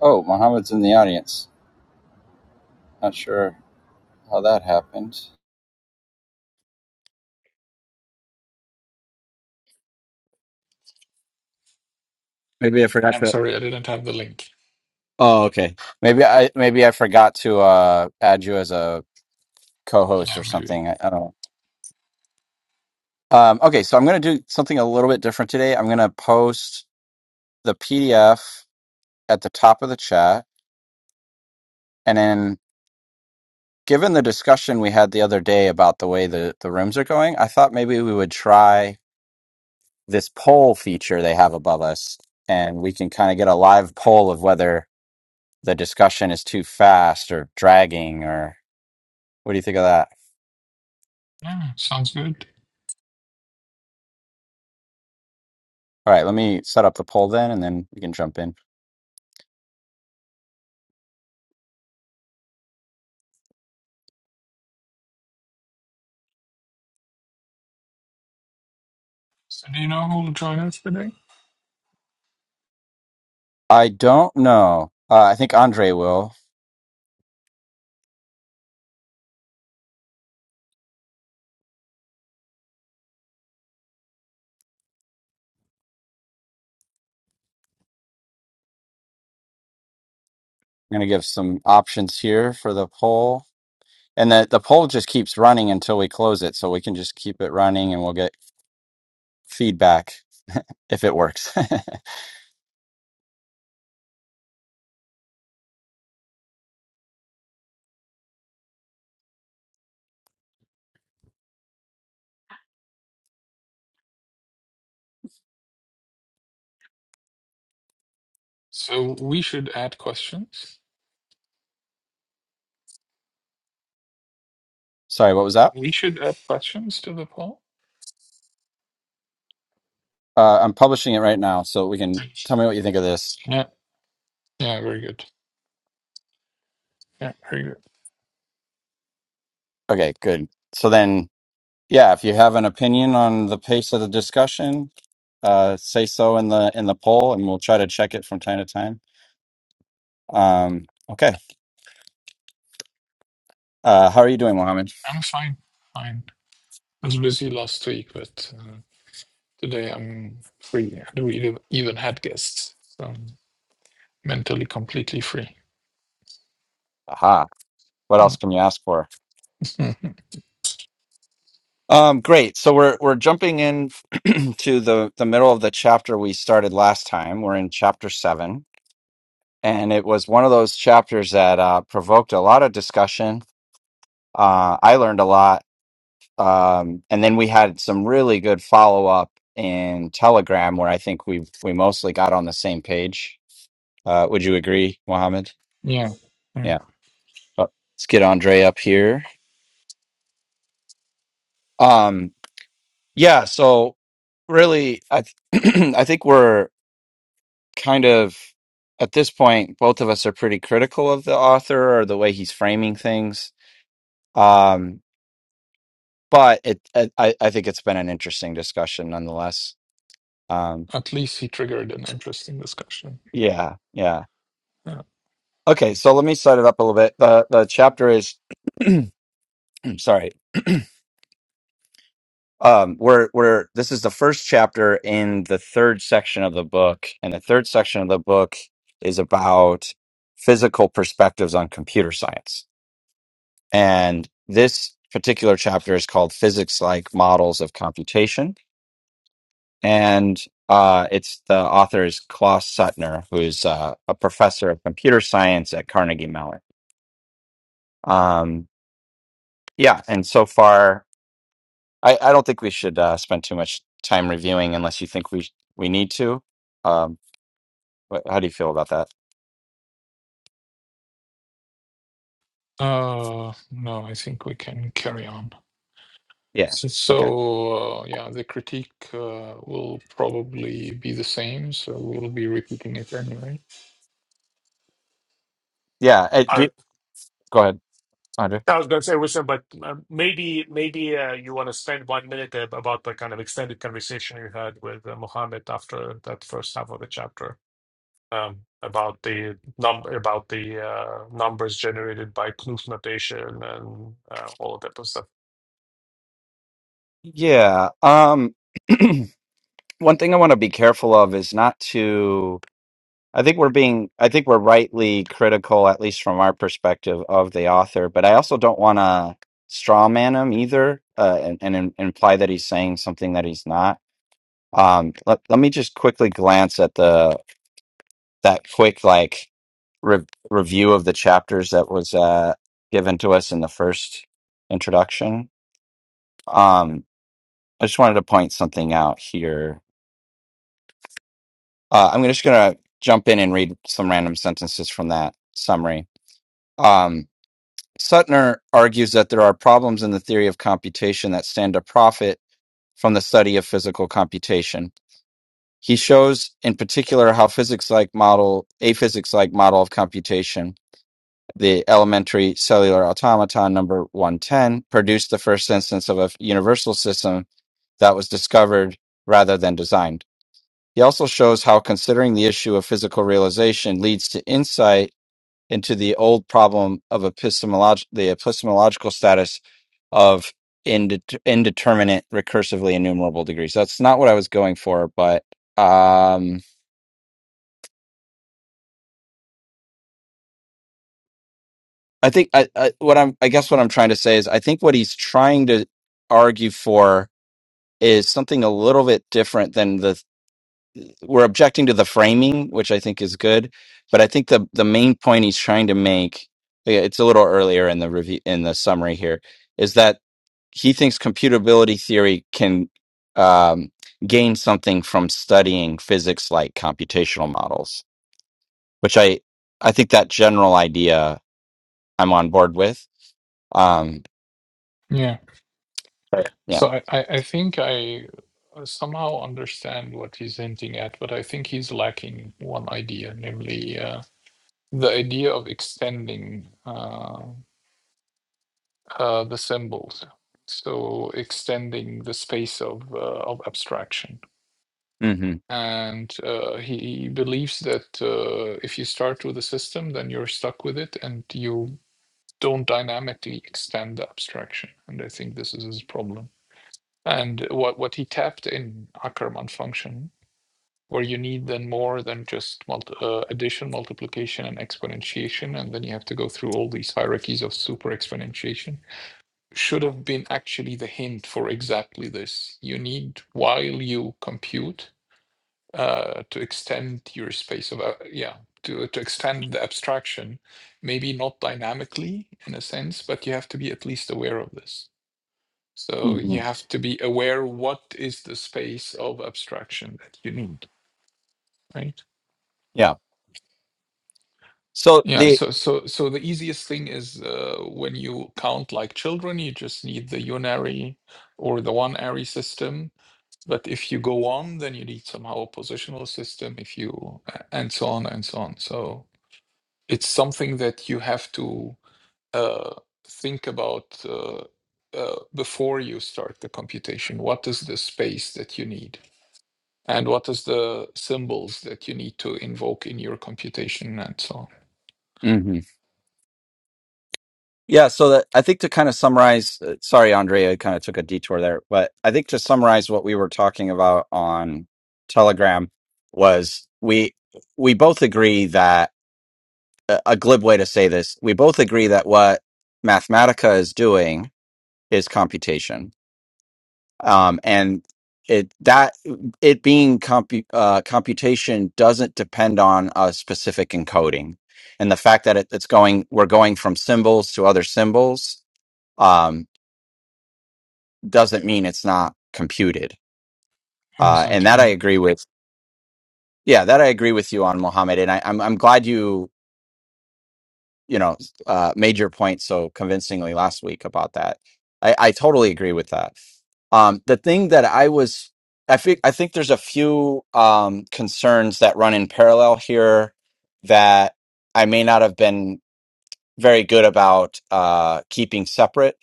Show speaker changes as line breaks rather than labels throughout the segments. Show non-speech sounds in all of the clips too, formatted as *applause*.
Oh, Mohammed's in the audience. Not sure how that happened. Maybe I forgot
I'm
to.
sorry, I didn't have the link.
Oh, okay. Maybe I maybe I forgot to uh, add you as a co-host
Yeah,
or
maybe.
something. I, I don't know. Um, okay, so I'm going to do something a little bit different today. I'm going to post the PDF at the top of the chat, and then given the discussion we had the other day about the way the the rooms are going, I thought maybe we would try this poll feature they have above us, and we can kind of get a live poll of whether the discussion is too fast or dragging or what do you think of that?
Yeah, sounds good.
All right, let me set up the poll then and then we can jump in.
So do you know who will join us today?
I don't know. Uh, I think Andre will. I'm going to give some options here for the poll. And the, the poll just keeps running until we close it. So we can just keep it running and we'll get feedback *laughs* if it works.
So we should add questions.
*laughs* Sorry, what was
So
that?
we should add questions to the poll.
Uh, I'm publishing it right now. So we can
Right.
tell me what you think of this.
Yeah. Yeah, very good. Yeah, very good.
Okay, good. So then yeah, if you have an opinion on the pace of the discussion, uh, say so in the in the poll, and we'll try to check it from time to time. Um, okay, uh, how are you doing, Mohammed?
I'm fine. Fine. I was busy last week, but uh, today I'm free. I don't even even had guests. So I'm mentally completely free.
Aha, what
Mm.
else can you ask for?
*laughs*
Um, great. So we're we're jumping in *clears throat* to the the middle of the chapter we started last time. We're in chapter seven, and it was one of those chapters that uh, provoked a lot of discussion. Uh, I learned a lot Um, and then we had some really good follow up in Telegram where I think we we mostly got on the same page. Uh, would you agree, Mohammed?
yeah. Yeah.
Yeah. Uh, Let's get Andre up here. Um, yeah. So really, I th- *clears throat* I think we're kind of at this point, both of us are pretty critical of the author or the way he's framing things. Um, but it, I I I think it's been an interesting discussion nonetheless. Um,
At least he triggered an interesting discussion.
yeah. Yeah.
Yeah.
Okay, so let me set it up a little bit. The the chapter is *clears throat* sorry. Um we're we're this is the first chapter in the third section of the book, and the third section of the book is about physical perspectives on computer science. And this particular chapter is called Physics Like Models of Computation. And uh, it's the author is Klaus Suttner, who's uh, a professor of computer science at Carnegie Mellon. Um, yeah, and so far I, I don't think we should uh, spend too much time reviewing unless you think we we need to. Um, what, how do you feel about that?
Uh, no, I think we can carry on.
Yeah.
So,
Okay.
so, uh, yeah, the critique uh, will probably be the same, so we'll be repeating it anyway.
Yeah. uh, do
I,
you- go ahead, Andre.
I was going to say, Wisdom, but uh, maybe maybe uh, you want to spend one minute ab- about the kind of extended conversation you had with uh, Mohammed after that first half of the chapter um, about the num about the uh, numbers generated by Knuth notation and uh, all of that good stuff.
Yeah. Um, *clears throat* one thing I want to be careful of is not to. I think we're being. I think we're rightly critical, at least from our perspective, of the author. But I also don't want to straw man him either, uh, and, and im- imply that he's saying something that he's not. Um, let, let me just quickly glance at the that quick like re- review of the chapters that was uh, given to us in the first introduction. Um, I just wanted to point something out here. Uh, I'm just going to jump in and read some random sentences from that summary. Um, Suttner argues that there are problems in the theory of computation that stand to profit from the study of physical computation. He shows in particular how physics like model, a physics like model of computation the elementary cellular automaton number 110 produced the first instance of a universal system that was discovered rather than designed. He also shows how considering the issue of physical realization leads to insight into the old problem of epistemolog- the epistemological status of indet- indeterminate recursively enumerable degrees. That's not what I was going for, but um, I think I, I, what I'm, I guess what I'm trying to say is I think what he's trying to argue for is something a little bit different than the we're objecting to the framing, which I think is good, but I think the the main point he's trying to make yeah, it's a little earlier in the review in the summary here is that he thinks computability theory can um, gain something from studying physics like computational models, which I I think that general idea I'm on board with. Um,
Yeah.
Sure. yeah.
So I, I, I think I uh, somehow understand what he's hinting at, but I think he's lacking one idea, namely uh, the idea of extending uh, uh, the symbols. So extending the space of uh, of abstraction.
hmm
and uh, he believes that uh, if you start with a system, then you're stuck with it, and you don't dynamically extend the abstraction. And I think this is his problem. And what what he tapped in Ackermann function, where you need then more than just multi- uh, addition, multiplication, and exponentiation, and then you have to go through all these hierarchies of super exponentiation, should have been actually the hint for exactly this. You need while you compute uh, to extend your space of uh, yeah to to extend the abstraction maybe not dynamically in a sense but you have to be at least aware of this so
hmm
you have to be aware what is the space of abstraction that you need right
Yeah. So
yeah
the.
so so so the easiest thing is uh, when you count like children you just need the unary or the one ary system but if you go on then you need somehow a positional system if you and so on and so on so it's something that you have to uh, think about uh, uh, before you start the computation. What is the space that you need? And what is the symbols that you need to invoke in your computation and so on?
Yeah, so that I think to kind of summarize, uh, sorry, Andrea, I kind of took a detour there, but I think to summarize what we were talking about on Telegram was we we both agree that a a glib way to say this, we both agree that what Mathematica is doing is computation, um, and it that it being compu uh, computation doesn't depend on a specific encoding, and the fact that it, it's going, we're going from symbols to other symbols Um, doesn't mean it's not computed. Uh, and that I
Exactly.
agree with. Yeah, that I agree with you on Mohammed. And I, I'm I'm glad you you know uh, made your point so convincingly last week about that. I, I totally agree with that. Um, the thing that I was I think I think there's a few um, concerns that run in parallel here that I may not have been very good about uh, keeping separate.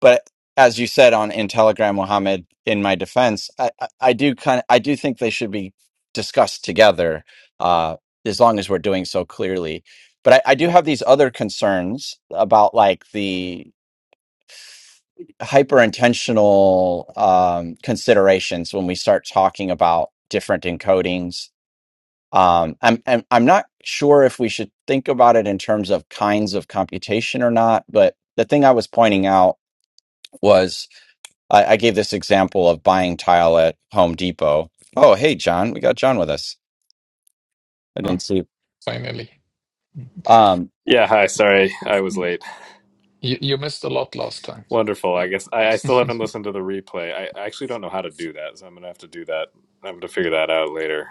But as you said on in Telegram, Mohammed, in my defense, I, I, I do kind of I do think they should be discussed together, uh, as long as we're doing so clearly. But I, I do have these other concerns about like the hyper intentional um, considerations when we start talking about different encodings um, I'm, I'm I'm not sure if we should think about it in terms of kinds of computation or not, but the thing I was pointing out was I, I gave this example of buying tile at Home Depot. Oh, hey, John, we got John with us. I
Ah,
didn't see.
finally.
Um,
Yeah, hi. Sorry, I was late.
You, you missed a lot last time.
Wonderful. I guess I, I still haven't listened to the replay. I, I actually don't know how to do that, so I'm gonna have to do that. I'm gonna figure that out later.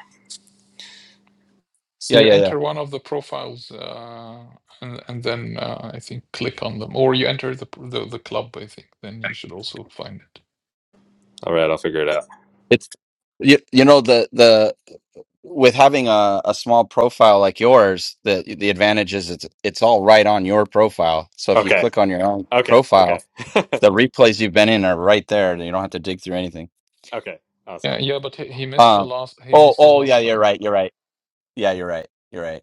So
yeah,
you
yeah, yeah.
enter one of the profiles uh, and, and then uh, I think click on them. Or you enter the, the, the club, I think. Then you should also find it.
All right, I'll figure it out.
It's you, you know the the with having a, a small profile like yours, the the advantage is it's it's all right on your profile. So if you
Okay.
click on your own
Okay. Okay.
profile, the replays you've been in are right there. You don't have to dig through anything.
Okay.
Yeah,
Awesome.
yeah, but he, he missed the
Um.
last he
Oh.
missed the
Oh. Yeah.
last time.
You're right. You're right. Yeah. You're right. You're right.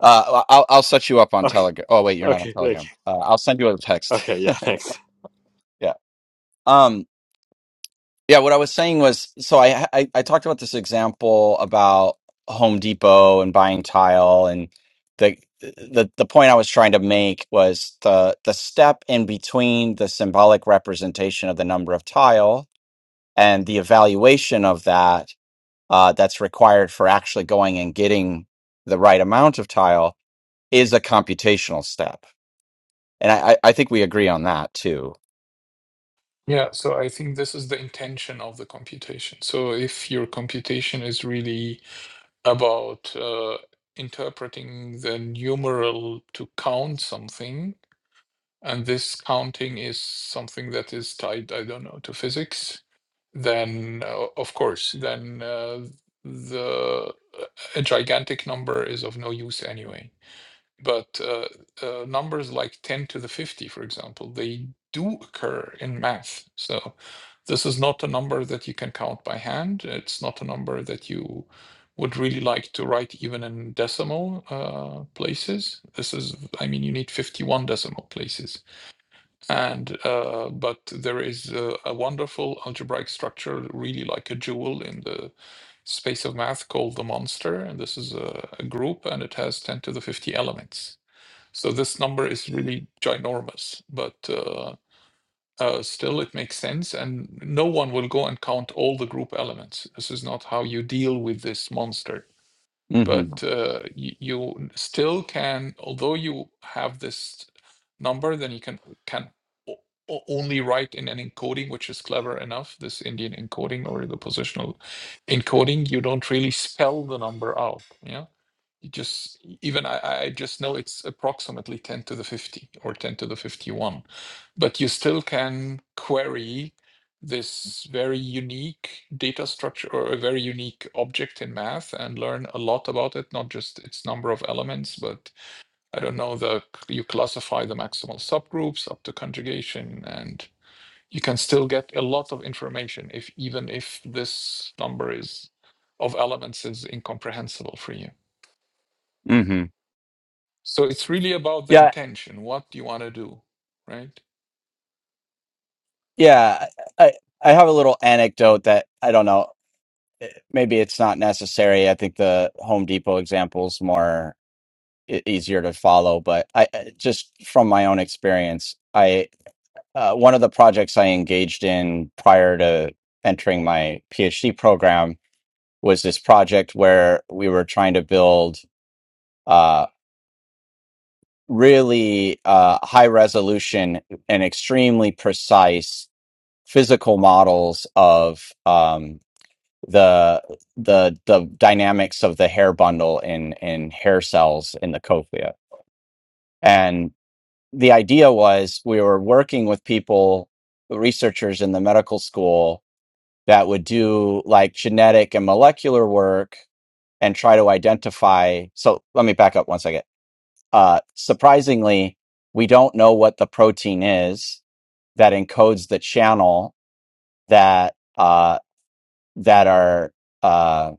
Uh. I'll. I'll set you up on
Okay.
Telegram. Oh wait. You're not on
Okay. Thank
Telegram. Uh, I'll send you a
you.
text.
Okay. Yeah. Thanks.
*laughs* yeah. Um. Yeah. What I was saying was, so I, I I talked about this example about Home Depot and buying tile, and the the the point I was trying to make was the the step in between the symbolic representation of the number of tile and the evaluation of that uh, that's required for actually going and getting the right amount of tile is a computational step. And I, I I think we agree on that too.
Yeah, so I think this is the intention of the computation. So if your computation is really about uh, interpreting the numeral to count something, and this counting is something that is tied, I don't know, to physics, then uh, of course, then uh, the uh, a gigantic number is of no use anyway. But uh, uh, numbers like 10 to the 50, for example, they do occur in math. So this is not a number that you can count by hand. It's not a number that you would really like to write even in decimal uh, places. This is, I mean, you need 51 decimal places. And uh, but there is a, a wonderful algebraic structure, really like a jewel in the space of math called the monster. And this is a, a group and it has 10 to the 50 elements. So this number is really ginormous, but uh, uh, still it makes sense, and no one will go and count all the group elements. This is not how you deal with this monster.
hmm
But uh, y- you still can, although you have this number, then you can can o- o- only write in an encoding which is clever enough. This Indian encoding or the positional encoding, you don't really spell the number out. Yeah you just e, even I, I just know it's approximately 10 to the 50 or 10 to the 51 but you still can query this very unique data structure or a very unique object in math and learn a lot about it not just its number of elements but i don't know the you classify the maximal subgroups up to conjugation and you can still get a lot of information if even if this number is of elements is incomprehensible for you
hmm
So it's really about the
Yeah.
intention. What do you want to do, right?
Yeah. I, I have a little anecdote that I don't know. eh, Maybe it's not necessary. I think the Home Depot example's more e- easier to follow, but I I- just from my own experience, I, uh, one of the projects I engaged in prior to entering my PhD program was this project where we were trying to build uh, really uh, high resolution and extremely precise physical models of um, the the the dynamics of the hair bundle in in hair cells in the cochlea. And the idea was we were working with people, researchers in the medical school that would do like genetic and molecular work and try to identify. So let me back up one second Uh, surprisingly, we don't know what the protein is that encodes the channel that uh, that are uh,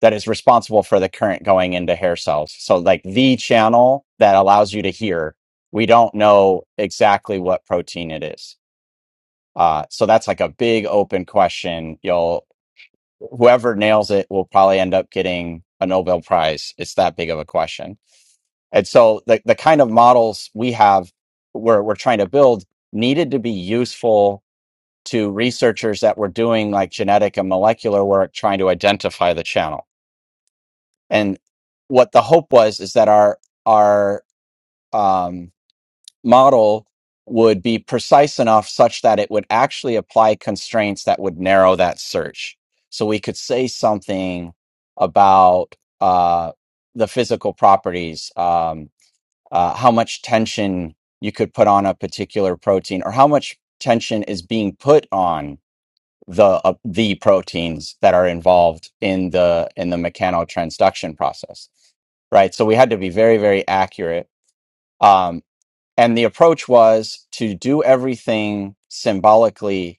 that is responsible for the current going into hair cells. So, like the channel that allows you to hear, we don't know exactly what protein it is. Uh, so that's like a big open question. You'll whoever nails it will probably end up getting a Nobel Prize. It's that big of a question. And so the, the kind of models we have, we're, we're trying to build, needed to be useful to researchers that were doing like genetic and molecular work trying to identify the channel. And what the hope was is that our, our um, model would be precise enough such that it would actually apply constraints that would narrow that search. So we could say something about uh, the physical properties. Um, uh, how much tension you could put on a particular protein or how much tension is being put on the uh, the proteins that are involved in the in the mechanotransduction process right so we had to be very very accurate um, and the approach was to do everything symbolically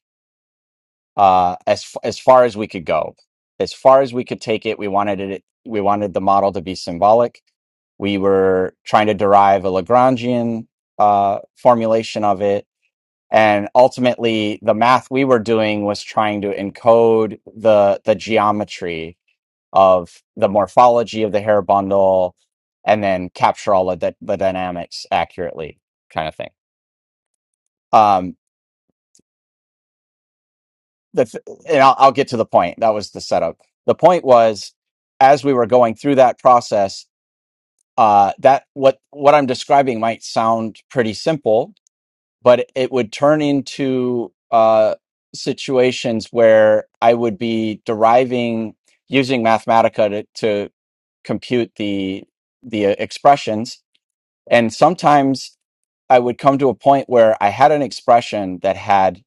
uh, as f- as far as we could go as far as we could take it we wanted it we wanted the model to be symbolic we were trying to derive a Lagrangian uh, formulation of it. And ultimately, the math we were doing was trying to encode the, the geometry of the morphology of the hair bundle and then capture all of the, the dynamics accurately, kind of thing. Um, the, th- and I'll, I'll get to the point. That was the setup. The point was, as we were going through that process, uh, that what what I'm describing might sound pretty simple, but it would turn into uh, situations where I would be deriving using Mathematica to, to compute the the uh, expressions, and sometimes I would come to a point where I had an expression that had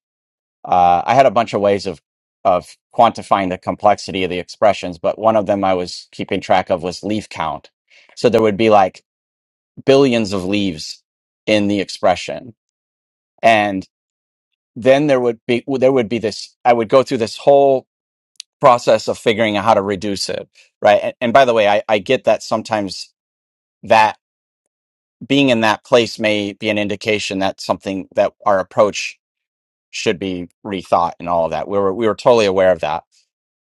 uh, I had a bunch of ways of of quantifying the complexity of the expressions, but one of them I was keeping track of was leaf count. So there would be like billions of leaves in the expression. and then there would be well, there would be this i would go through this whole process of figuring out how to reduce it right and, and by the way I, I get that sometimes that being in that place may be an indication that something that our approach should be rethought and all of that we were we were totally aware of that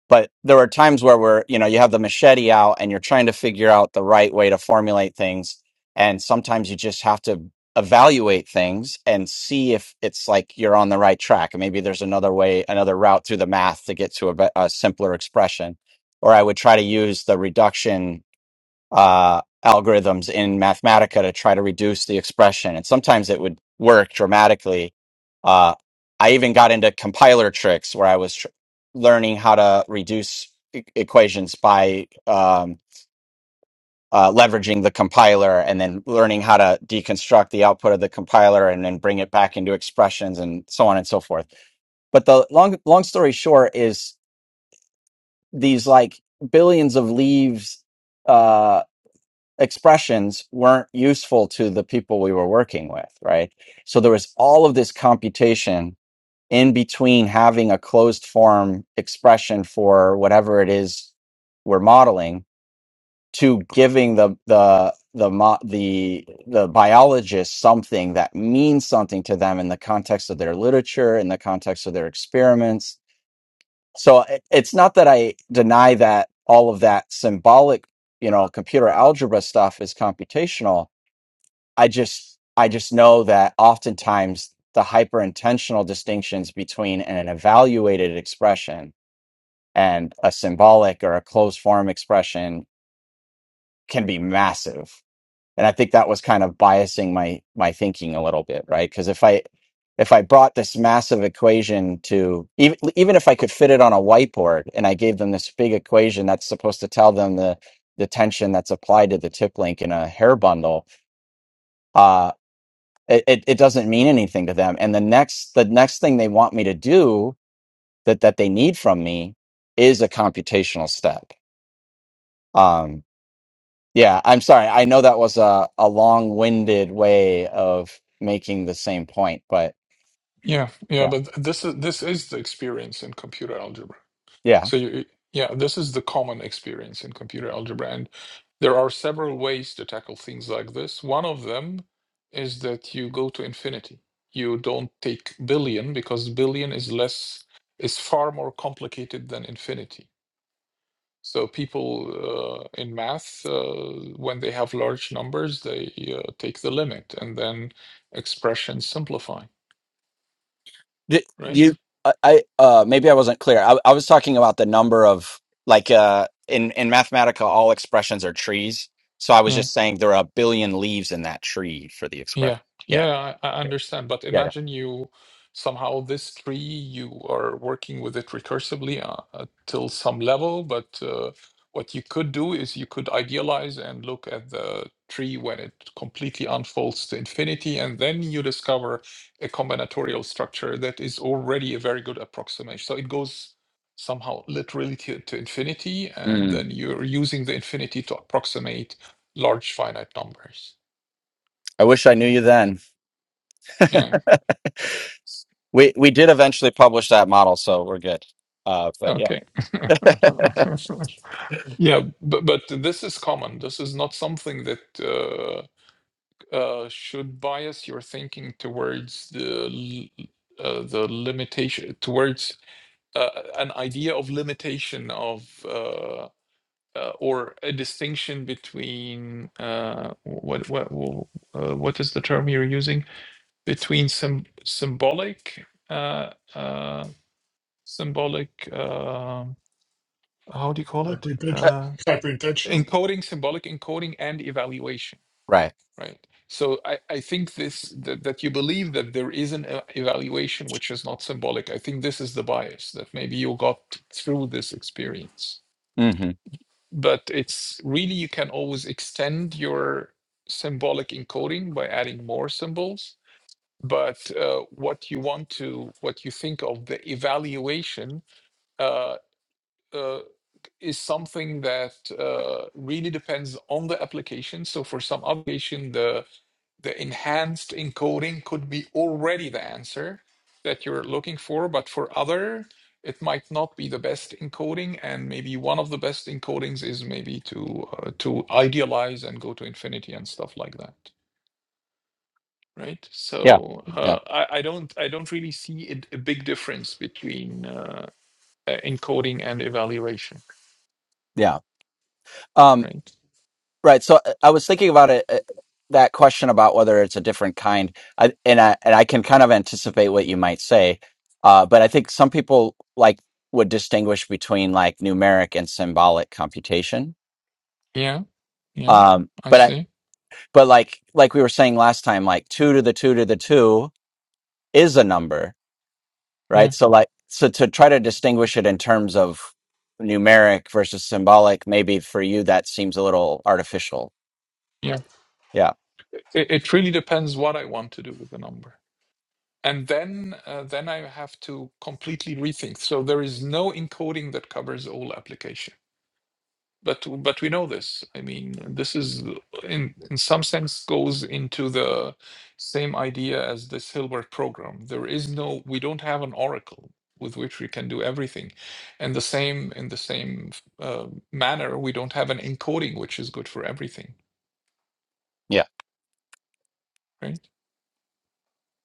but there are times where we're you know you have the machete out and you're trying to figure out the right way to formulate things and sometimes you just have to evaluate things and see if it's like you're on the right track and maybe there's another way another route through the math to get to a, be- a simpler expression or i would try to use the reduction uh, algorithms in Mathematica to try to reduce the expression. And sometimes it would work dramatically. Uh, I even got into compiler tricks where I was tr- learning how to reduce e- equations by um, uh, leveraging the compiler and then learning how to deconstruct the output of the compiler and then bring it back into expressions and so on and so forth. But the long long story short is these like billions of leaves uh, expressions weren't useful to the people we were working with, right? So there was all of this computation in between having a closed form expression for whatever it is we're modeling to giving the the the mo- the the biologist something that means something to them in the context of their literature in the context of their experiments so it- it's not that i deny that all of that symbolic you know computer algebra stuff is computational I just I just know that oftentimes the hyper intentional distinctions between an evaluated expression and a symbolic or a closed form expression can be massive. And I think that was kind of biasing my my thinking a little bit, right? Because if I if I brought this massive equation to even even if I could fit it on a whiteboard and I gave them this big equation that's supposed to tell them the the tension that's applied to the tip link in a hair bundle, uh, it, it, it doesn't mean anything to them and the next the next thing they want me to do that that they need from me is a computational step um yeah i'm sorry i know that was a, a long-winded way of making the same point but
Yeah, yeah,
yeah
but this is this is the experience in computer algebra.
yeah
So you, yeah, this is the common experience in computer algebra, and there are several ways to tackle things like this. One of them is that you go to infinity. You don't take billion because billion is less is far more complicated than infinity. So people uh, in math, uh, when they have large numbers, they uh, take the limit and then expressions simplify,
D-
right?
you i, I uh maybe i wasn't clear I, I was talking about the number of like uh in in mathematica all expressions are trees so i was
Yeah.
just saying there are a billion leaves in that tree for the
Yeah,
expression yeah
yeah, I, I
yeah
understand. But imagine you somehow this tree, you are working with it recursively uh, uh, till some level. But uh, what you could do is you could idealize and look at the tree when it completely unfolds to infinity, and then you discover a combinatorial structure that is already a very good approximation. So it goes somehow literally to, to infinity, and
yeah
then you're using the infinity to approximate large finite numbers.
I wish I knew you then. *laughs*
Yeah.
We we did eventually publish that model, so we're good. Uh, but yeah,
Okay. *laughs* Yeah, but but this is common. This is not something that uh, uh, should bias your thinking towards the l- uh, the limitation towards uh, an idea of limitation of uh, uh, or a distinction between uh, what what uh, what is the term you're using between sym symbolic uh, uh, symbolic uh, how do you call it?
Uh,
Hyperintention-
Uh,
Hyperintentional?
encoding symbolic encoding and evaluation
right.
right so i i think this that, that you believe that there is an e- evaluation which is not symbolic i think this is the bias that maybe you got through this experience
hmm
but it's really you can always extend your symbolic encoding by adding more symbols but uh, what you want to what you think of the evaluation uh, uh, is something that uh, really depends on the application. So for some application, the the enhanced encoding could be already the answer that you're looking for, but for other, it might not be the best encoding, and maybe one of the best encodings is maybe to uh, to idealize and go to infinity and stuff like that. Right.
Yeah,
So
yeah,
uh, I, I don't I don't really see it, a big difference between uh, uh, encoding and evaluation.
yeah. Um,
Right.
right. So uh, I was thinking about it. uh, That question about whether it's a different kind, I, and I and I can kind of anticipate what you might say. Uh, but I think some people like would distinguish between like numeric and symbolic computation.
Yeah. Yeah,
Um,
I
but I
see.
but like like we were saying last time, like two to the two to the two is a number
Yeah,
right? So like so to try to distinguish it in terms of numeric versus symbolic, maybe for you that seems a little artificial.
yeah.
Yeah.
It, it really depends what I want to do with the number. And then uh, then I have to completely rethink. So there is no encoding that covers all application. But but we know this. I mean, this is in in some sense goes into the same idea as this Hilbert program. There is no we don't have an oracle with which we can do everything. And the same in the same uh, manner, we don't have an encoding which is good for everything.
Yeah.
Right?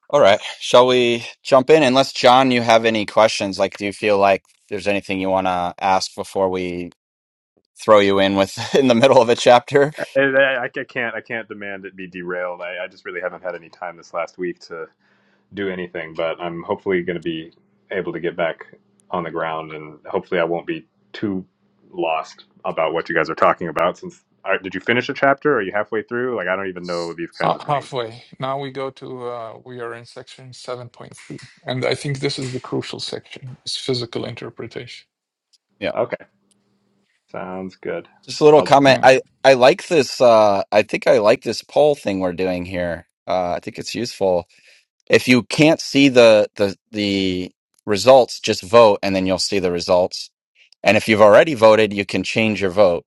All right. Shall we jump in? Unless John, you have any questions? Like, do you feel like there's anything you want to ask before we throw you in with *laughs* in the middle of a chapter?
I, I, I can't. I can't demand it be derailed. I, I just really haven't had any time this last week to. do anything, but I'm hopefully going to be able to get back on the ground, and hopefully I won't be too lost about what you guys are talking about. Since are, did you finish a chapter? Are you halfway through? Like I don't even know these
Uh,
kinds of things.
halfway. Now we go to, uh, we are in section 7.3. And I think this is the crucial section, is physical interpretation.
Yeah.
Okay, sounds good.
Just a little
I'll.
comment.
Yeah.
I I like this. Uh, I think I like this poll thing we're doing here. Uh, I think it's useful. If you can't see the the the results, just vote and then you'll see the results. And if you've already voted, you can change your vote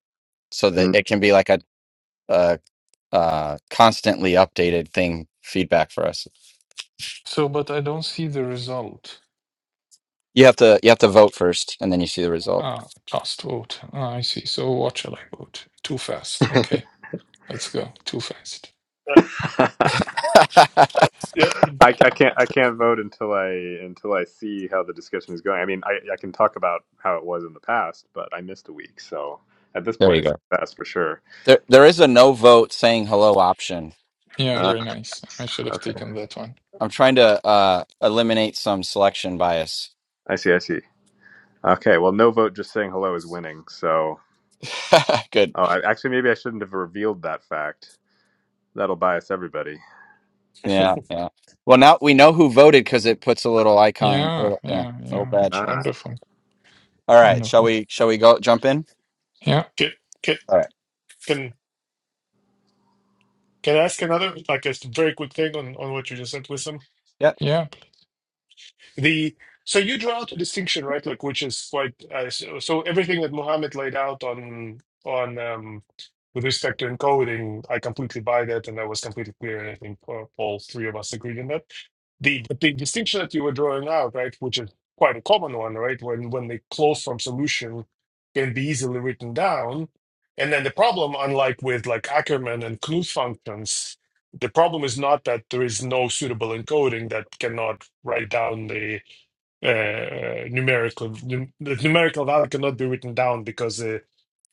so that
Mm.
it can be like a, a, uh constantly updated thing feedback for us.
So, but I don't see the result.
You have to you have to vote first and then you see the result.
Ah, cast vote. Ah, I see. So what shall I vote? Too fast. Okay. Let's go. Too fast.
Uh,
*laughs*
yeah, *laughs* and-
I, I can't I can't vote until I until I see how the discussion is going. I mean, I, I can talk about how it was in the past, but I missed a week, so at this
There
point
you
it's
go.
past for sure.
There there is a no vote saying hello option.
Yeah,
Uh,
very nice. I should have
okay,
taken that one.
I'm trying to uh eliminate some selection bias.
I see, I see. Okay, well, no vote just saying hello is winning. So,
*laughs* Good.
oh, I, actually, maybe I shouldn't have revealed that fact. That'll bias everybody.
Yeah, yeah. Well, now we know who voted because it puts a little icon, a
Yeah,
little, yeah,
yeah,
little
yeah. yeah.
badge.
Ah.
Wonderful.
All right, shall
Wonderful.
we shall we go jump in?
Yeah,
can, can,
All right.
can Can I ask another, like a very quick thing on, on what you just said, Wisdom?
Yep.
yeah.
The so you draw out a distinction, right? Like which is quite uh, so, so everything that Mohammed laid out on on um, with respect to encoding, I completely buy that, and that was completely clear. And I think uh, all three of us agreed on that. The but the distinction that you were drawing out, right, which is quite a common one, right? When when the closed form solution can be easily written down, and then the problem, unlike with like Ackermann and Knuth functions, the problem is not that there is no suitable encoding that cannot write down the uh, numerical num- the numerical value cannot be written down because the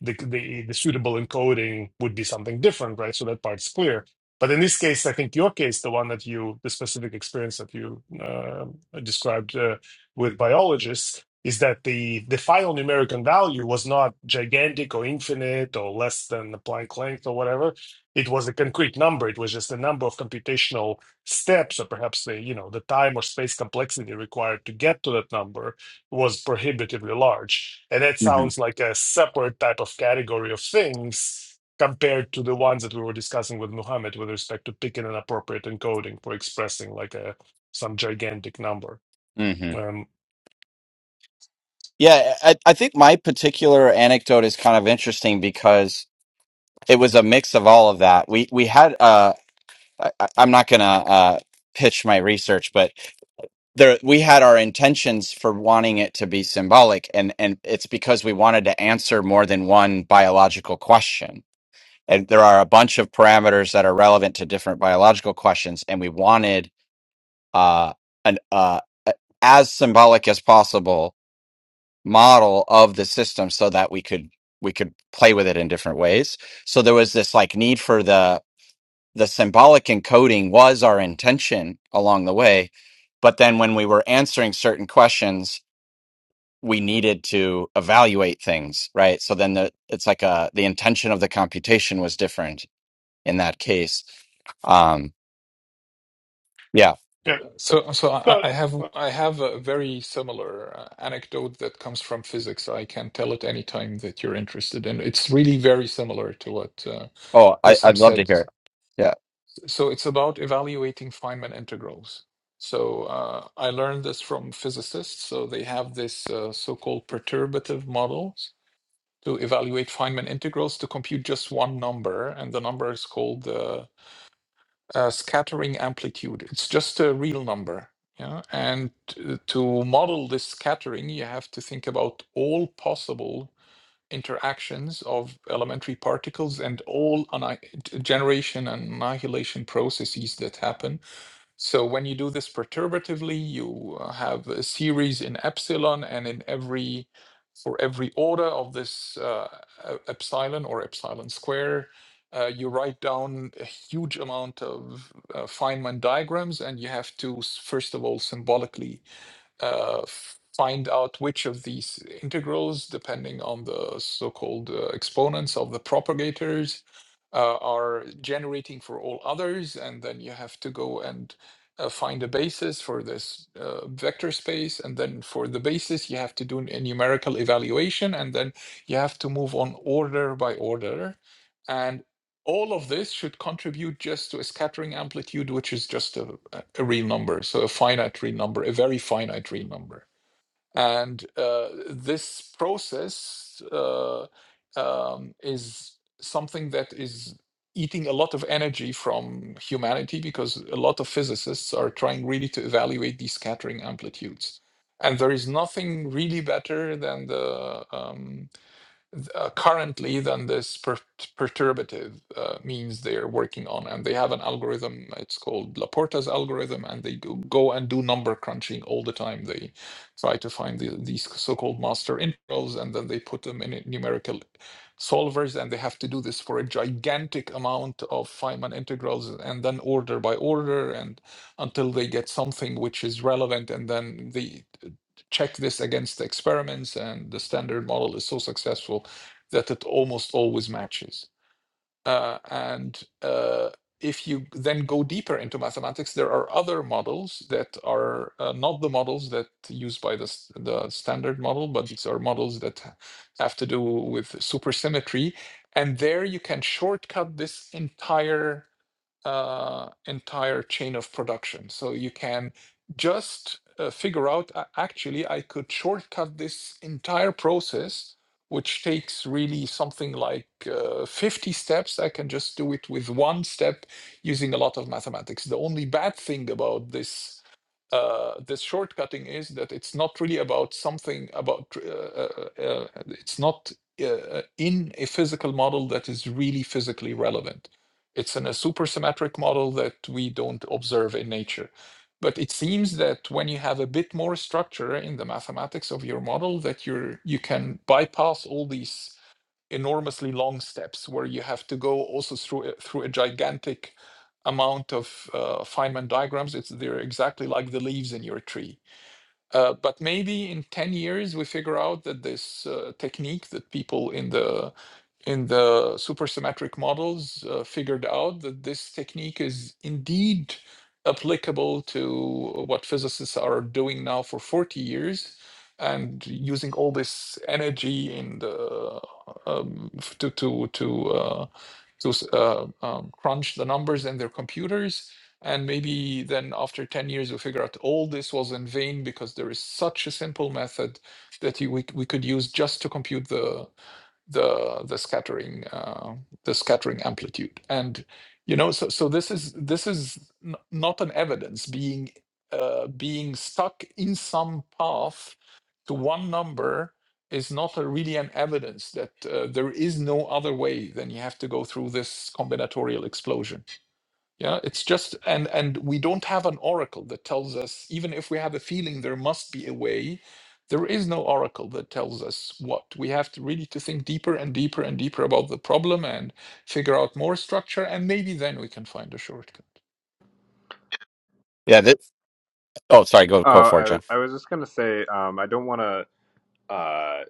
the, the the suitable encoding would be something different, right? So that part's clear. But in this case, I think your case, the one that you, the specific experience that you uh, described uh, with biologists, is that the the final numerical value was not gigantic or infinite or less than the Planck length or whatever. It was a concrete number. It was just a number of computational steps or perhaps the you know the time or space complexity required to get to that number was prohibitively large and that
hmm
sounds like a separate type of category of things compared to the ones that we were discussing with Muhammad with respect to picking an appropriate encoding for expressing like a some gigantic number
hmm
um
Yeah, I, I think my particular anecdote is kind of interesting because it was a mix of all of that. We we had uh, I, I- I'm not gonna uh pitch my research, but there we had our intentions for wanting it to be symbolic, and and it's because we wanted to answer more than one biological question. And there are a bunch of parameters that are relevant to different biological questions, and we wanted uh, an uh, a- as symbolic as possible model of the system so that we could we could play with it in different ways so there was this like need for the the symbolic encoding was our intention along the way but then when we were answering certain questions we needed to evaluate things right so then the it's like a the intention of the computation was different in that case um yeah
Yeah.
So, so I,
but
I have I have a very similar uh, anecdote that comes from physics. I can tell it any time that you're interested, and it's really very similar to what uh,
oh I,
Wissam
i'd love to
said.
hear it yeah
So, it's about evaluating Feynman integrals. So, uh, I learned this from physicists. So, they have this uh, so-called perturbative models to evaluate Feynman integrals to compute just one number, and the number is called the uh, scattering amplitude. It's just a real number. Yeah? And uh, to model this scattering, you have to think about all possible interactions of elementary particles and all anni- generation and annihilation processes that happen so when you do this perturbatively, you uh, have a series in epsilon, and in every for every order of this uh, e- epsilon or epsilon square, uh, you write down a huge amount of uh, Feynman diagrams, and you have to s- first of all symbolically uh, find out which of these integrals, depending on the so-called uh, exponents of the propagators, uh, are generating for all others, and then you have to go and uh, find a basis for this uh, vector space, and then for the basis you have to do a numerical evaluation, and then you have to move on order by order. and all of this should contribute just to a scattering amplitude, which is just a, a real number, so a finite real number, a very finite real number. And uh, this process uh, um, is something that is eating a lot of energy from humanity because a lot of physicists are trying really to evaluate these scattering amplitudes. And there is nothing really better than the um, th- uh, currently than this per- perturbative uh, means they're working on. And they have an algorithm, it's called Laporta's algorithm, and they go, go and do number crunching all the time. They try to find the, these so called master integrals and then they put them in numerical solvers, and they have to do this for a gigantic amount of Feynman integrals and then order by order and until they get something which is relevant and then they uh, check this against the experiments and the standard model is so successful that it almost always matches. Uh, and uh, if you then go deeper into mathematics, there are other models that are uh, not the models that used by the, the standard model, but these are models that have to do with supersymmetry. And there you can shortcut this entire uh, entire chain of production. So you can just uh, figure out "A- actually, I could shortcut this entire process, which takes really something like uh, 50 steps. I can just do it with one step using a lot of mathematics. The only bad thing about this uh, this shortcutting is that it's not really about something about uh, uh, uh, it's not uh, uh, in a physical model that is really physically relevant it's in a supersymmetric model that we don't observe in nature. But it seems that when you have a bit more structure in the mathematics of your model, that you're you can bypass all these enormously long steps where you have to go also through through a gigantic amount of uh, Feynman diagrams. It's they're exactly like the leaves in your tree. Uh, but maybe in ten years we figure out that this uh, technique that people in the in the supersymmetric models uh, figured out that this technique is indeed applicable to what physicists are doing now for 40 years and using all this energy in the um, to to to uh, to uh, um, crunch the numbers in their computers and maybe then after 10 years we figure out all this was in vain because there is such a simple method that you, we, we could use just to compute the the the scattering uh, the scattering amplitude and you know so so this is this is n- not an evidence being uh, being stuck in some path to one number is not a, really an evidence that uh, there is no other way than you have to go through this combinatorial explosion yeah, it's just and and we don't have an oracle that tells us even if we have a feeling there must be a way, there is no oracle that tells us what. We have to really to think deeper and deeper and deeper about the problem and figure out more structure and maybe then we can find a shortcut.
yeah Oh, sorry. Go
Oh,
go for it,
I,
John.
I was just going to say, um, I don't want to uh,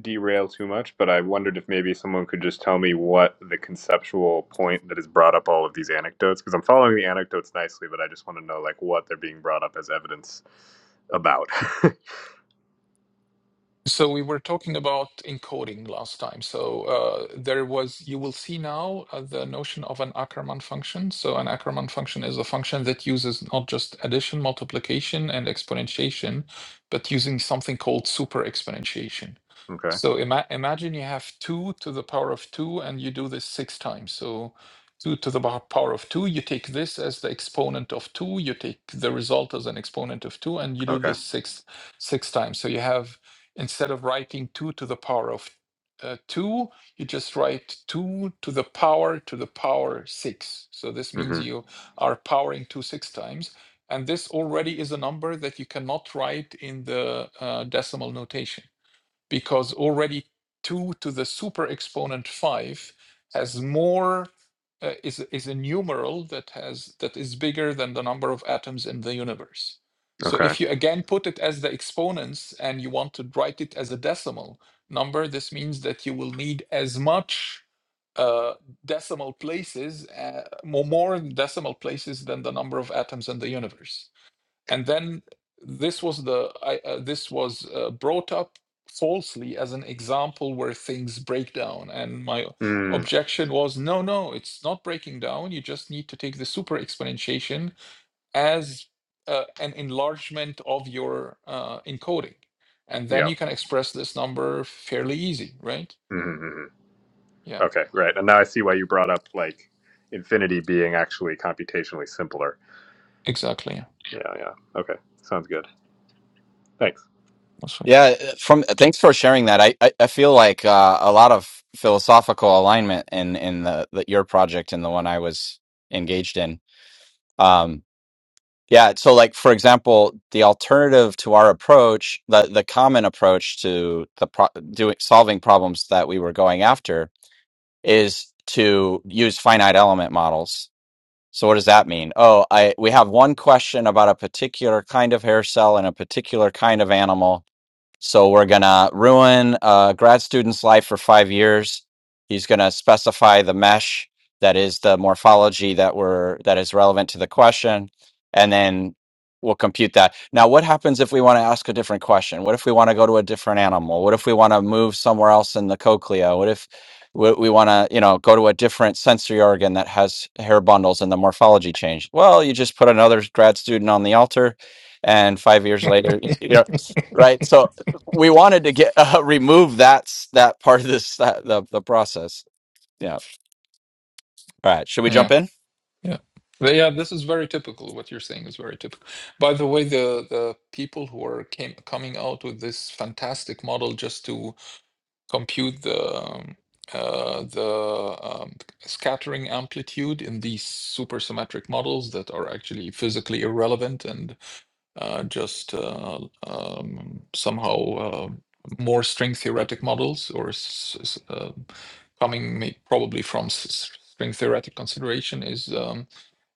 derail too much, but I wondered if maybe someone could just tell me what the conceptual point that has brought up all of these anecdotes, because I'm following the anecdotes nicely, but I just want to know like what they're being brought up as evidence about. *laughs*
So we were talking about encoding last time. So uh, there was, you will see now uh, the notion of an Ackermann function. So an Ackermann function is a function that uses not just addition, multiplication, and exponentiation, but using something called super exponentiation.
okay.
So ima imagine you have two to the power of two, and you do this six times. So two to the power of two, you take this as the exponent of two, you take the result as an exponent of two, and you do
Okay.
this six six times. So you have instead of writing 2 to the power of uh, 2, you just write 2 to the power to the power 6. So this means
hmm
you are powering 2 6 times. And this already is a number that you cannot write in the uh, decimal notation because already 2 to the super exponent 5 has more uh, is is a numeral that has that is bigger than the number of atoms in the universe so
Okay.
if you again put it as the exponents and you want to write it as a decimal number this means that you will need as much uh, decimal places uh, more, more decimal places than the number of atoms in the universe and then this was the I, uh, this was uh, brought up falsely as an example where things break down and my
Mm.
objection was no no it's not breaking down you just need to take the super exponentiation as uh, an enlargement of your uh, encoding and then
Yeah.
you can express this number fairly easy right
Mm-hmm.
yeah
Okay, right. And now I see why you brought up like infinity being actually computationally simpler.
exactly yeah
Yeah, yeah. Okay, sounds good. Thanks.
That's
Yeah. uh, From uh, thanks for sharing that. I I, I feel like uh, a lot of philosophical alignment in in the, the your project and the one I was engaged in. Um, yeah. So, like for example, the alternative to our approach, the the common approach to the pro- doing solving problems that we were going after is to use finite element models. So what does that mean? Oh, I we have one question about a particular kind of hair cell and a particular kind of animal So we're gonna ruin a grad student's life for five years. He's gonna specify the mesh that is the morphology that we're that is relevant to the question, and then we'll compute that. Now, what happens if we want to ask a different question? What if we want to go to a different animal? What if we want to move somewhere else in the cochlea? What if we, we want to, you know, go to a different sensory organ that has hair bundles and the morphology changed? Well, you just put another grad student on the altar, and five years later,
right.
you know,
*laughs*
right? So we wanted to get *laughs* uh, remove that s- that part of this that, the the process. Yeah. All right. Should we
Yeah.
jump in?
Yeah. But yeah, this is very typical. What you're saying is very typical. By the way, the the people who are came coming out with this fantastic model just to compute the um, uh, the um, scattering amplitude in these supersymmetric models that are actually physically irrelevant and uh, just uh, um, somehow uh, more string theoretic models or s- s- uh, coming may- probably from s- s- string theoretic consideration is um,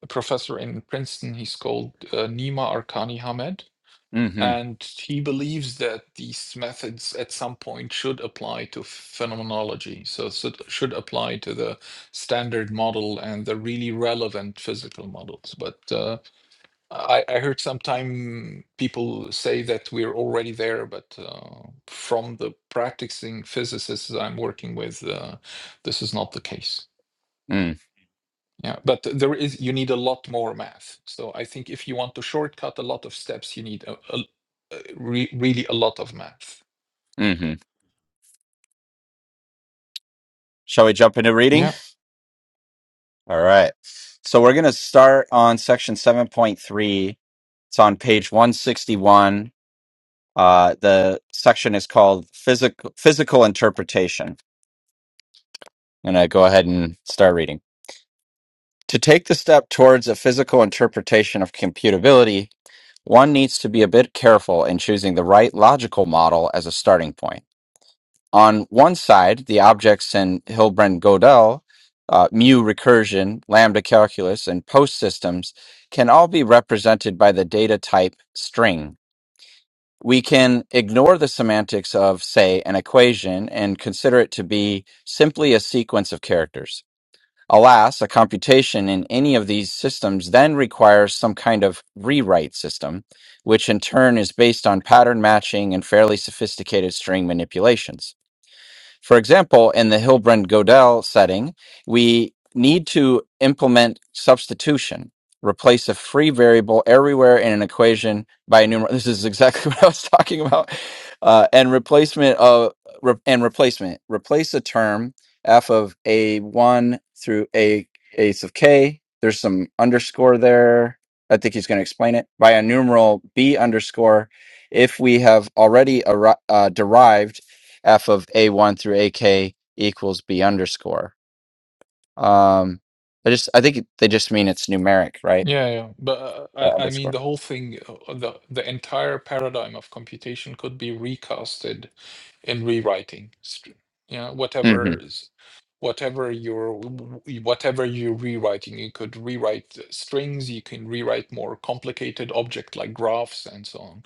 a professor in Princeton. He's called uh, Nima Arkani Hamed.
Mm-hmm.
And he believes that these methods at some point should apply to phenomenology. So, should should apply to the standard model and the really relevant physical models. But uh, I, I heard sometime people say that we're already there, but uh, from the practicing physicists I'm working with, uh, this is not the case.
Mm,
Yeah, but there is you need a lot more math. So I think if you want to shortcut a lot of steps, you need a, a, a re, really a lot of math.
mm-hmm. Shall we jump into reading?
Yeah,
All right. So we're gonna start on section seven point three. It's on page one sixty one. Uh, the section is called physical physical interpretation. I'm gonna go ahead and start reading. To take the step towards a physical interpretation of computability, One needs to be a bit careful in choosing the right logical model as a starting point. On one side, the objects in Hilbrand Gödel, uh, mu recursion, lambda calculus, and post systems can all be represented by the data type string. We can ignore the semantics of, say, an equation and consider it to be simply a sequence of characters. Alas, a computation in any of these systems then requires some kind of rewrite system, which in turn is based on pattern matching and fairly sophisticated string manipulations. For example, in the Hilbrand-Gödel setting, we need to implement substitution. Replace a free variable everywhere in an equation by a numerator. This is exactly *laughs* what I was talking about. Uh, and replacement of re- and replacement. Replace a term f of a one through a ace of k. There's some underscore there. I think he's going to explain it by a numeral b underscore if we have already arri- uh, derived f of a1 through ak equals b underscore. Um, I just I think they just mean it's numeric, right?
yeah, yeah. But uh,
Yeah,
I, I mean,
underscore.
the whole thing, uh, the the entire paradigm of computation could be recasted and rewriting. Str- Yeah,
hmm
whatever is whatever you're whatever you're rewriting you could rewrite strings you can rewrite more complicated object like graphs and so on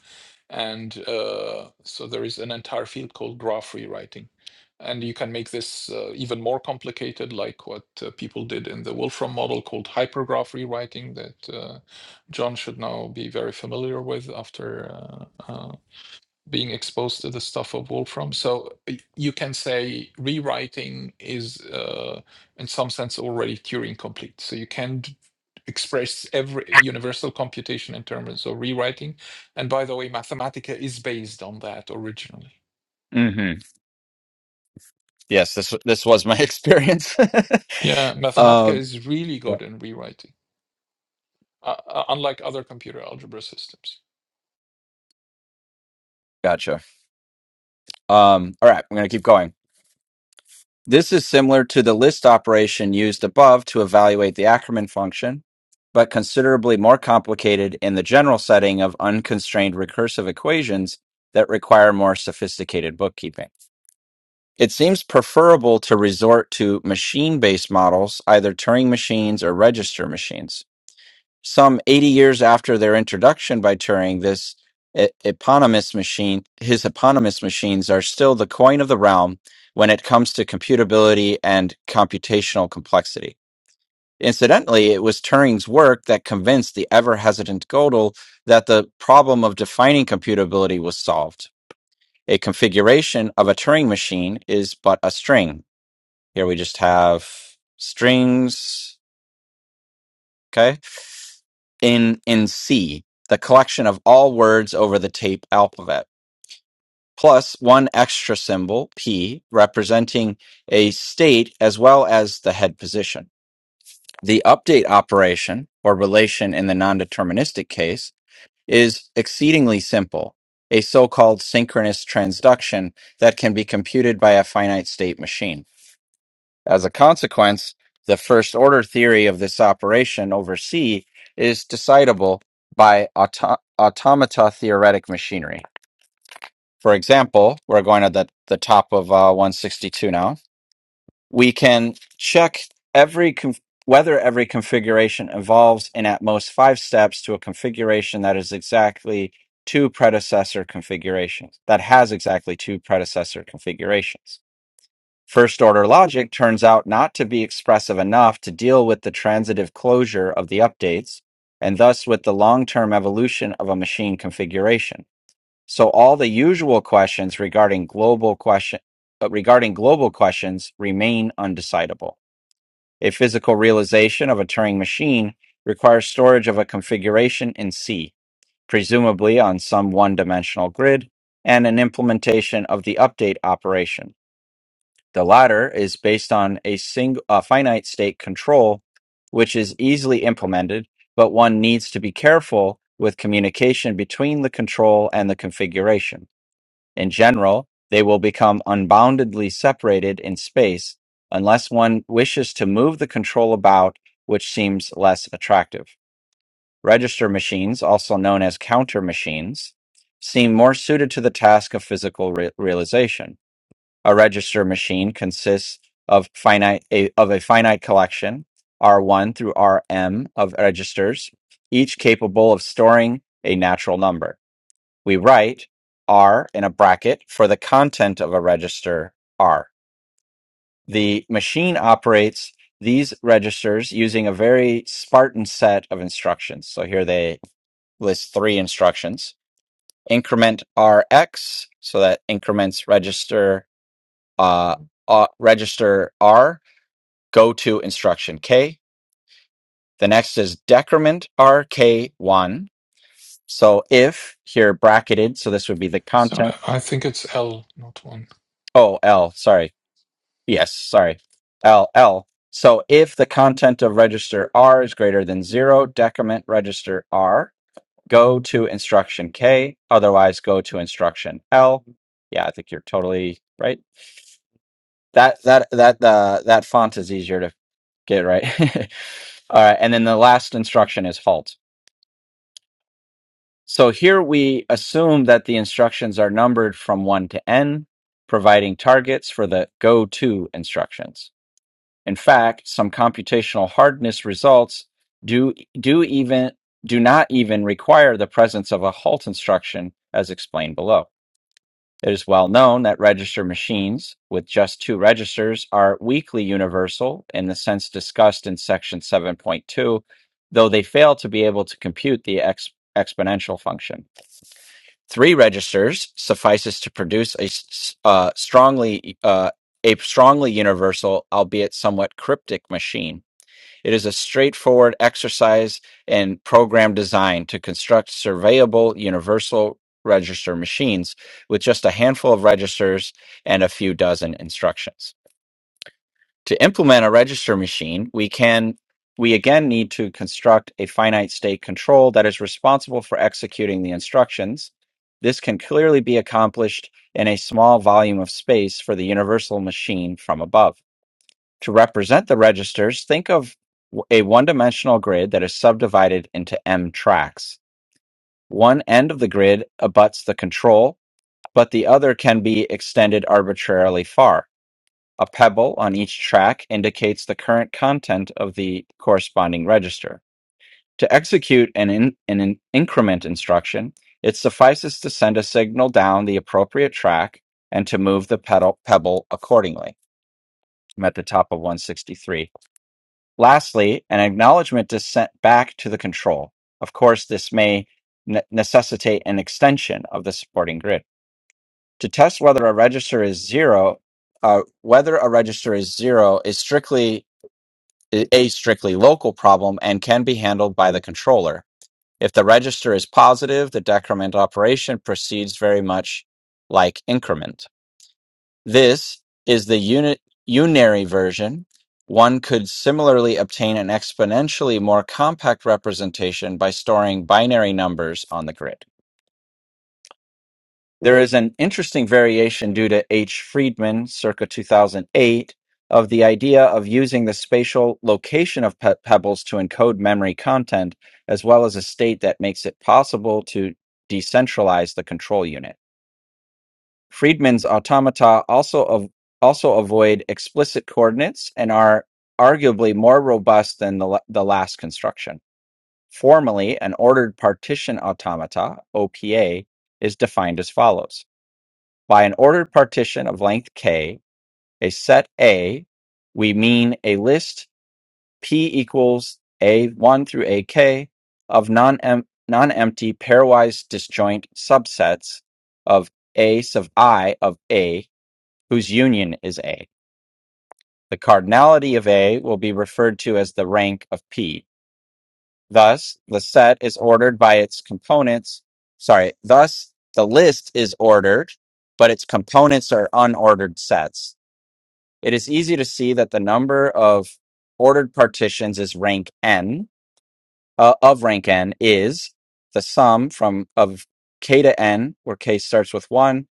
and uh, so there is an entire field called graph rewriting and you can make this uh, even more complicated like what uh, people did in the wolfram model called hypergraph rewriting that uh, john should now be very familiar with after uh, uh, being exposed to the stuff of Wolfram. So uh, you can say rewriting is, uh, in some sense, already Turing complete. So you can express every universal computation in terms of rewriting. And by the way, Mathematica is based on that originally.
hmm Yes, this w- this was my *laughs* experience.
Yeah,
*laughs*
Mathematica
um,
is really
yeah,
good in rewriting, uh, uh, unlike other computer algebra systems.
Gotcha. Um, all right, I'm going to keep going. This is similar to the list operation used above to evaluate the Ackermann function, but considerably more complicated in the general setting of unconstrained recursive equations that require more sophisticated bookkeeping. It seems preferable to resort to machine based models, either Turing machines or register machines. Some 80 years after their introduction by Turing, this e- eponymous machine, his eponymous machines are still the coin of the realm when it comes to computability and computational complexity. Incidentally, it was Turing's work that convinced the ever hesitant Gödel that the problem of defining computability was solved. A configuration of a Turing machine is but a string here we just have strings. Okay. In in C, the collection of all words over the tape alphabet, plus one extra symbol, P, representing a state as well as the head position. The update operation or relation in the non-deterministic case is exceedingly simple, a so-called synchronous transduction that can be computed by a finite state machine. As a consequence, the first order theory of this operation over C is decidable by auto- automata theoretic machinery. For example, we're going to the, the top of uh, 162 now. We can check every conf- whether every configuration evolves in at most five steps to a configuration that is exactly two predecessor configurations, that has exactly two predecessor configurations. First order logic turns out not to be expressive enough to deal with the transitive closure of the updates, and thus with the long term evolution of a machine configuration. So all the usual questions regarding global question uh, regarding global questions remain undecidable. A physical realization of a Turing machine requires storage of a configuration in C, presumably on some one dimensional grid, and an implementation of the update operation. The latter is based on a single a finite state control, which is easily implemented, but one needs to be careful with communication between the control and the configuration. In general, they will become unboundedly separated in space unless one wishes to move the control about, which seems less attractive. Register machines, also known as counter machines, seem more suited to the task of physical re- realization. A register machine consists of finite a, of a finite collection R1 through Rm of registers, each capable of storing a natural number. We write R in a bracket for the content of a register R. The machine operates these registers using a very Spartan set of instructions. So here they list three instructions increment Rx, so that increments register uh, uh, register R, go to instruction K. The next is decrement RK1. So if here bracketed, so this would be the
So
content.
I think it's L, not one.
Oh, L, sorry. Yes, sorry. L, L. So if the content of register R is greater than zero, decrement register R, go to instruction K. Otherwise, go to instruction L. Yeah, I think you're totally right. That, that, that, uh, that font is easier to get right. *laughs* Uh, and then the last instruction is halt. So here we assume that the instructions are numbered from 1 to n, providing targets for the go to instructions. In fact, some computational hardness results do, do even do not even require the presence of a halt instruction as explained below. It is well known that register machines with just two registers are weakly universal in the sense discussed in section 7.2, though they fail to be able to compute the ex- exponential function. Three registers suffices to produce a s- uh, strongly uh, a strongly universal, albeit somewhat cryptic machine. It is a straightforward exercise in program design to construct surveyable universal register machines with just a handful of registers and a few dozen instructions. To implement a register machine, we can we again need to construct a finite state control that is responsible for executing the instructions. This can clearly be accomplished in a small volume of space for the universal machine from above. To represent the registers, think of a a one-dimensional grid that is subdivided into m tracks. One end of the grid abuts the control, but the other can be extended arbitrarily far. A pebble on each track indicates the current content of the corresponding register. To execute an, in, an in- increment instruction, it suffices to send a signal down the appropriate track and to move the pedal, pebble accordingly. I'm at the top of 163. Lastly, an acknowledgement is sent back to the control. Of course, this may ne- necessitate an extension of the supporting grid. To test whether a register is zero, uh, whether a register is zero is strictly a strictly local problem and can be handled by the controller. If the register is positive, the decrement operation proceeds very much like increment. This is the uni- unary version. One could similarly obtain an exponentially more compact representation by storing binary numbers on the grid. There is an interesting variation due to H. Friedman circa 2008 of the idea of using the spatial location of pe- pebbles to encode memory content, as well as a state that makes it possible to decentralize the control unit. Friedmann's automata also av- also avoid explicit coordinates and are arguably more robust than the, la- the last construction. Formally, an ordered partition automata (OPA) is defined as follows: by an ordered partition of length k, a set A, we mean a list p equals a1 through ak of non non-empty pairwise disjoint subsets of a sub i of a whose union is A. The cardinality of A will be referred to as the rank of P. Thus, the set is ordered by its components. Sorry, thus the list is ordered, but its components are unordered sets. It is easy to see that the number of ordered partitions is rank n uh, of rank n is the sum from of k to n, where k starts with one,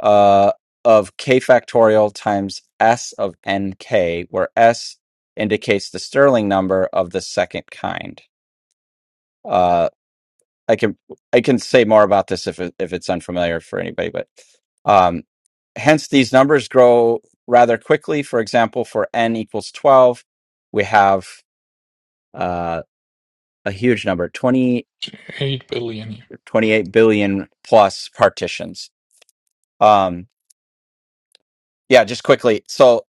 uh, of k factorial times s of nk, where s indicates the Stirling number of the second kind. Uh, I can I can say more about this if it, if it's unfamiliar for anybody, but um, hence these numbers grow rather quickly. For example, for n equals twelve, we have uh, a huge number twenty
Eight billion.
twenty eight billion plus partitions. Um, yeah, just quickly. So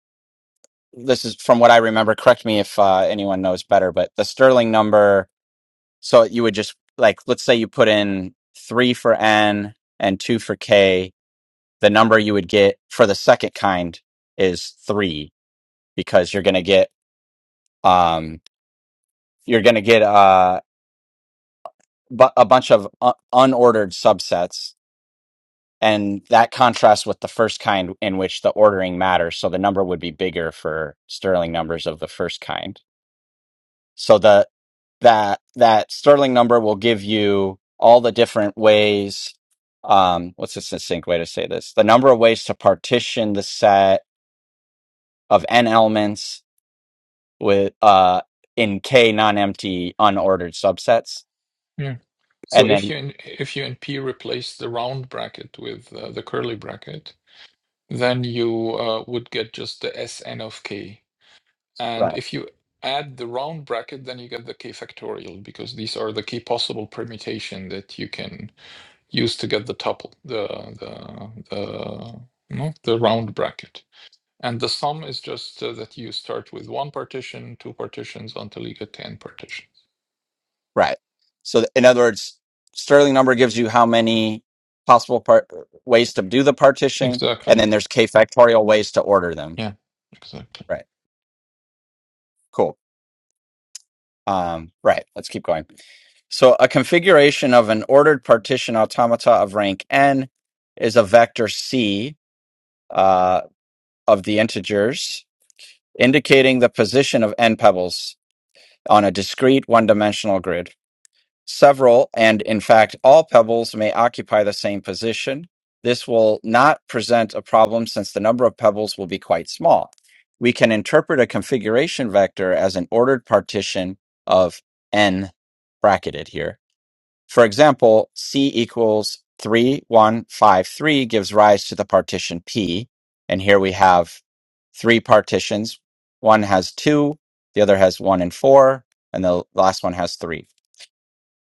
this is from what I remember. Correct me if uh, anyone knows better, but the Sterling number. So you would just like, let's say you put in three for N and two for K. The number you would get for the second kind is three because you're going to get um, you're going to get uh, bu- a bunch of u- unordered subsets, and that contrasts with the first kind in which the ordering matters. So the number would be bigger for Sterling numbers of the first kind. So the that that Sterling number will give you all the different ways. Um, what's a succinct way to say this? The number of ways to partition the set of n elements with uh in k non-empty unordered subsets,
Yeah. So
and
if
then
you in, if you in P replace the round bracket with uh, the curly bracket, then you uh, would get just the Sn of k. And
right,
if you add the round bracket, then you get the k factorial because these are the k possible permutation that you can use to get the tuple, the the the no, the round bracket. And the sum is just uh, that you start with one partition, two partitions until you get ten partitions.
right. So th- in other words, Sterling number gives you how many possible part ways to do the partition, and
Exactly.
then there's k factorial ways to order them.
Yeah. Exactly.
Right. Cool. Um, right. Let's keep going. So a configuration of an ordered partition automata of rank n is a vector c uh, of the integers, indicating the position of n pebbles on a discrete one-dimensional grid. Several, and in fact all pebbles may occupy the same position. This will not present a problem since the number of pebbles will be quite small. We can interpret a configuration vector as an ordered partition of n bracketed here for example, C equals 3153 gives rise to the partition P. And here we have three partitions. One has two, the other has one and four, and the last one has three.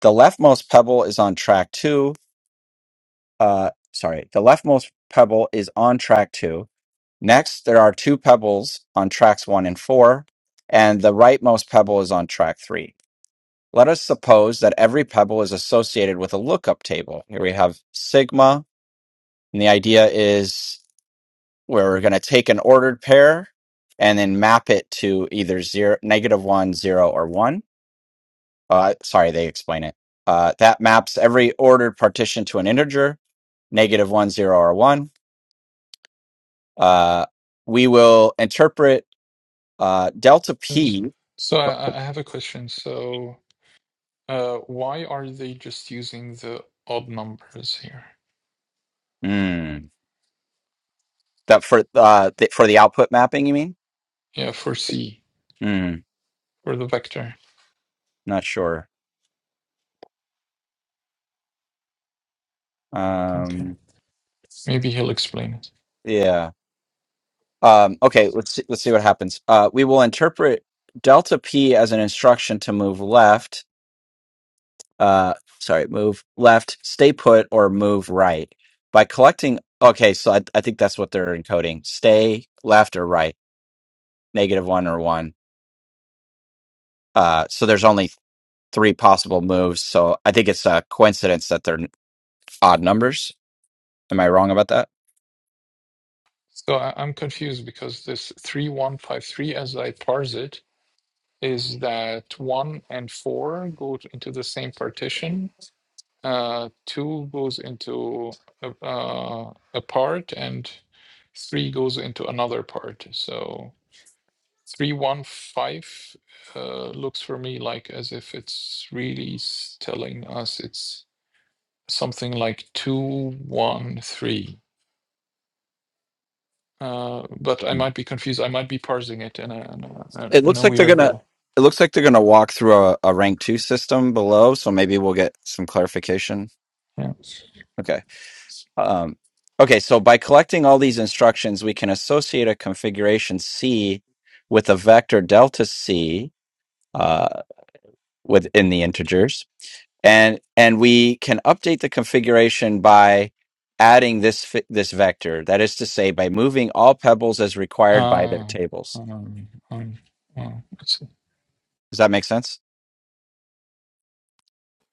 The leftmost pebble is on track two. Uh, sorry, the leftmost pebble is on track two. Next, there are two pebbles on tracks one and four, and the rightmost pebble is on track three. Let us suppose that every pebble is associated with a lookup table. Here we have sigma, and the idea is where we're going to take an ordered pair and then map it to either zero, negative one, zero, or one. Uh, sorry, they explain it. Uh, that maps every ordered partition to an integer, negative one, zero, or one. Uh, we will interpret uh, delta
Yes.
p.
So I, I have a question. So, uh, why are they just using the odd numbers here?
Hmm. that for uh, th- for the output mapping, you mean?
Yeah, for C,
Hmm.
for the vector.
not sure.
Okay.
Um,
Maybe he'll explain it.
Yeah. Um, okay, let's see, let's see what happens. Uh, we will interpret delta p as an instruction to move left, uh, sorry, move left, stay put, or move right. By collecting, okay, so I, I think that's what they're encoding. Stay left or right, negative one or one. Uh, so there's only three possible moves. So I think it's a coincidence that they're odd numbers. Am I wrong about that?
So I, I'm confused because this 3153, as I parse it, is that 1 and 4 go t- into the same partition, uh, 2 goes into a, uh, a part, and 3 goes into another part. So. 315 uh, looks for me like as if it's really s- telling us it's something like 213. Uh, but I might be confused. I might be parsing it in a, in a,
It
in
looks
a
like they're
weird
gonna.
way.
It looks like they're gonna walk through a, a rank two system below, so maybe we'll get some clarification.
Yeah.
Okay. Um, okay. So by collecting all these instructions, we can associate a configuration C with a vector delta C. uh, within the integers and and we can update the configuration by adding this fi- this vector that is to say by moving all pebbles as
Uh,
required by their tables
um, um, well, let's see.
does that make sense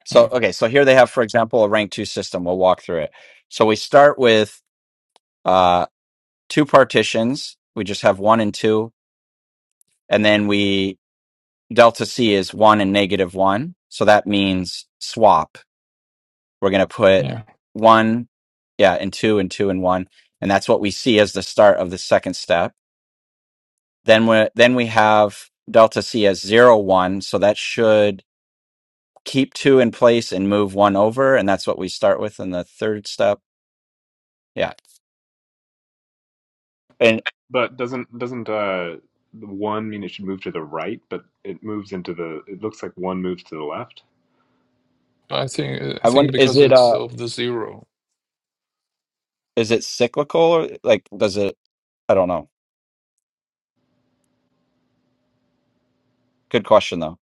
so
Yeah.
okay so here they have for example a rank 2 system we'll walk through it so we start with uh two partitions we just have 1 and 2 and then we delta c is 1 and negative 1 so that means swap We're going to put
Yeah.
one, yeah, and two and two and one. And that's what we see as the start of the second step. Then we, then we have delta C as zero, one. So that should keep two in place and move one over. And that's what we start with in the third step. Yeah. And
But doesn't doesn't uh the one mean it should move to the right? But it moves into the. It looks like one moves to the left.
I think I
I
think
wonder, is
because
it,
it's
uh,
of the zero.
is it cyclical or like, does it, I don't know. Good question though.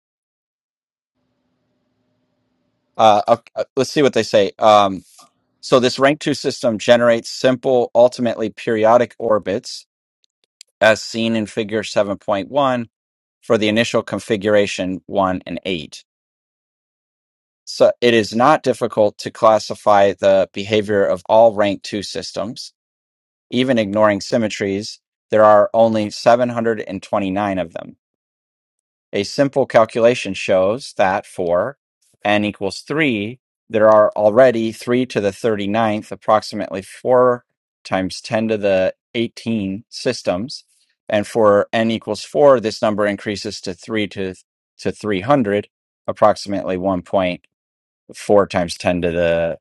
Uh, ok- uh, let's see what they say. Um, so this rank two system generates simple, ultimately periodic orbits as seen in figure 7.1 for the initial configuration 1 and 8. So it is not difficult to classify the behavior of all rank 2 systems, even ignoring symmetries. There are only 729 of them. A simple calculation shows that for n equals 3, there are already 3 to the thirty-ninth, approximately 4 times 10 to the 18 systems. And for n equals 4, this number increases to 3 to, to 300, approximately 1.4 times 10 to the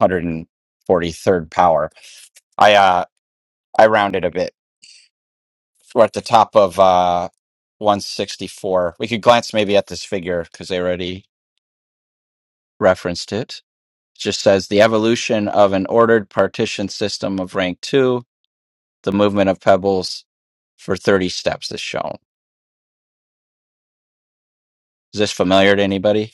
143rd power. I, uh, I rounded a bit. We're at the top of uh, 164. We could glance maybe at this figure because they already referenced it. It just says the evolution of an ordered partition system of rank two, the movement of pebbles for 30 steps is shown. Is this familiar to anybody?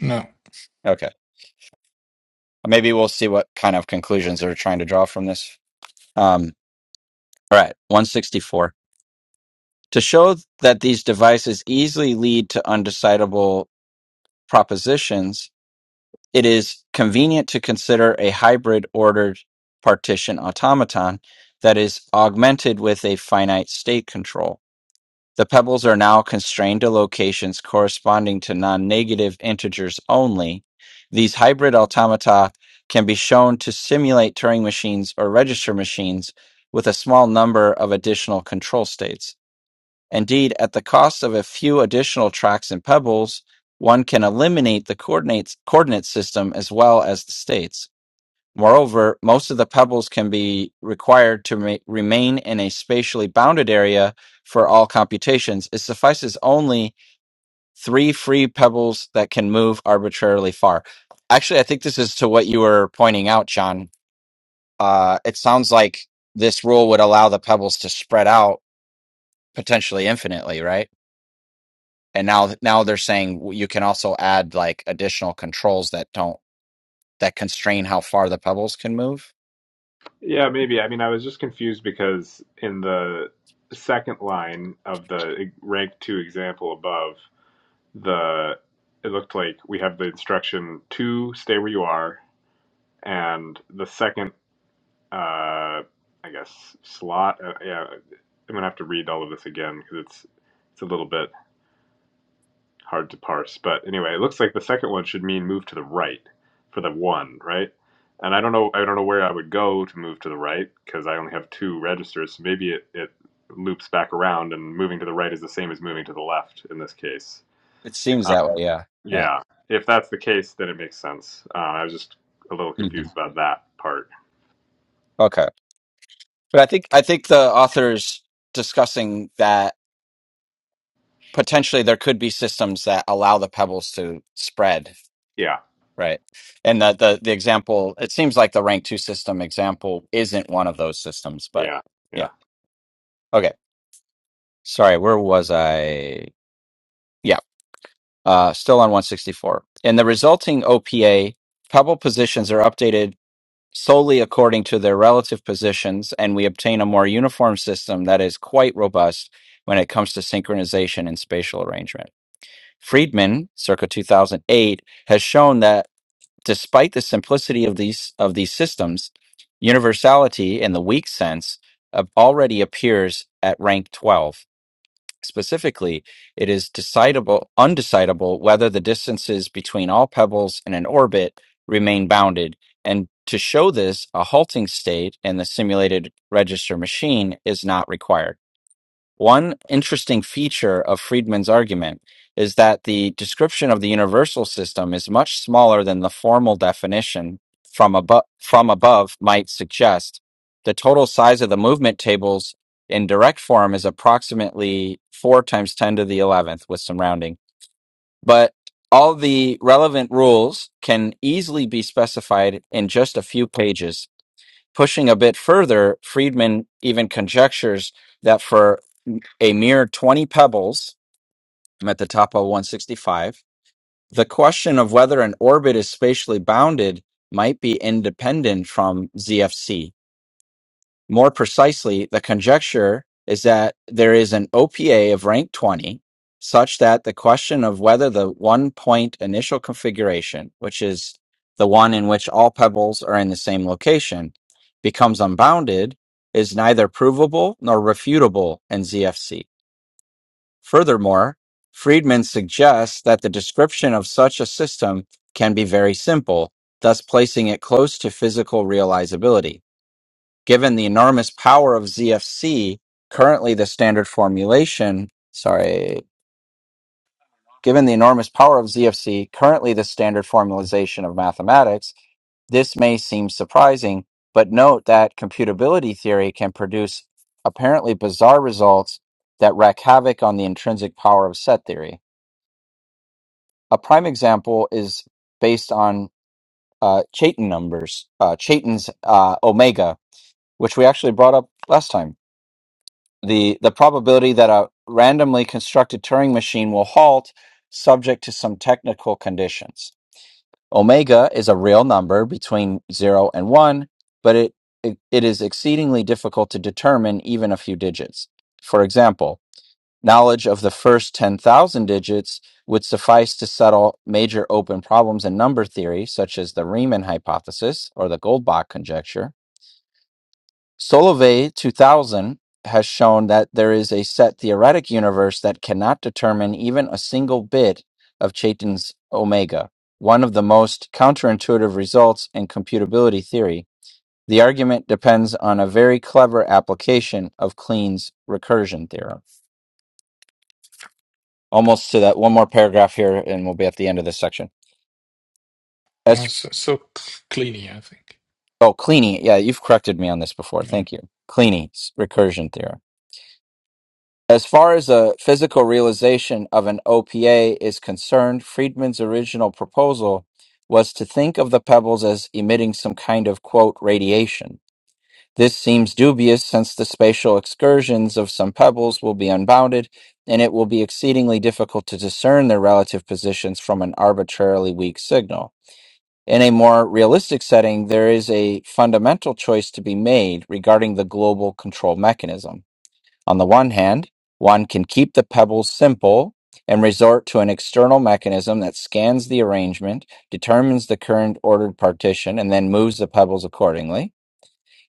No.
Okay. Maybe we'll see what kind of conclusions they're trying to draw from this. Um, all right, 164. To show that these devices easily lead to undecidable propositions, It is convenient to consider a hybrid ordered partition automaton that is augmented with a finite state control. The pebbles are now constrained to locations corresponding to non negative integers only. These hybrid automata can be shown to simulate Turing machines or register machines with a small number of additional control states. Indeed, at the cost of a few additional tracks and pebbles, one can eliminate the coordinates coordinate system as well as the states. Moreover, most of the pebbles can be required to ma- remain in a spatially bounded area for all computations. It suffices only three free pebbles that can move arbitrarily far. Actually, I think this is to what you were pointing out, John. Uh, it sounds like this rule would allow the pebbles to spread out potentially infinitely, right? and now now they're saying "Well, you can also add like additional controls that don't that constrain how far the pebbles can move
Yeah, maybe. I mean, I was just confused because in the second line of the rank two example above, the it looked like we have the instruction to stay where you are, and the second. uh, I guess slot. Uh, yeah, I'm gonna have to read all of this again because it's it's a little bit hard to parse. But anyway, it looks like the second one should mean move to the right for the one, right? And I don't know, I don't know where I would go to move to the right because I only have two registers. So maybe it, it loops back around, and moving to the right is the same as moving to the left in this case.
it seems
Uh,
that way yeah yeah
yeah, if that's the case, then it makes sense. Uh, I was just a little
hmm
confused about that part.
okay but i think i think the author's discussing that potentially there could be systems that allow the pebbles to spread
Yeah,
right and the, the the example it seems like the rank two system example isn't one of those systems but
yeah, yeah.
yeah okay sorry where was i yeah uh still on 164 in the resulting opa pebble positions are updated solely according to their relative positions and we obtain a more uniform system that is quite robust when it comes to synchronization and spatial arrangement Friedman, circa 2008, has shown that despite the simplicity of these of these systems, universality in the weak sense of- already appears at rank 12. Specifically, it is decidable undecidable whether the distances between all pebbles in an orbit remain bounded. And to show this, a halting state in the simulated register machine is not required. One interesting feature of Friedman's argument is that the description of the universal system is much smaller than the formal definition from above, from above might suggest. The total size of the movement tables in direct form is approximately 4 times 10 to the 11th with some rounding. But all the relevant rules can easily be specified in just a few pages. Pushing a bit further, Friedman even conjectures that for a mere 20 pebbles. I'm at the top of 165. The question of whether an orbit is spatially bounded might be independent from ZFC. More precisely, the conjecture is that there is an OPA of rank 20 such that the question of whether the one point initial configuration, which is the one in which all pebbles are in the same location, becomes unbounded is neither provable nor refutable in ZFC. Furthermore, Friedman suggests that the description of such a system can be very simple, thus placing it close to physical realizability. Given the enormous power of ZFC, currently the standard formulation, sorry, given the enormous power of ZFC, currently the standard formalization of mathematics, this may seem surprising, but note that computability theory can produce apparently bizarre results that wreak havoc on the intrinsic power of set theory. A prime example is based on uh, Chaitin numbers, uh, Chaitin's uh, omega, which we actually brought up last time. The the probability that a randomly constructed Turing machine will halt, subject to some technical conditions. Omega is a real number between zero and one, but it it, it is exceedingly difficult to determine even a few digits. For example, Knowledge of the first 10,000 digits would suffice to settle major open problems in number theory, such as the Riemann hypothesis or the Goldbach conjecture. Solovay 2000 has shown that there is a set theoretic universe that cannot determine even a single bit of Chaitin's omega, one of the most counterintuitive results in computability theory. The argument depends on a very clever application of Kleene's recursion theorem. almost to that one more paragraph here and we'll be at the end of this section
no,
as
So, so cleany, I think.
oh cleaning yeah you've corrected me on this before thank you cleaning recursion theorem as far as a physical realization of an opa is concerned friedman's original proposal was to think of the pebbles as emitting some kind of quote radiation this seems dubious since the spatial excursions of some pebbles will be unbounded and it will be exceedingly difficult to discern their relative positions from an arbitrarily weak signal In a more realistic setting, there is a fundamental choice to be made regarding the global control mechanism. On the one hand, one can keep the pebbles simple and resort to an external mechanism that scans the arrangement, determines the current ordered partition, and then moves the pebbles accordingly.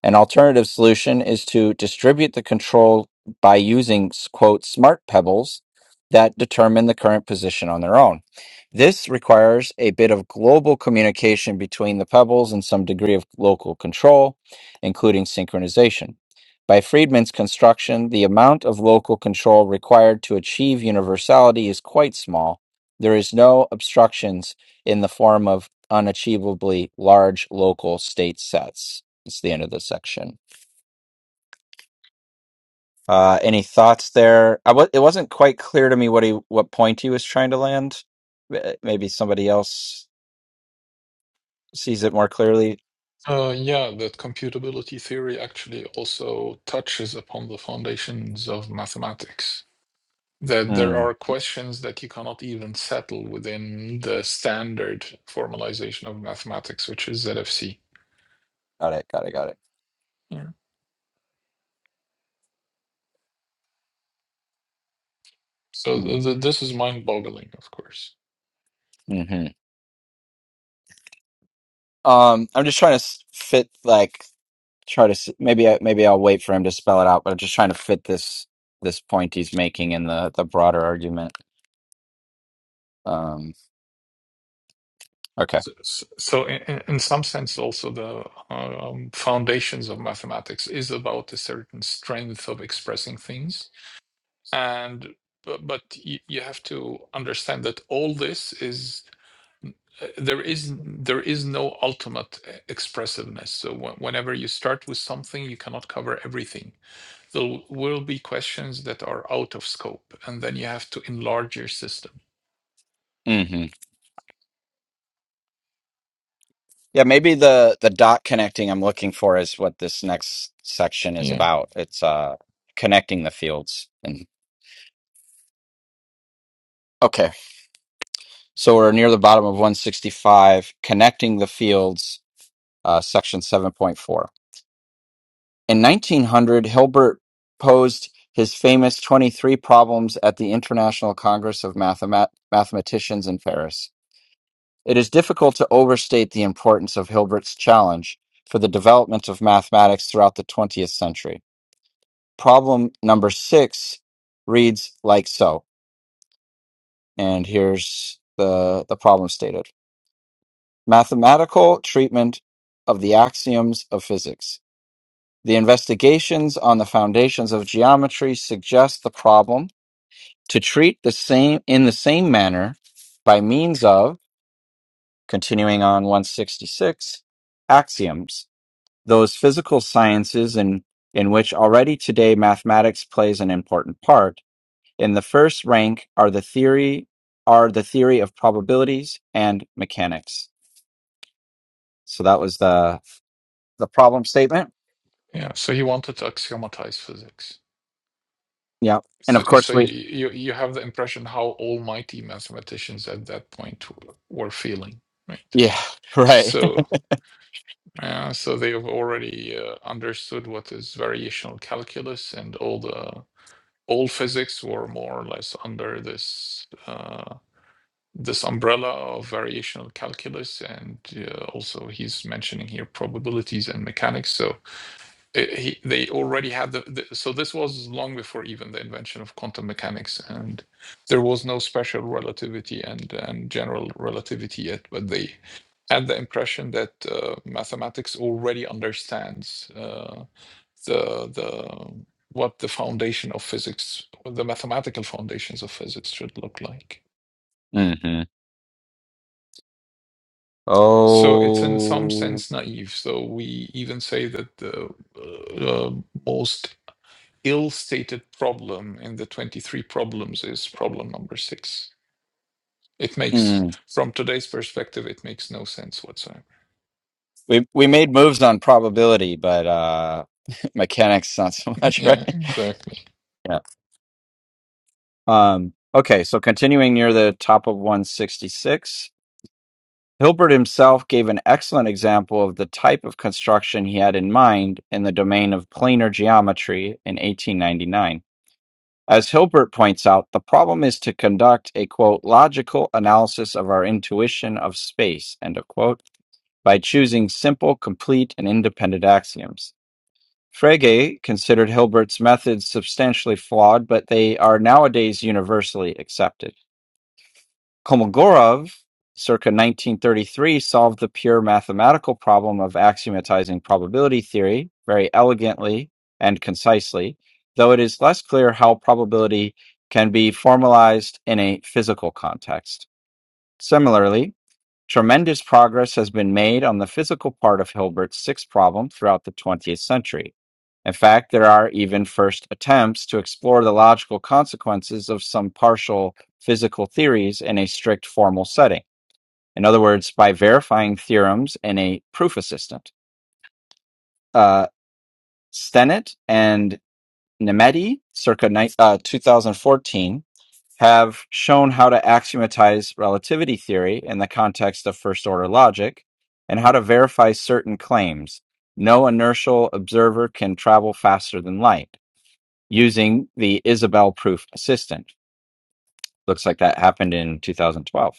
An alternative solution is to distribute the control by using, quote, smart pebbles that determine the current position on their own. This requires a bit of global communication between the pebbles and some degree of local control, including synchronization. By Friedman's construction, the amount of local control required to achieve universality is quite small. There is no obstructions in the form of unachievably large local state sets. It's the end of the section. Uh, any thoughts there? I w- it wasn't quite clear to me what he what point he was trying to land. M- eh, Maybe somebody else sees it more clearly.
Uh, yeah, that computability theory actually also touches upon the foundations of mathematics. That there
Mm,
are questions that you cannot even settle within the standard formalization of mathematics, which is ZFC.
got it. Got it. Got it.
Yeah. So th th- this is mind-boggling, of course.
Mm-hmm. Um, I'm just trying to s- fit like try to s- maybe I, maybe I'll wait for him to spell it out, but I'm just trying to fit this this point he's making in the the broader argument. Um, okay.
So, so so in, in in some sense, also the uh, um, foundations of mathematics is about a certain strength of expressing things and but, but you, you have to understand that all this is uh, there is there is no ultimate uh, expressiveness so wh- whenever you start with something you cannot cover everything there will be questions that are out of scope and then you have to enlarge your system
Mm-hmm. Yeah, maybe the the dot connecting I'm looking for is what this next section is
yeah
about. It's uh connecting the fields. And okay, so we're near the bottom of 165, connecting the fields, uh, section 7.4. In 1900, Hilbert posed his famous 23 problems at the International Congress of Mathemat- Mathematicians in Paris. It is difficult to overstate the importance of Hilbert's challenge for the development of mathematics throughout the 20th century. problem number six reads like so. And here's the, the problem stated mathematical treatment of the axioms of physics. The investigations on the foundations of geometry suggest the problem to treat the same in the same manner by means of continuing on 166 axioms, those physical sciences in, in which already today mathematics plays an important part In the first rank are the theory are the theory of probabilities and mechanics. So that was the the problem statement.
yeah so he wanted to axiomatize physics
Yeah, and
so,
of course
so you,
we
you you have the impression how almighty mathematicians at that point w- were feeling right
yeah *laughs* right.
So. Uh, so they have already uh, understood what is variational calculus, and all the all physics were more or less under this uh, this umbrella of variational calculus, and uh, also he's mentioning here probabilities and mechanics. So it, he, they already had the, the so this was long before even the invention of quantum mechanics, and there was no special relativity and and general relativity yet, but they had the impression that uh, mathematics already understands uh, the the what the foundation of physics, or the mathematical foundations of physics, should look like.
*laughs* hmm
So it's in some
Oh,
sense naive. So we even say that the uh, most ill-stated problem in the 23 problems is problem number six. It makes,
mm.
from today's perspective, it makes no sense whatsoever.
we we made moves on probability, but uh, *laughs* mechanics not so
*laughs*
much, *laughs*
Yeah,
right?
exactly.
Yeah. Um. Okay. So continuing near the top of one sixty six. Hilbert himself gave an excellent example of the type of construction he had in mind in the domain of planar geometry in 1899. As Hilbert points out, the problem is to conduct a quote logical analysis of our intuition of space end of quote by choosing simple, complete, and independent axioms. Frege considered Hilbert's methods substantially flawed, but they are nowadays universally accepted. Kolmogorov, circa 1933, solved the pure mathematical problem of axiomatizing probability theory very elegantly and concisely, though it is less clear how probability can be formalized in a physical context. Similarly, Tremendous progress has been made on the physical part of Hilbert's sixth problem throughout the 20th century. In fact, there are even first attempts to explore the logical consequences of some partial physical theories in a strict formal setting. In other words, by verifying theorems in a proof assistant. Uh, Stennett and Nemeti, circa ni- uh, 2014, have shown how to axiomatize relativity theory in the context of first order logic and how to verify certain claims. No inertial observer can travel faster than light using the Isabel proof assistant. Looks like that happened in 2012.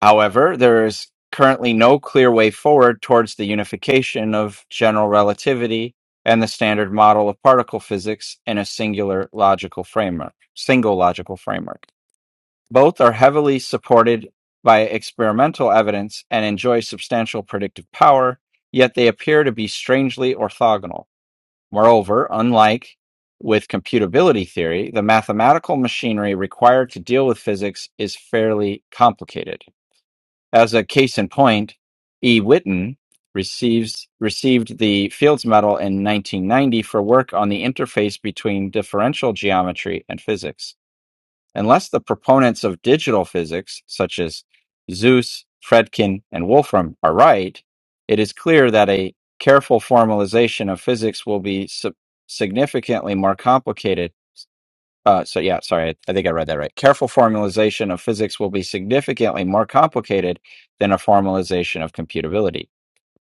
However, there is currently no clear way forward towards the unification of general relativity and the standard model of particle physics in a singular logical framework, single logical framework. Both are heavily supported by experimental evidence and enjoy substantial predictive power, yet they appear to be strangely orthogonal. Moreover, unlike with computability theory, the mathematical machinery required to deal with physics is fairly complicated. As a case in point, E. Witten receives, received the Fields Medal in 1990 for work on the interface between differential geometry and physics. Unless the proponents of digital physics, such as Zeus, Fredkin, and Wolfram, are right, it is clear that a careful formalization of physics will be sub- significantly more complicated. Uh, so, yeah, sorry, I I think I read that right. Careful formalization of physics will be significantly more complicated than a formalization of computability.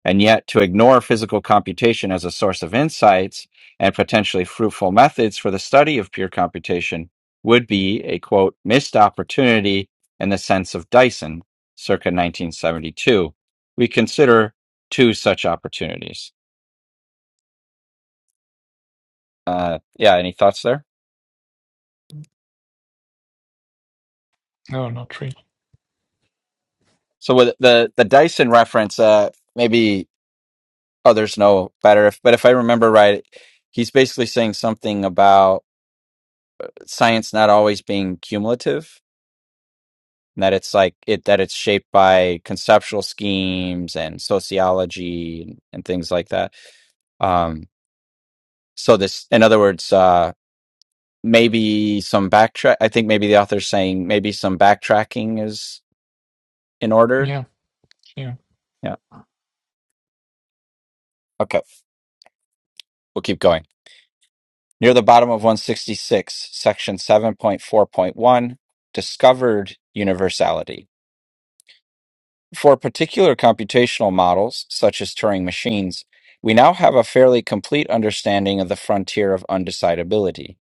And yet, to ignore physical computation as a source of insights and potentially fruitful methods for the study of pure computation would be a quote, missed opportunity in the sense of Dyson, circa 1972. We consider two such opportunities. Uh, yeah, any thoughts there?
No, not really.
So, with the, the Dyson reference, uh, maybe others know better, if, but if I remember right, he's basically saying something about science not always being cumulative and that it's like it that it's shaped by conceptual schemes and sociology and, and things like that um so this in other words uh maybe some backtrack i think maybe the author's saying maybe some backtracking is in order
Yeah, yeah.
yeah okay we'll keep going near the bottom of 166 section 7.4.1 discovered universality For particular computational models, such as Turing machines, we now have a fairly complete understanding of the frontier of undecidability.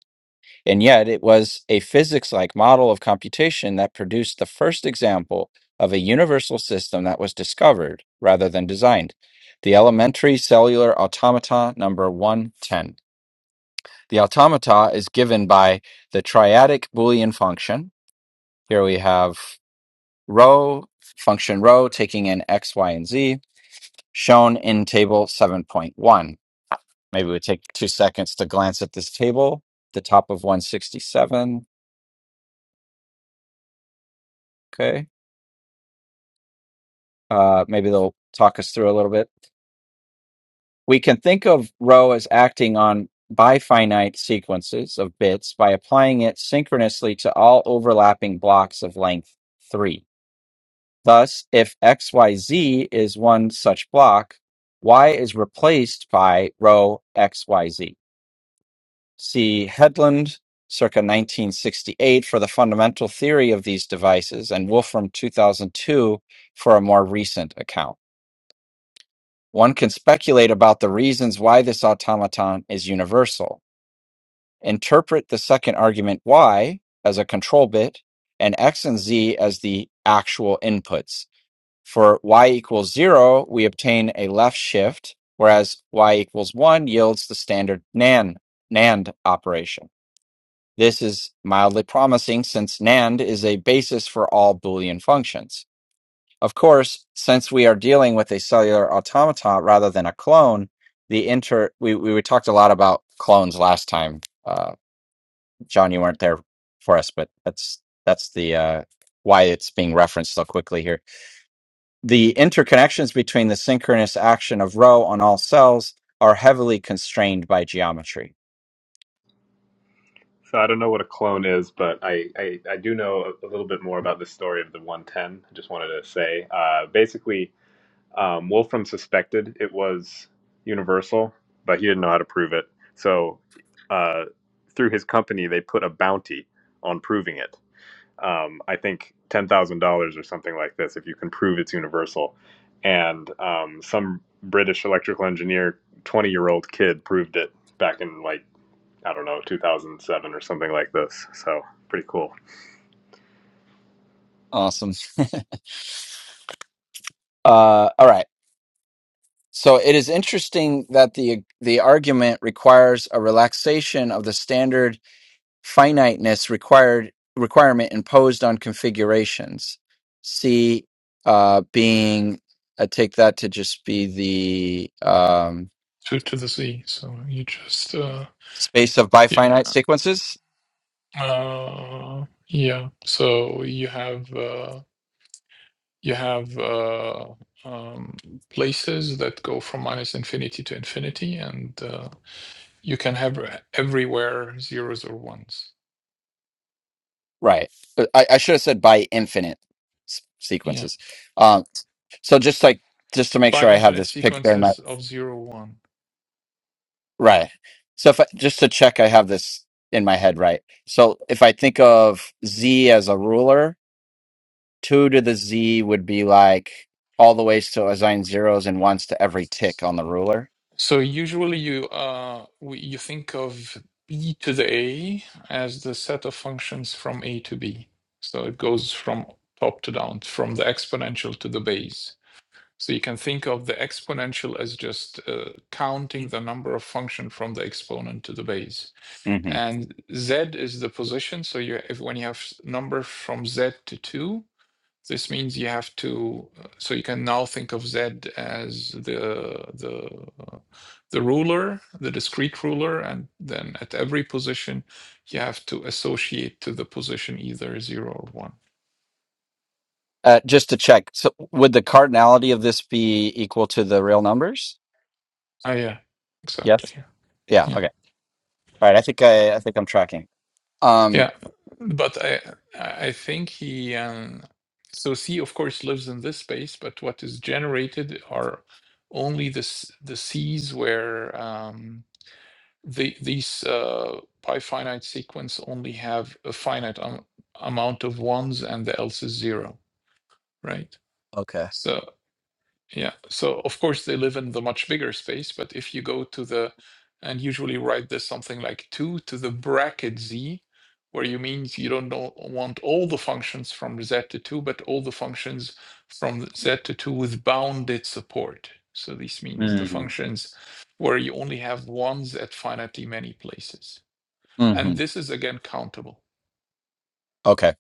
And yet, it was a physics like model of computation that produced the first example of a universal system that was discovered rather than designed the elementary cellular automata number 110. The automata is given by the triadic Boolean function. Here we have rho, function rho taking in x, y, and z shown in table 7.1. Maybe we take two seconds to glance at this table, the top of 167. Okay. Uh, maybe they'll talk us through a little bit. We can think of row as acting on bifinite sequences of bits by applying it synchronously to all overlapping blocks of length 3. Thus, if XYZ is one such block, Y is replaced by row XYZ. See Headland, circa 1968, for the fundamental theory of these devices, and Wolfram, 2002, for a more recent account. One can speculate about the reasons why this automaton is universal. Interpret the second argument Y as a control bit and X and Z as the actual inputs. For Y equals zero, we obtain a left shift, whereas Y equals one yields the standard NAND, NAND operation. This is mildly promising since NAND is a basis for all Boolean functions. Of course, since we are dealing with a cellular automata rather than a clone, the inter we, we, we talked a lot about clones last time. Uh, John, you weren't there for us, but that's that's the uh, why it's being referenced so quickly here. The interconnections between the synchronous action of rho on all cells are heavily constrained by geometry.
So I don't know what a clone is, but I, I, I do know a, a little bit more about the story of the 110. I just wanted to say, uh, basically, um, Wolfram suspected it was Universal, but he didn't know how to prove it. So uh, through his company, they put a bounty on proving it. Um, I think ten thousand dollars or something like this if you can prove it's Universal. And um, some British electrical engineer, 20 year old kid, proved it back in like I don't know, 2007 or something like this. So pretty cool.
Awesome. Uh, all right. So it is interesting that the the argument requires a relaxation of the standard finiteness required requirement imposed on configurations. See, uh, being I take that to just be the um,
two to the z. So you just uh,
space of
yeah
bifinite sequences,
uh, yeah. So you have uh, you have uh, um, places that go from minus infinity to infinity, and uh, you can have e-, everywhere zeros or ones.
right? I, I should have said by infinite s-
Yeah,
sequences. Um, so just like just to make
by
sure I have
infinite
this picture,
sequences of zero one.
Right. So if I, just to check, I have this in my head, right? So if I think of z as a ruler, two to the z would be like all the ways to assign zeros and ones to every tick on the ruler.
So usually you uh we, you think of b to the a as the set of functions from a to b. So it goes from top to down, from the exponential to the base. So you can think of the exponential as just uh, counting the number of function from the exponent to the base.
hmm
And z is the position. So you if when you have s- number from z to 2, this means you have to, uh, so you can now think of Z as the the uh, the ruler, the discrete ruler, and then at every position you have to associate to the position either zero or one.
Uh, just to check, so would the cardinality of this be equal to the real numbers?
Ah, yeah, exactly.
Yes. Yeah.
Yeah,
Okay. All right. I think I, I think I'm tracking. Um.
yeah. But I I I think he um, so C of course lives in this space, but what is generated are only the s- the C's where um, the these uh, pi finite sequence only have a finite um, amount of ones and the else is zero, right?
Okay.
So yeah, so of course they live in the much bigger space, but if you go to the and usually write this something like two to the bracket z, where you means you don't know, want all the functions from z to two, but all the functions from z to two with bounded support. So this means the
Mm-hmm.
functions where you only have ones at finitely many places and this is again countable
Okay.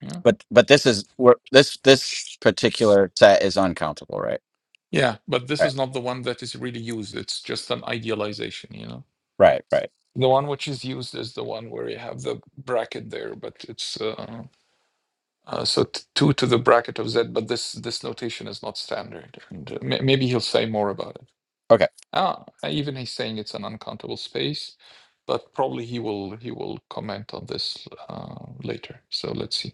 yeah
But but this is where this this particular set is uncountable, right?
yeah but this is not the one that is really used it's just an idealization you know
Right, right.
the one which is used is the one where you have the bracket there but it's uh, uh, so t- 2 to the bracket of z but this this notation is not standard and uh, may- maybe he'll say more about it
Okay.
ah even he's saying it's an uncountable space but probably he will he will comment on this uh, later so let's see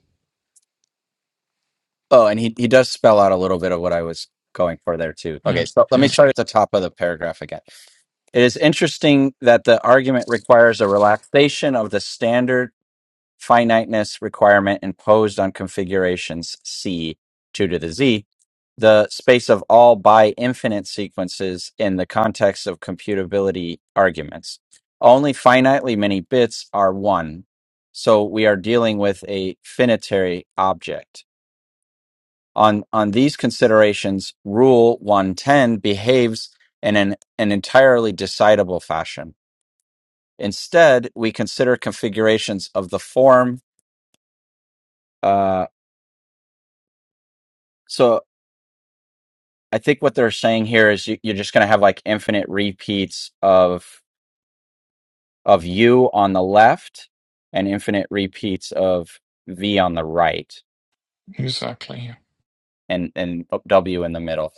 Oh, and he, he does spell out a little bit of what I was going for there too.
yeah
Okay, so let me
yeah
start at the top of the paragraph again. It is interesting that the argument requires a relaxation of the standard finiteness requirement imposed on configurations C, 2 to the Z, the space of all by infinite sequences in the context of computability arguments. Only finitely many bits are one, so we are dealing with a finitary object. On on these considerations, Rule 110 behaves in an, an entirely decidable fashion. Instead, we consider configurations of the form. Uh, so I think what they're saying here is you, you're just going to have like infinite repeats of of u on the left and infinite repeats of v on the right
exactly yeah.
and and w in the middle.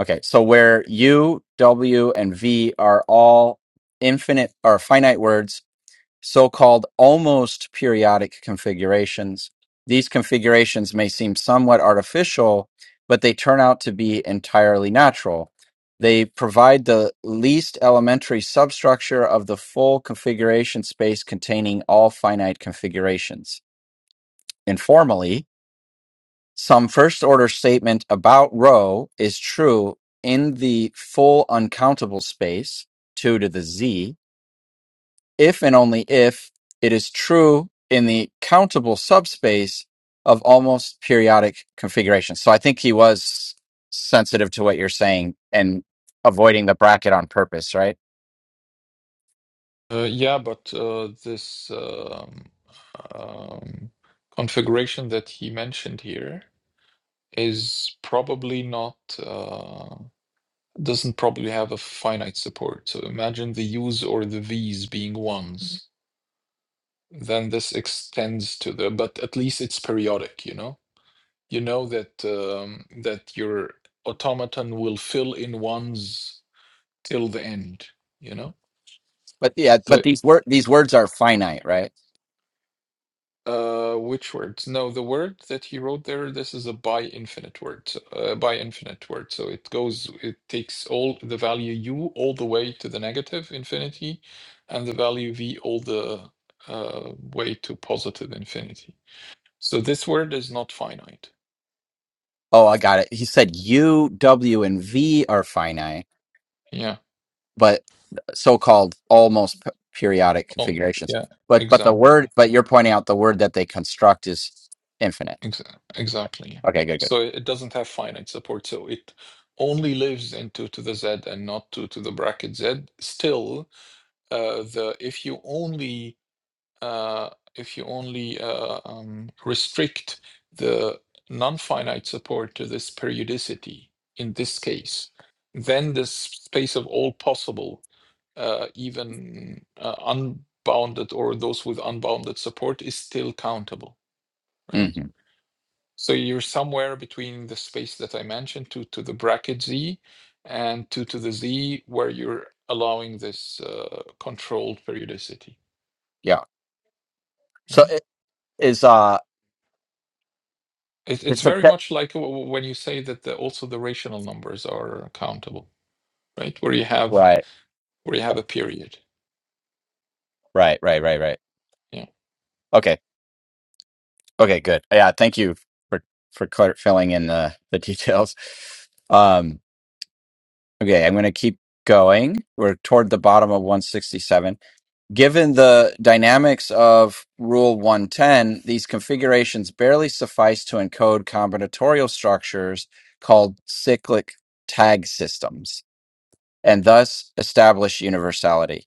Okay, so where u, w, and v are all infinite or finite words so-called almost periodic configurations. These configurations may seem somewhat artificial, but they turn out to be entirely natural. They provide the least elementary substructure of the full configuration space containing all finite configurations. Informally, some first order statement about rho is true in the full uncountable space, 2 to the z, if and only if it is true in the countable subspace of almost periodic configurations. So I think he was sensitive to what you're saying and avoiding the bracket on purpose, right?
Uh, yeah, but uh, this um, um, configuration that he mentioned here is probably not uh, doesn't probably have a finite support. So imagine the U's or the V's being ones. Then this extends to the, but at least it's periodic. You know, you know that um, that your automaton will fill in ones till the end. You know.
But yeah,
So
but these word these words are finite, right?
Uh, which words? No, the word that he wrote there, this is a bi infinite word, so- uh, by infinite word. So it goes, it takes all the value u all the way to the negative infinity, and the value v all the uh, way to positive infinity. So this word is not finite.
Oh, I got it. He said U, W, and V are finite,
Yeah.
but so-called almost p- periodic
Oh,
configurations.
yeah.
But but the
Exactly.
word, but you're pointing out the word that they construct is infinite.
Exa- exactly. yeah.
Okay, good,
So it it doesn't have finite support. So it only lives in two to the z and not two to the bracket z. Still uh, the if you only uh, if you only uh, um, restrict the non-finite support to this periodicity in this case, then the space of all possible, uh, even uh, unbounded or those with unbounded support is still countable,
good.
right?
hmm
So you're somewhere between the space that I mentioned two to the bracket z and two to the z where you're allowing this uh, controlled periodicity.
Yeah. So
Mm.
is uh
It, it's
it's a
very
te-
much like w- w- when you say that the, also the rational numbers are countable, right? Where you have
right
where you have a period.
right right right right
Yeah,
okay okay good yeah thank you for for clar- filling in the the *laughs* details um okay i'm going to keep going we're toward the bottom of 167 given the dynamics of rule 110 these configurations barely suffice to encode combinatorial structures called cyclic tag systems and thus establish universality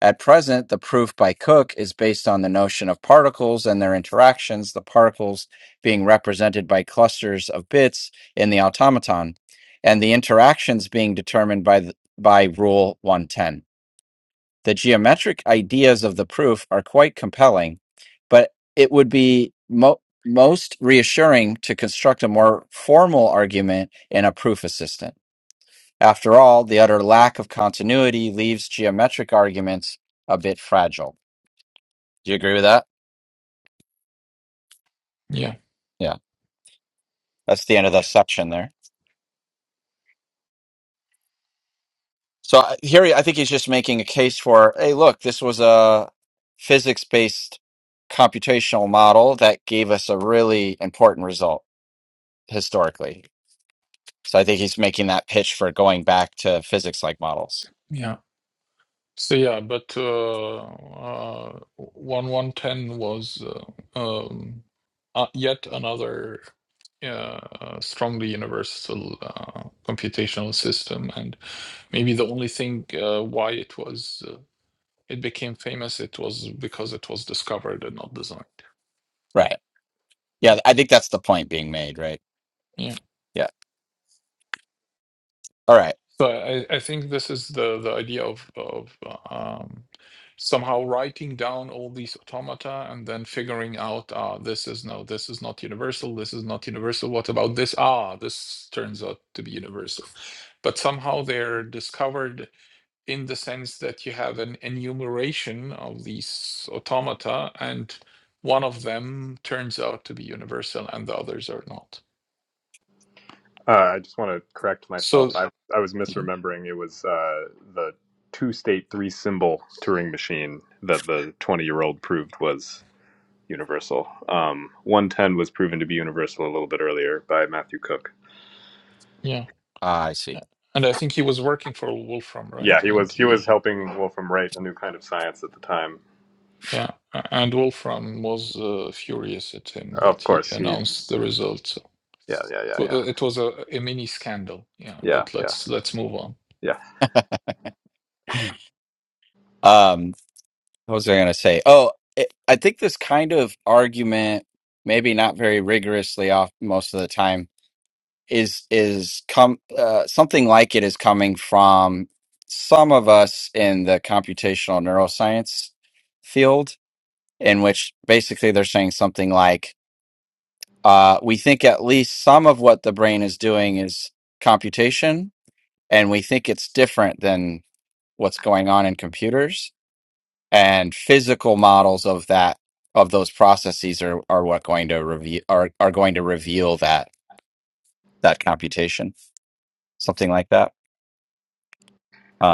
At present, the proof by Cook is based on the notion of particles and their interactions, the particles being represented by clusters of bits in the automaton, and the interactions being determined by, the, by Rule 110. The geometric ideas of the proof are quite compelling, but it would be mo- most reassuring to construct a more formal argument in a proof assistant. After all, the utter lack of continuity leaves geometric arguments a bit fragile. Do you agree with that?
yeah,
Yeah, that's the end of the
yeah,
section there. So I- here, I think he's just making a case for, hey, look, this was a physics-based computational model that gave us a really important result historically. So I think he's making that pitch for going back to physics-like models.
yeah. So yeah, but uh, uh, one one ten was uh, um, uh, yet another uh, uh, strongly universal uh, computational system, and maybe the only thing uh, why it was uh, it became famous it was because it was discovered and not designed.
Right.
Yeah,
Yeah, I think that's the point being made, right?
Yeah.
Yeah. All right.
So I, I think this is the the idea of of um, somehow writing down all these automata and then figuring out ah this is no this is not universal this is not universal what about this ah this turns out to be universal, but somehow they're discovered in the sense that you have an enumeration of these automata and one of them turns out to be universal and the others are not.
Uh, I just want to correct myself.
So
I, I was
yeah
misremembering. It was uh, the two state, three symbol Turing machine that the 20 year old proved was universal. Um, 110 was proven to be universal a little bit earlier by Matthew Cook.
yeah.
Ah, I see.
A- And I think he was working for Wolfram,
Yeah,
right?
he
And
was he was
he,
helping Wolfram write a new kind of science at the time.
yeah, a- and Wolfram was uh, furious at him that
Of
he
course, he.
announced the results. So
Yeah, yeah, yeah,
So,
yeah,
uh, it was a, a mini scandal. Yeah,
yeah,
but
yeah,
let's let's move on.
yeah.
Um, what was I going to say? Oh, it, I think this kind of argument, maybe not very rigorously off most of the time is is come uh, something like it is coming from some of us in the computational neuroscience field, in which basically they're saying something like, uh, "We think at least some of what the brain is doing is computation, and we think it's different than what's going on in computers, and physical models of that." Of those processes are, are what going to reveal are, are going to reveal that that computation something like that.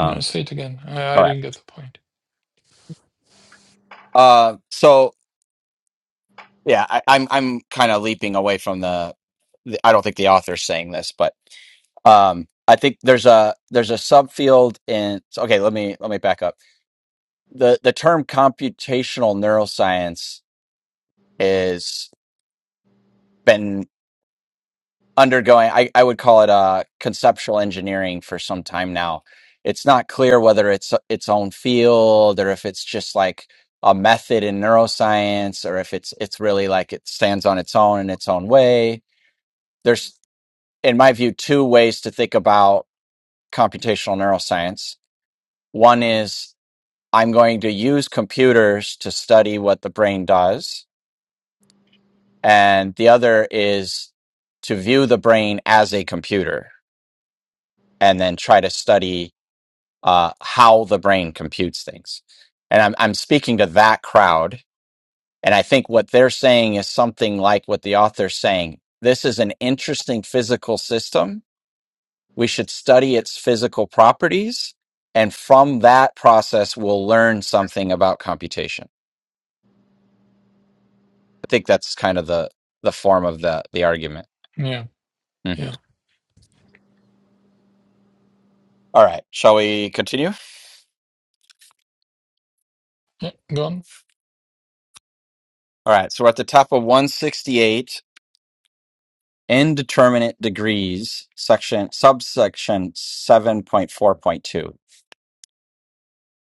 No, say it again. I, I
all right.
didn't get the point.
Uh, so yeah, I, I'm I'm kind of leaping away from the, the. I don't think the author's saying this, but um, I think there's a there's a subfield in. so, Okay, let me let me back up. the The term computational neuroscience is been undergoing. I I would call it uh conceptual engineering for some time now. It's not clear whether it's its own field or if it's just like a method in neuroscience or if it's it's really like it stands on its own in its own way there's in my view two ways to think about computational neuroscience one is i'm going to use computers to study what the brain does and the other is to view the brain as a computer and then try to study uh, how the brain computes things and I'm, I'm speaking to that crowd and i think what they're saying is something like what the author's saying this is an interesting physical system We should study its physical properties. And from that process, we'll learn something about computation. I think that's kind of the, the form of the, the argument.
Yeah,
Mhm.
yeah,
All right. Shall we continue?
yeah. Gone.
All right. So we're at the top of 168, indeterminate degrees, section, subsection 7.4.2.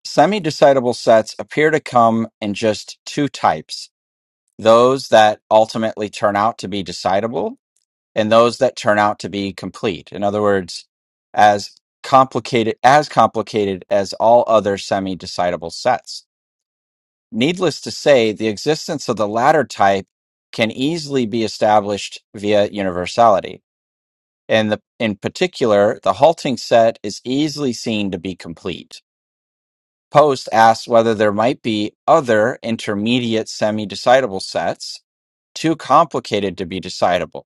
Semi-decidable sets appear to come in just two types, those that ultimately turn out to be decidable and those that turn out to be complete. In other words, as complicated as complicated as all other semi-decidable sets. Needless to say, the existence of the latter type can easily be established via universality. And the, in particular, the halting set is easily seen to be complete. Post asks whether there might be other intermediate semi-decidable sets too complicated to be decidable,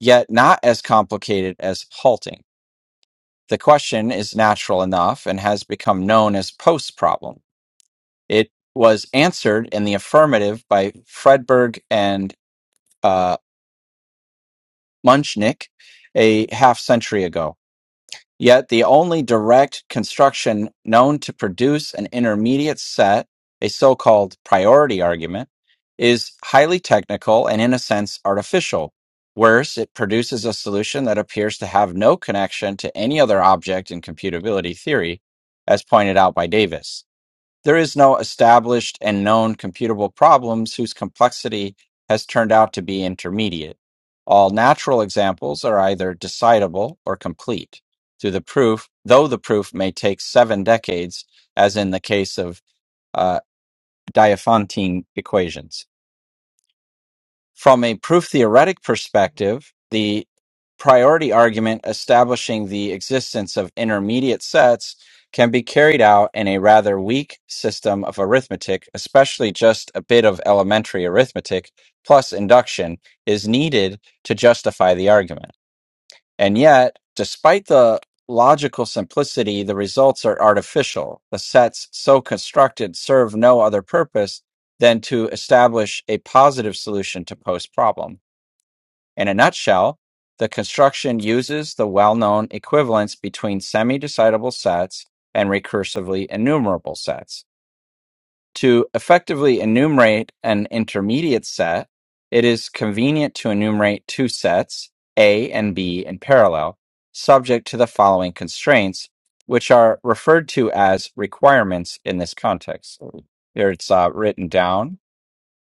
yet not as complicated as halting. The question is natural enough and has become known as Post's problem. It was answered in the affirmative by Fredberg and uh, Munchnik a half century ago. Yet the only direct construction known to produce an intermediate set, a so-called priority argument, is highly technical and in a sense artificial. Worse, it produces a solution that appears to have no connection to any other object in computability theory, as pointed out by Davis. There is no established and known computable problems whose complexity has turned out to be intermediate. All natural examples are either decidable or complete. Through the proof, though the proof may take seven decades, as in the case of uh, Diophantine equations. From a proof-theoretic perspective, the priority argument establishing the existence of intermediate sets can be carried out in a rather weak system of arithmetic, especially just a bit of elementary arithmetic plus induction is needed to justify the argument. And yet, despite the logical simplicity, the results are artificial. The sets so constructed serve no other purpose than to establish a positive solution to Poe's problem. In a nutshell, the construction uses the well known equivalence between semi decidable sets and recursively enumerable sets. To effectively enumerate an intermediate set, it is convenient to enumerate two sets, A and B, in parallel, subject to the following constraints, which are referred to as requirements in this context. Here it's uh, written down.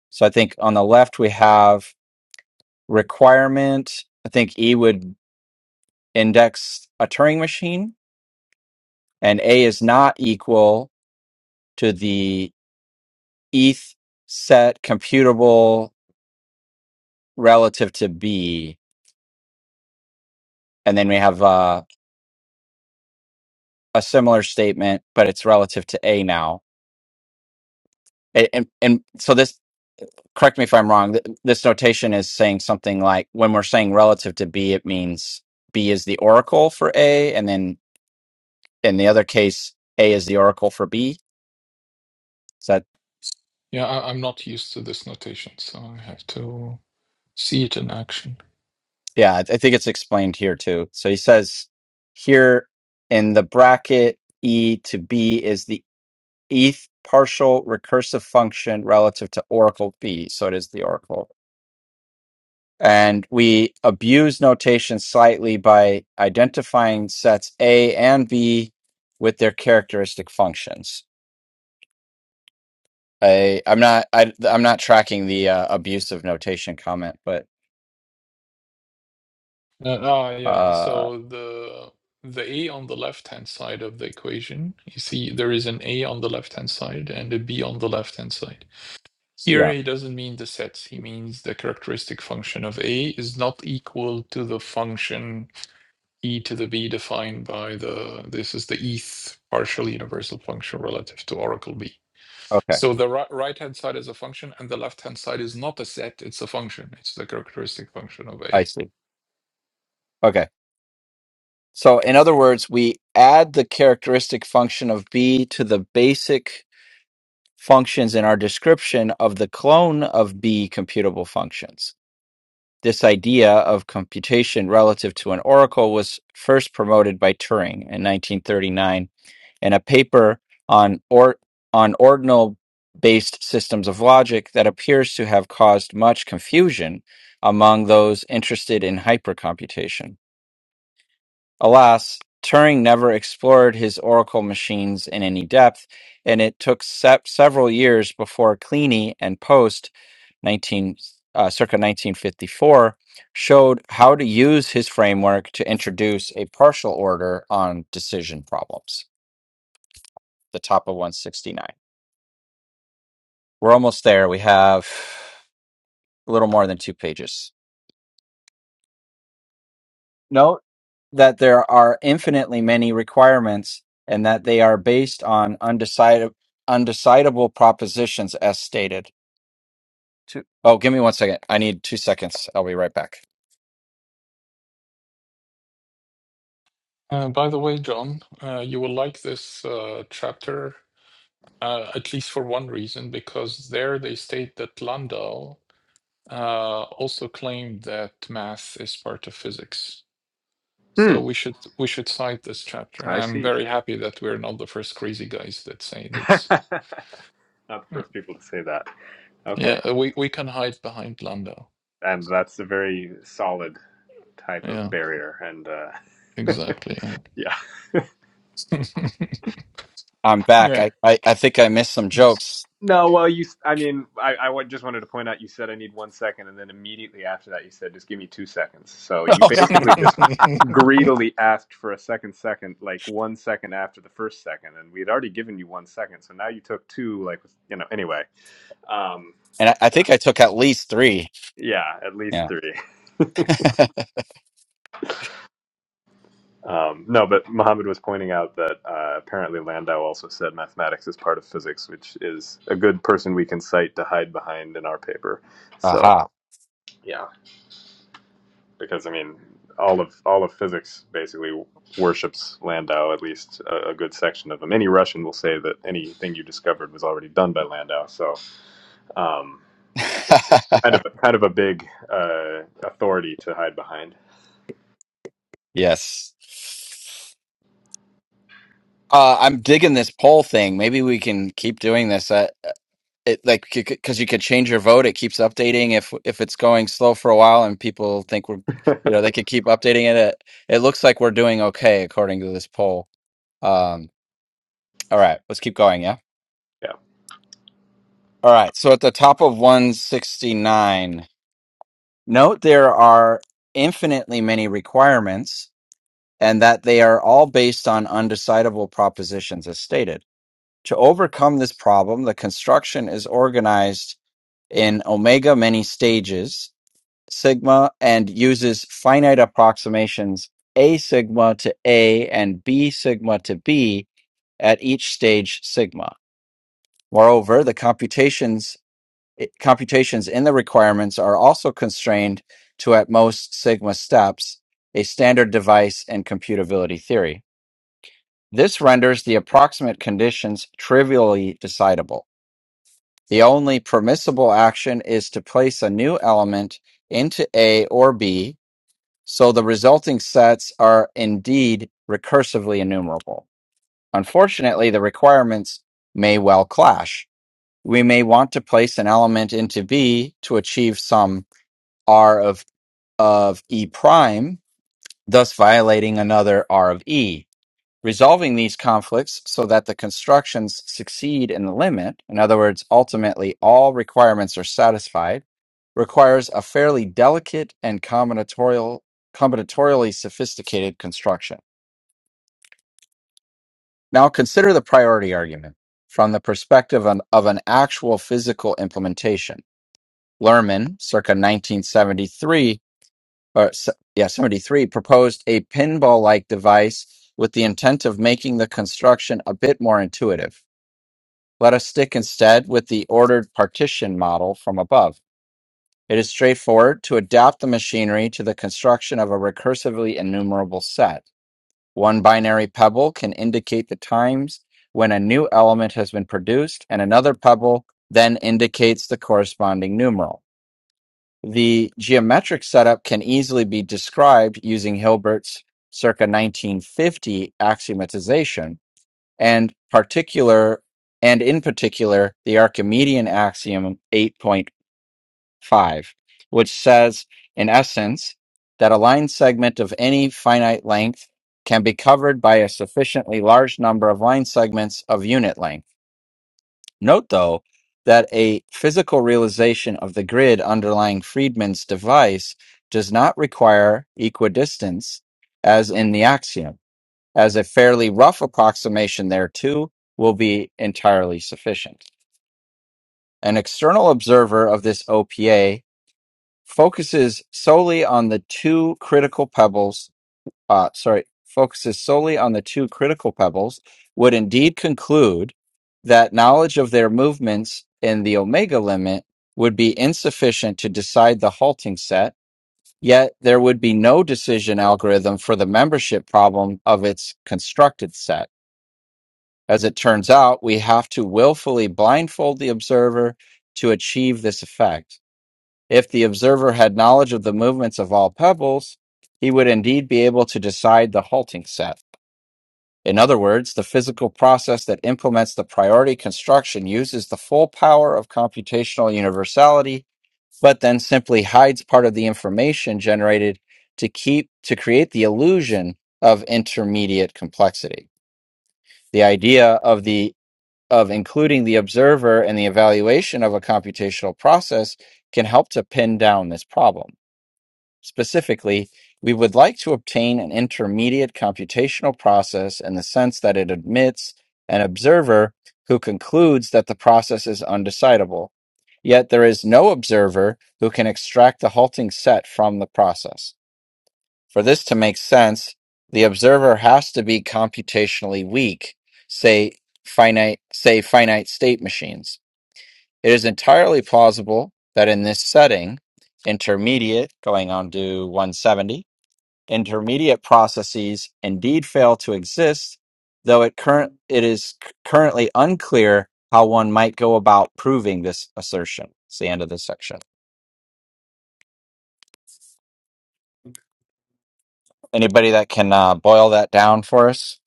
So I think on the left we have requirement. I think E would index a Turing machine, and A is not equal to the ETH set computable relative to B, and then we have uh, a similar statement, but it's relative to A now. And, and, and so this, correct me if I'm wrong, th- this notation is saying something like when we're saying relative to B, it means B is the oracle for A, and then in the other case, A is the oracle for B. Is that,
Yeah, I, I'm not used to this notation, so I have to see it in action.
yeah, I I think it's explained here too. So he says here in the bracket, E to B is the ETH partial recursive function relative to Oracle B. So it is the Oracle. And we abuse notation slightly by identifying sets A and B with their characteristic functions. I, I'm not I, I'm not tracking the uh, abuse of notation comment, but
Uh, ah, yeah.
uh,
So the the A on the left-hand side of the equation, you see there is an A on the left-hand side and a B on the left-hand side. Here
yeah,
he doesn't mean the sets, he means the characteristic function of A is not equal to the function e to the b defined by the this is the eth partial universal function relative to oracle b.
okay,
So the ri- right-hand side is a function and the left-hand side is not a set, it's a function. It's the characteristic function of A.
I see. Okay, so in other words, we add the characteristic function of B to the basic functions in our description of the clone of B computable functions. This idea of computation relative to an oracle was first promoted by Turing in 1939 in a paper on or- on ordinal based systems of logic that appears to have caused much confusion among those interested in hypercomputation. Alas, Turing never explored his oracle machines in any depth, and it took se- several years before Kleene and Post, 19, uh, circa 1954, showed how to use his framework to introduce a partial order on decision problems. The top of 169. We're almost there. We have a little more than two pages. No. that there are infinitely many requirements and that they are based on undecided undecidable propositions as stated. Two. Oh, give me one second. I need two seconds. I'll be right back.
Uh, by the way, John, uh, you will like this uh, chapter uh, at least for one reason, because there they state that Landau uh, also claimed that math is part of physics.
Hmm.
So we should we should cite this chapter.
I
I'm
see.
very happy that we're not the first crazy guys that say these.
*laughs* Not the
Yeah,
first people to say that. Okay.
Yeah, we we can hide behind Landau.
And that's a very solid type of
Yeah,
barrier. And uh, *laughs*
exactly.
yeah.
I'm back.
Yeah.
I, I, I think I missed some
*laughs* yeah.
jokes.
No, well, you, I mean, I, I just wanted to point out you said I need one second. And then immediately after that, you said just give me two seconds. So
*laughs* and
you basically just
*laughs*
greedily asked for a second second, like one second after the first second. And we had already given you one second. So now you took two, like, you know, anyway. Um,
I, I think I took at least three.
yeah, at least
Yeah.
three. Um, no, but Mohammed was pointing out that uh, apparently Landau also said mathematics is part of physics, which is a good person we can cite to hide behind in our paper.
*laughs*
So
Aha.
yeah, because I mean, all of all of physics basically worships Landau, at least a, a good section of them. Any Russian will say that anything you discovered was already done by Landau. So um, it's
*laughs*
kind of kind of a big uh, authority to hide behind.
yes. Uh, I'm digging this poll thing. Maybe we can keep doing this. Uh, it like because you could change your vote it keeps updating if if it's going slow for a while and people think we're
*laughs*
you know they could keep updating it it, it looks like we're doing okay according to this poll um all right let's keep going yeah
yeah.
all right so at the top of 169 note there are infinitely many requirements and that they are all based on undecidable propositions as stated to overcome this problem the construction is organized in omega many stages sigma and uses finite approximations a sigma to a and b sigma to b at each stage sigma. Moreover, the computations i- computations in the requirements are also constrained to at most sigma steps, a standard device in computability theory. This renders the approximate conditions trivially decidable. The only permissible action is to place a new element into A or B So the resulting sets are indeed recursively enumerable. Unfortunately, the requirements may well clash. We may want to place an element into B to achieve some R of, of E prime, thus violating another R of E. Resolving these conflicts so that the constructions succeed in the limit, in other words, ultimately all requirements are satisfied, requires a fairly delicate and combinatorial, combinatorially sophisticated construction. Now consider the priority argument from the perspective on- of an actual physical implementation. Lerman, circa 1973, or se- yeah, 73, proposed a pinball like device with the intent of making the construction a bit more intuitive. Let us stick instead with the ordered partition model from above. It is straightforward to adapt the machinery to the construction of a recursively enumerable set. One binary pebble can indicate the times when a new element has been produced, and another pebble then indicates the corresponding numeral. The geometric setup can easily be described using Hilbert's circa 1950 axiomatization and particular and in particular the Archimedean axiom 8.5 which says in essence that a line segment of any finite length can be covered by a sufficiently large number of line segments of unit length note though that a physical realization of the grid underlying Friedman's device does not require equidistance as in the axiom as a fairly rough approximation thereto will be entirely sufficient. An external observer of this OPA focuses solely on the two critical pebbles, uh, sorry, focuses solely on the two critical pebbles, would indeed conclude that knowledge of their movements in the omega limit would be insufficient to decide the halting set, yet there would be no decision algorithm for the membership problem of its constructed set As it turns out, we have to willfully blindfold the observer to achieve this effect. If the observer had knowledge of the movements of all pebbles, he would indeed be able to decide the halting set. In other words, the physical process that implements the priority construction uses the full power of computational universality, but then simply hides part of the information generated to keep to create the illusion of intermediate complexity the idea of the of including the observer in the evaluation of a computational process can help to pin down this problem. Specifically, we would like to obtain an intermediate computational process in the sense that it admits an observer who concludes that the process is undecidable. Yet there is no observer who can extract the halting set from the process. For this to make sense, the observer has to be computationally weak, say finite say finite state machines. It is entirely plausible that in this setting, intermediate going on to 170, intermediate processes indeed fail to exist, though it current it is c- currently unclear how one might go about proving this assertion. It's the end of this section. Anybody that can uh, boil that down for us?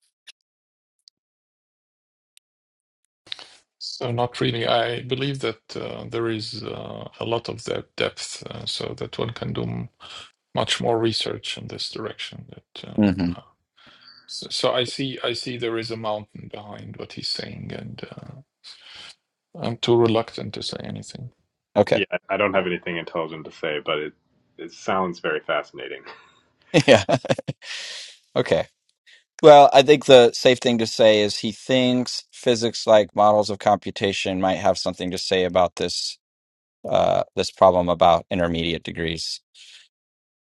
So not really. I believe that uh, there is uh, a lot of that depth, uh, so that one can do m- much more research in this direction. That
hmm
uh, uh, so, so I see. I see there is a mountain behind what he's saying, and uh, I'm too reluctant to say anything.
Okay.
Yeah, I I don't have anything intelligent to say, but it it sounds very fascinating.
*laughs* yeah. Okay. Well, I think the safe thing to say is he thinks physics-like models of computation might have something to say about this uh, this problem about intermediate degrees.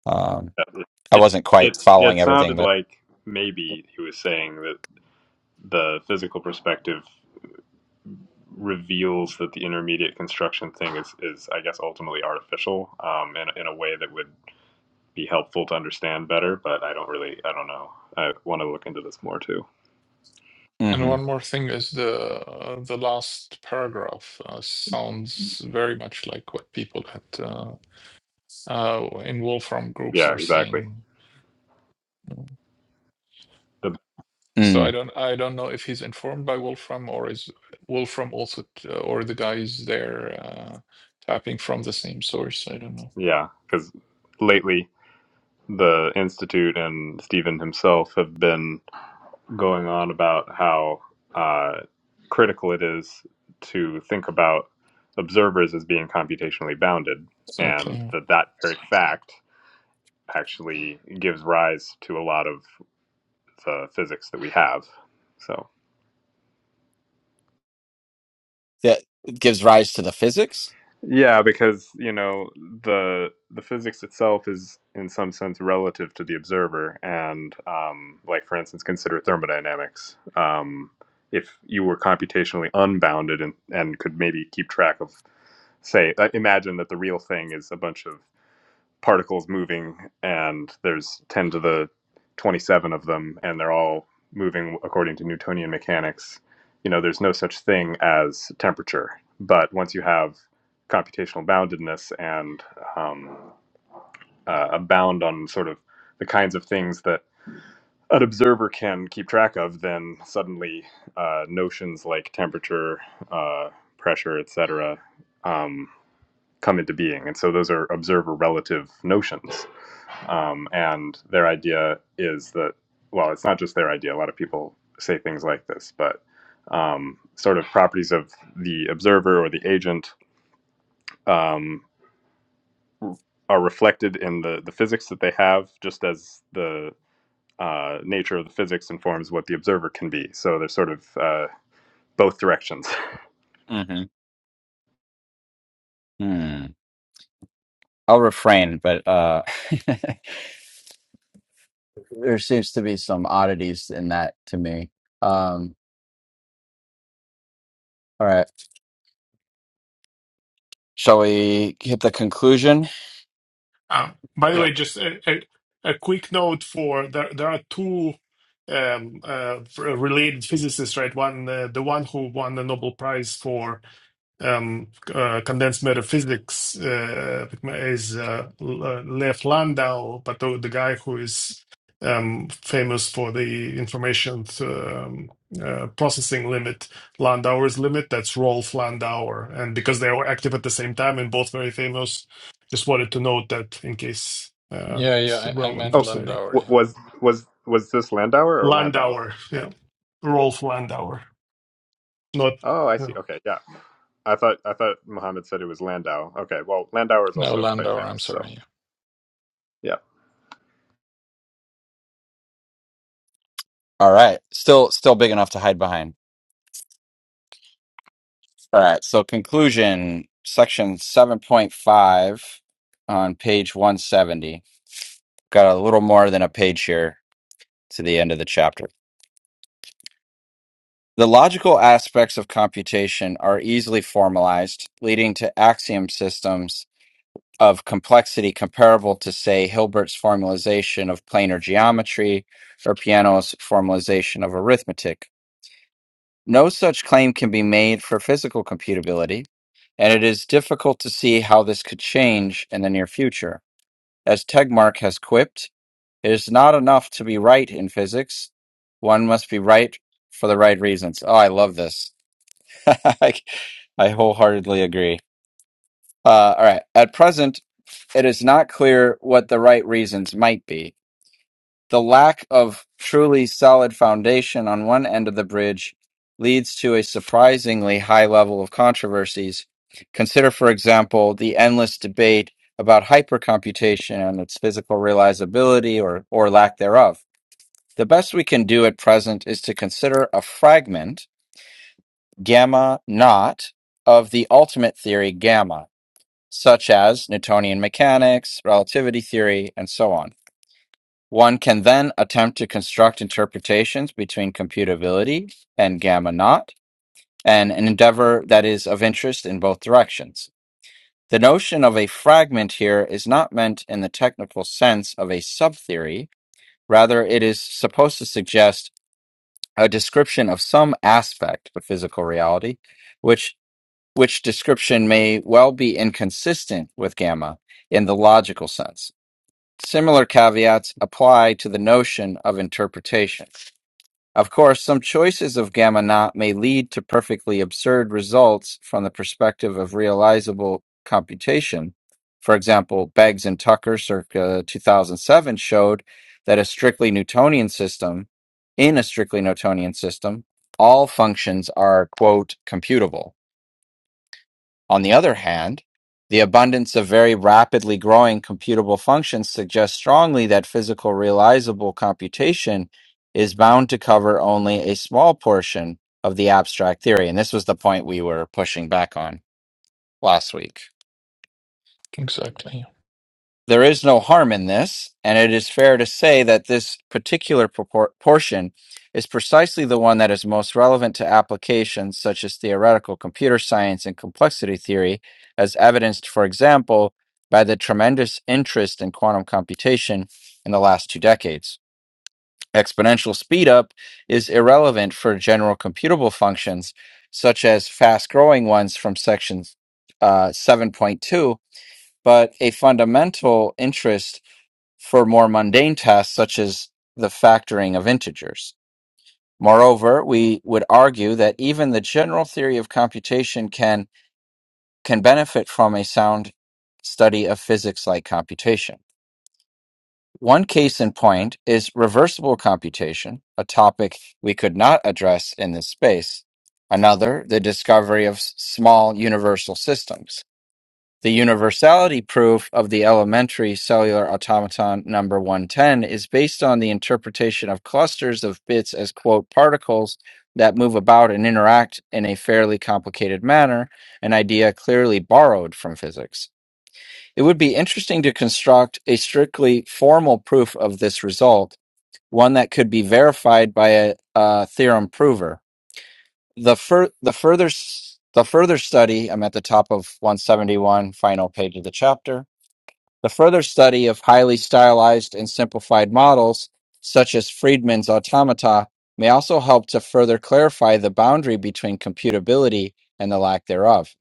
Um,
*laughs* It
I
it
wasn't
it
quite following
it
everything,
sounded
but
like maybe he was saying that the physical perspective reveals that the intermediate construction thing is is I guess ultimately artificial, um, in in a way that would be helpful to understand better. But I don't really, I don't know. I want to look into this more too.
And
hmm
one more thing is the uh, the last paragraph uh, sounds very much like what people at uh, uh, in Wolfram groups
Yeah,
are
exactly.
saying.
The
So I
mm.
don't I don't know if he's informed by Wolfram or is Wolfram also t- or the guy is there uh, tapping from the same source. I don't know.
yeah, because lately the institute and Stephen himself have been going on about how uh, critical it is to think about observers as being computationally bounded, and
Exactly.
that that very fact actually gives rise to a lot of the physics that we have. So.
That gives rise to the physics?
Yeah, because you know the the physics itself is in some sense relative to the observer, and um, like for instance, consider thermodynamics. Um, if you were computationally unbounded and, and could maybe keep track of, say, uh, imagine that the real thing is a bunch of particles moving, and there's 10 to the 27 of them, and they're all moving according to Newtonian mechanics. You know, there's no such thing as temperature. But once you have computational boundedness and um, uh, a bound on sort of the kinds of things that an observer can keep track of, then suddenly uh, notions like temperature, uh, pressure, etc., come into being. And so those are observer relative notions. Um, and their idea is that, well, it's not just their idea. A lot of people say things like this, but um, sort of properties of the observer or the agent um, are reflected in the, the physics that they have, just as the uh, nature of the physics informs what the observer can be. So they're sort of uh, both directions.
Mm-hmm. hmm mm. I'll refrain, but uh, *laughs* there seems to be some oddities in that to me. Um, all right, shall we hit the conclusion?
Um, by
*laughs*
the
yeah.
way, just a, a, a quick note for there. There are two um, uh, f- related physicists, right? One, uh, the one who won the Nobel Prize for um, uh, condensed matter physics uh, is uh, L- uh, Lev Landau, but the, the guy who is um, famous for the information th- um, uh, processing limit, Landauer's limit, that's Rolf Landauer. And because they were active at the same time and both very famous, just wanted to note that in case uh,
Yeah,
it's
yeah. I, I
relevant
meant
for
Oh,
citing.
Landauer. Yeah.
was was was this Landauer or Landau?
Landauer, yeah, Rolf Landauer, not.
Oh, I
yeah.
see. Okay, yeah. I thought I thought Muhammad said it was Landau. Okay, well, Landauer is
No,
also quite
Landauer. I'm
famous, so
sorry. Yeah.
yeah,
All right, still still big enough to hide behind. All right, so conclusion section seven point five on page one seventy. Got a little more than a page here to the end of the chapter. The logical aspects of computation are easily formalized, leading to axiom systems of complexity comparable to, say, Hilbert's formalization of planar geometry or Peano's formalization of arithmetic. No such claim can be made for physical computability, and it is difficult to see how this could change in the near future. As Tegmark has quipped, it is not enough to be right in physics. One must be right for the right reasons. Oh, I love this. *laughs* I, I wholeheartedly agree. Uh, all right. At present, it is not clear what the right reasons might be. The lack of truly solid foundation on one end of the bridge leads to a surprisingly high level of controversies. Consider, for example, the endless debate about hypercomputation and its physical realizability or, or lack thereof. The best we can do at present is to consider a fragment, gamma naught, of the ultimate theory, gamma such as Newtonian mechanics, relativity theory, and so on. One can then attempt to construct interpretations between computability and gamma naught, and an endeavor that is of interest in both directions. The notion of a fragment here is not meant in the technical sense of a subtheory, rather, it is supposed to suggest a description of some aspect of physical reality, which which description may well be inconsistent with gamma in the logical sense. Similar caveats apply to the notion of interpretation. Of course, some choices of gamma naught may lead to perfectly absurd results from the perspective of realizable computation. For example, Beggs and Tucker circa 2007 showed that a strictly Newtonian system, in a strictly Newtonian system, all functions are, quote, computable. On the other hand, the abundance of very rapidly growing computable functions suggests strongly that physical realizable computation is bound to cover only a small portion of the abstract theory. And this was the point we were pushing back on last week.
Exactly.
there is no harm in this, and it is fair to say that this particular propor- portion is precisely the one that is most relevant to applications such as theoretical computer science and complexity theory, as evidenced, for example, by the tremendous interest in quantum computation in the last two decades. Exponential speedup is irrelevant for general computable functions, such as fast growing ones from section uh, 7.2, but a fundamental interest for more mundane tasks such as the factoring of integers. Moreover, we would argue that even the general theory of computation can, can benefit from a sound study of physics like computation. One case in point is reversible computation, a topic we could not address in this space. Another, the discovery of s- small universal systems. The universality proof of the elementary cellular automaton number 110 is based on the interpretation of clusters of bits as, quote, particles that move about and interact in a fairly complicated manner, an idea clearly borrowed from physics. It would be interesting to construct a strictly formal proof of this result, one that could be verified by a, a theorem prover. The, fur- the, further, s- the further study, I'm at the top of 171, final page of the chapter the further study of highly stylized and simplified models, such as Friedman's automata, may also help to further clarify the boundary between computability and the lack thereof.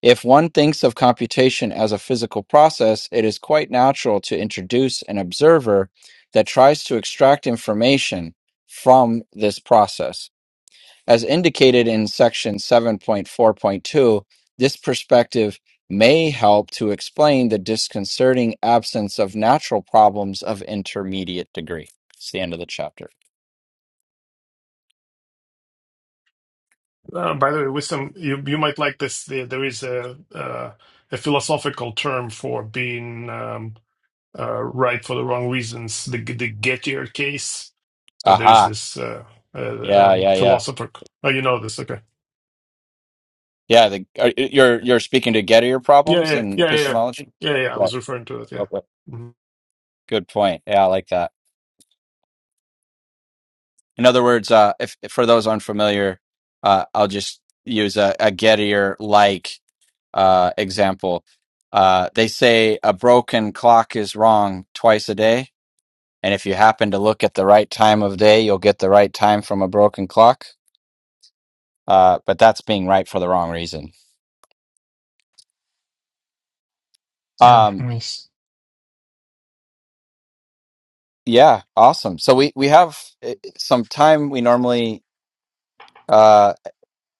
If one thinks of computation as a physical process, it is quite natural to introduce an observer that tries to extract information from this process. As indicated in section 7.4.2, this perspective may help to explain the disconcerting absence of natural problems of intermediate degree. It's the end of the chapter.
Uh, by the way, with some you you might like this. There, there is a uh, a philosophical term for being um, uh, right for the wrong reasons. The the Gettier case. So there's
Aha.
this uh, uh,
Yeah,
um,
yeah, yeah.
philosopher. Oh, you know this, okay?
Yeah, the, uh, you're you're speaking to Gettier
Yeah,
problems
yeah,
in
yeah, yeah,
epistemology?
yeah, yeah. I
Yeah.
was referring to it. Yeah.
love it.
Mhm.
Good point. Yeah, I like that. In other words, uh, if for those unfamiliar, uh, I'll just use a, a Gettier like uh, example. Uh, they say a broken clock is wrong twice a day, and if you happen to look at the right time of day, you'll get the right time from a broken clock. Uh, but that's being right for the wrong reason.
Yeah.
Um,
Yeah. Nice.
yeah, awesome. So we we have eh, some time. We normally uh,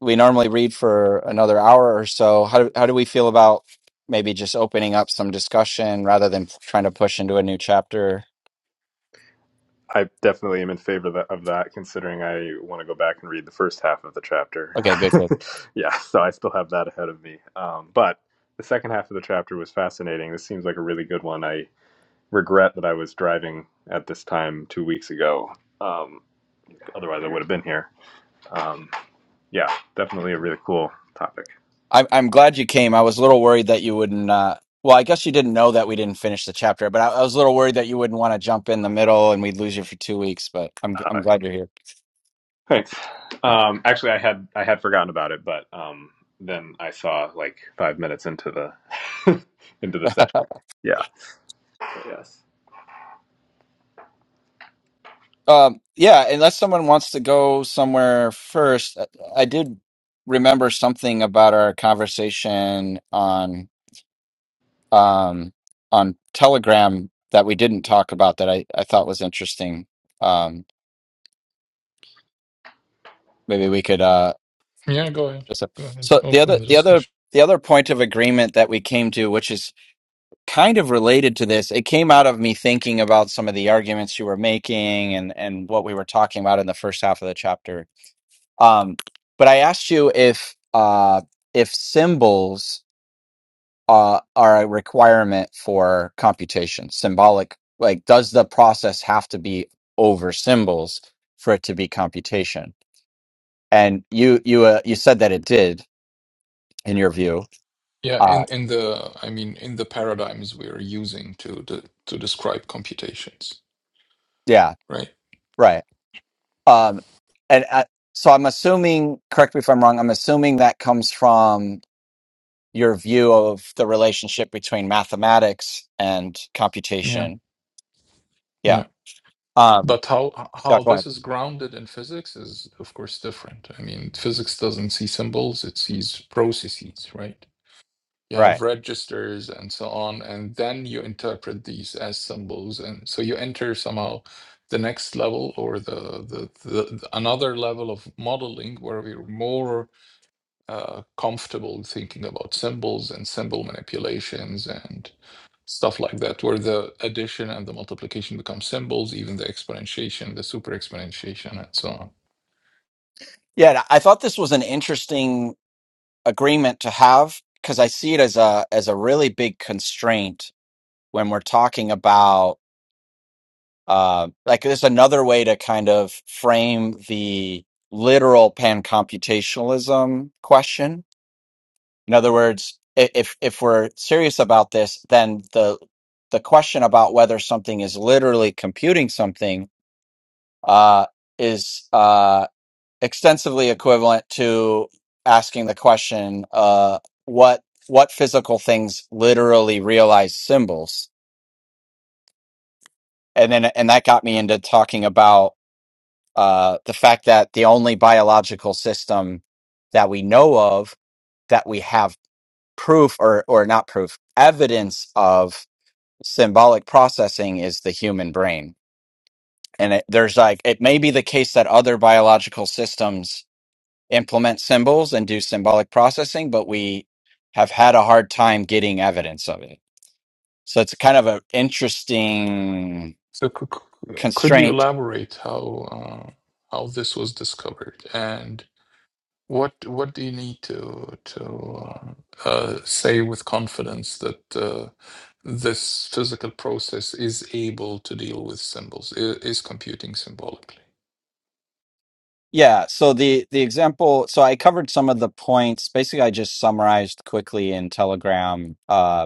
we normally read for another hour or so. How do, how do we feel about maybe just opening up some discussion rather than trying to push into a new chapter?
I definitely am in favor of that, of that considering I want to go back and read the first half of the chapter.
Okay, good, good.
*laughs* yeah, so I still have that ahead of me. Um, but the second half of the chapter was fascinating. This seems like a really good one. I regret that I was driving at this time two weeks ago. Um, otherwise, I would have been here. Um, yeah, definitely a really cool topic.
I'm I'm glad you came. I was a little worried that you wouldn't. Uh, well, I guess you didn't know that we didn't finish the chapter, but I, I was a little worried that you wouldn't want to jump in the middle and we'd lose you for two weeks. But I'm g-
Uh,
I'm glad you're here.
Thanks. Um, actually, I had I had forgotten about it, but um, then I saw like five minutes into the *laughs* into the session. Yeah. But yes.
Um, yeah, unless someone wants to go somewhere first, I, I did remember something about our conversation on um on Telegram that we didn't talk about that I I thought was interesting. Um, maybe we could. uh,
Yeah. Go ahead.
So, so
Go ahead.
so the
Open
other
the
the
discussion.
other the other point of agreement that we came to, which is kind of related to this, it came out of me thinking about some of the arguments you were making and and what we were talking about in the first half of the chapter. Um, but I asked you if uh, if symbols uh, are a requirement for computation, symbolic, like does the process have to be over symbols for it to be computation? And you you uh, you said that it did in your view.
Yeah,
Uh,
in in the I mean in the paradigms we're using to to, to describe computations,
yeah
right?
Right. Um, and uh, so I'm assuming, correct me if I'm wrong, I'm assuming that comes from your view of the relationship between mathematics and
Yeah,
computation. Yeah.
yeah.
Um,
But how
yeah,
how
go
this
ahead.
is grounded in physics is of course different. I mean, physics doesn't see symbols, it sees processes, right? You have
Right.
registers and so on, and then you interpret these as symbols, and so you enter somehow the next level or the the, the, the another level of modeling where we're more uh, comfortable thinking about symbols and symbol manipulations and stuff like that, where the addition and the multiplication become symbols, even the exponentiation, the super exponentiation, and so on.
Yeah, and I thought this was an interesting agreement to have because I see it as a as a really big constraint when we're talking about uh, like there's another way to kind of frame the literal pan computationalism question In other words, i- if if we're serious about this, then the the question about whether something is literally computing something uh, is uh, extensively equivalent to asking the question, uh, what what physical things literally realize symbols? And then and that got me into talking about uh, the fact that the only biological system that we know of that we have proof or or not proof evidence of symbolic processing is the human brain. And it, there's like, it may be the case that other biological systems implement symbols and do symbolic processing, but we have had a hard time getting evidence of it. So it's kind of an interesting
So, c- c- could you
constraint.
elaborate how uh, how this was discovered and what what do you need to to uh, uh, say with confidence that uh, this physical process is able to deal with symbols, i- is computing symbolic?
Yeah. So the, the example, so I covered some of the points. Basically, I just summarized quickly in Telegram um,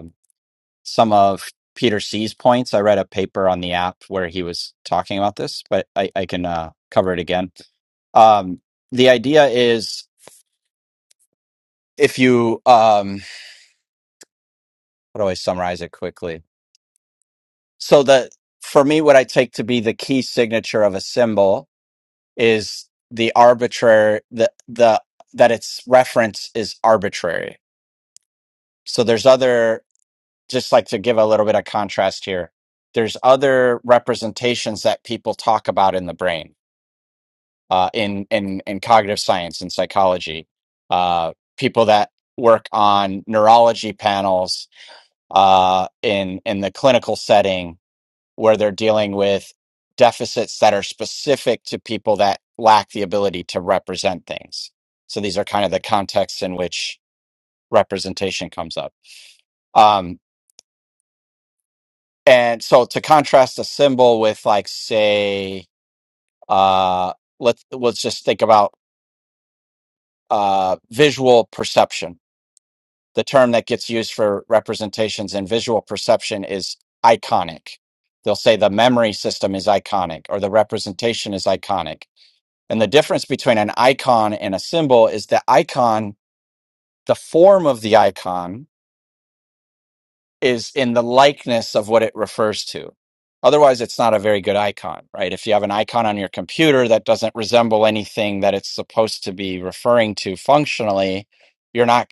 some of Peter C's points. I read a paper on the app where he was talking about this, but I, I can uh, cover it again. Um, the idea is if you, um, how do I summarize it quickly? So the for me, what I take to be the key signature of a symbol is the arbitrary the the that its reference is arbitrary. So there's other just like to give a little bit of contrast here. There's other representations that people talk about in the brain uh, in in in cognitive science and psychology, uh, people that work on neurology panels uh, in in the clinical setting where they're dealing with deficits that are specific to people that lack the ability to represent things. So these are kind of the contexts in which representation comes up. Um, and so to contrast a symbol with like say uh, let's let's just think about uh, visual perception the term that gets used for representations in visual perception is iconic. They'll say the memory system is iconic or the representation is iconic. And the difference between an icon and a symbol is the icon, the form of the icon is in the likeness of what it refers to. Otherwise, it's not a very good icon, right? If you have an icon on your computer that doesn't resemble anything that it's supposed to be referring to functionally, you're not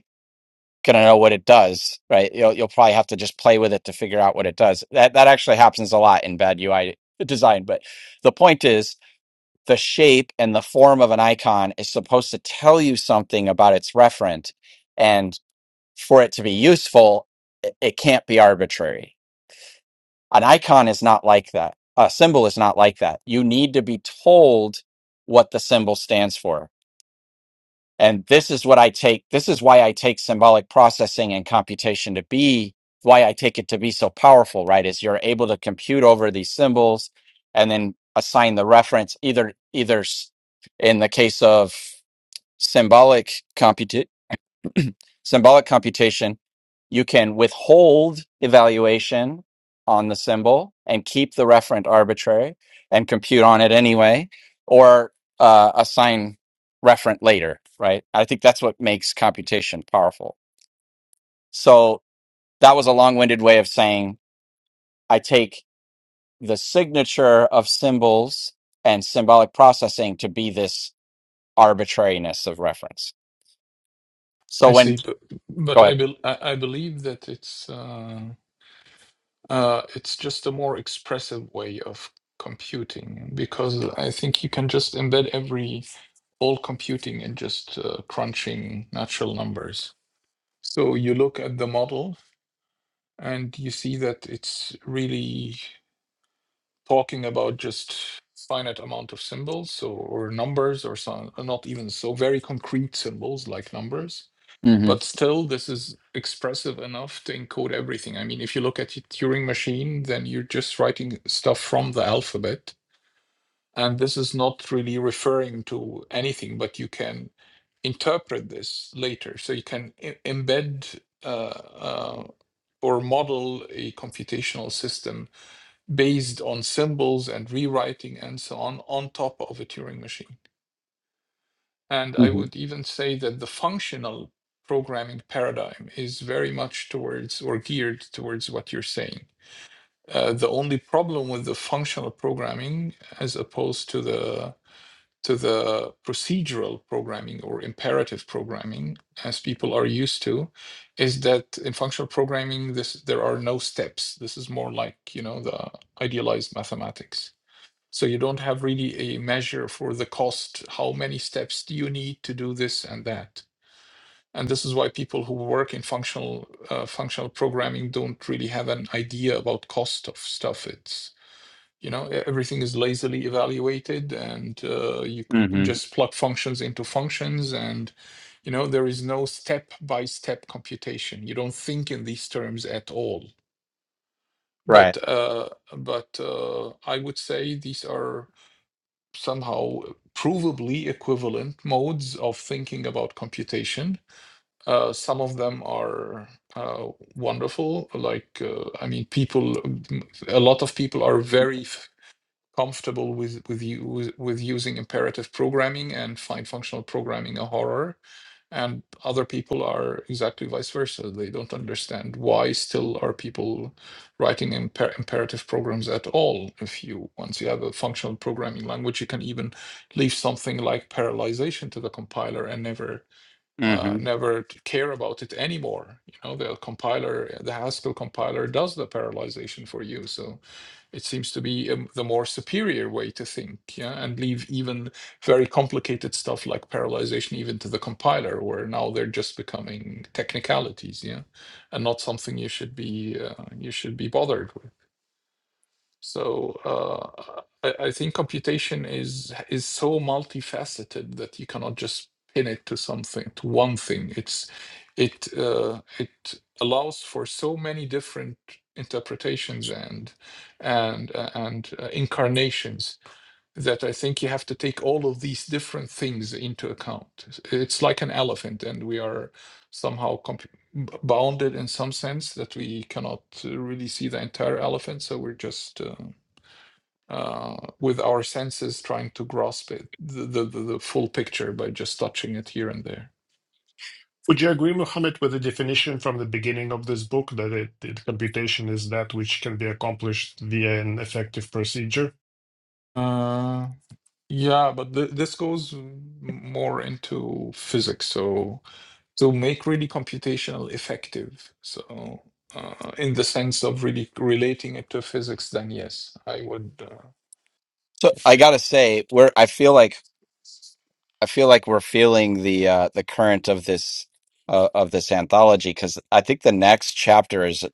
going to know what it does, right? You'll, you'll probably have to just play with it to figure out what it does. That that actually happens a lot in bad UI design. But the point is, the shape and the form of an icon is supposed to tell you something about its referent, and for it to be useful, it, it can't be arbitrary. An icon is not like that. A symbol is not like that. You need to be told what the symbol stands for and this is what I take. This is why I take symbolic processing and computation to be why I take it to be so powerful, right? Is you're able to compute over these symbols and then assign the reference either, either s- in the case of symbolic symbolic computation, you can withhold evaluation on the symbol and keep the referent arbitrary and compute on it anyway, or uh, assign referent later, right? I think that's what makes computation powerful. So that was a long winded way of saying I take the signature of symbols and symbolic processing to be this arbitrariness of reference. So
I see,
when,
but
go
but I
ahead.
bel I, I believe that it's uh, uh, it's just a more expressive way of computing because I think you can just embed every all computing in just uh, crunching natural numbers. So you look at the model and you see that it's really talking about just finite amount of symbols or, or numbers or some not even so very concrete symbols like numbers
hmm
but still this is expressive enough to encode everything i mean if you look at your turing machine then you're just writing stuff from the alphabet and this is not really referring to anything but you can interpret this later so you can e- embed uh, uh, or model a computational system based on symbols and rewriting and so on on top of a turing machine and I
hmm
would even say that the functional programming paradigm is very much towards or geared towards what you're saying. Uh, the only problem with the functional programming, as opposed to the to the procedural programming or imperative programming, as people are used to, is that in functional programming, this there are no steps. This is more like you know the idealized mathematics so you don't have really a measure for the cost. How many steps do you need to do this and that? And this is why people who work in functional uh, functional programming don't really have an idea about cost of stuff. It's you know e- everything is lazily evaluated, and uh, you
hmm
just plug functions into functions, and you know there is no step by step computation. You don't think in these terms at all.
Right.
But uh, but uh, I would say these are somehow provably equivalent modes of thinking about computation. Uh, some of them are uh, wonderful. Like, uh, I mean, people, a lot of people are very f- comfortable with with you with, with using imperative programming and find functional programming a horror and other people are exactly vice versa they don't understand why still are people writing imper- imperative programs at all if you once you have a functional programming language you can even leave something like parallelization to the compiler and never
Mm-hmm.
uh, never t- care about it anymore. You know, the compiler, the Haskell compiler does the parallelization for you. So it seems to be um, the more superior way to think, yeah, and leave even very complicated stuff like parallelization even to the compiler, where now they're just becoming technicalities, yeah, and not something you should be uh, you should be bothered with. So uh, I, I think computation is is so multifaceted that you cannot just pin it to something, to one thing. It's it uh, it allows for so many different interpretations and and uh, and uh, incarnations that I think you have to take all of these different things into account. It's like an elephant, and we are somehow comp- bounded in some sense that we cannot uh, really see the entire elephant. So we're just uh, uh, with our senses trying to grasp it, the, the, the, the full picture by just touching it here and there.
Would you agree, Mohammed, with the definition from the beginning of this book that it, it computation is that which can be accomplished via an effective procedure?
Uh, yeah, but th this goes more into physics. So to make really computational effective, so uh, in the sense of really relating it to physics, then yes, I would. Uh,
So I gotta say, we're I feel like I feel like we're feeling the uh the current of this uh, of this anthology because I think the next chapter is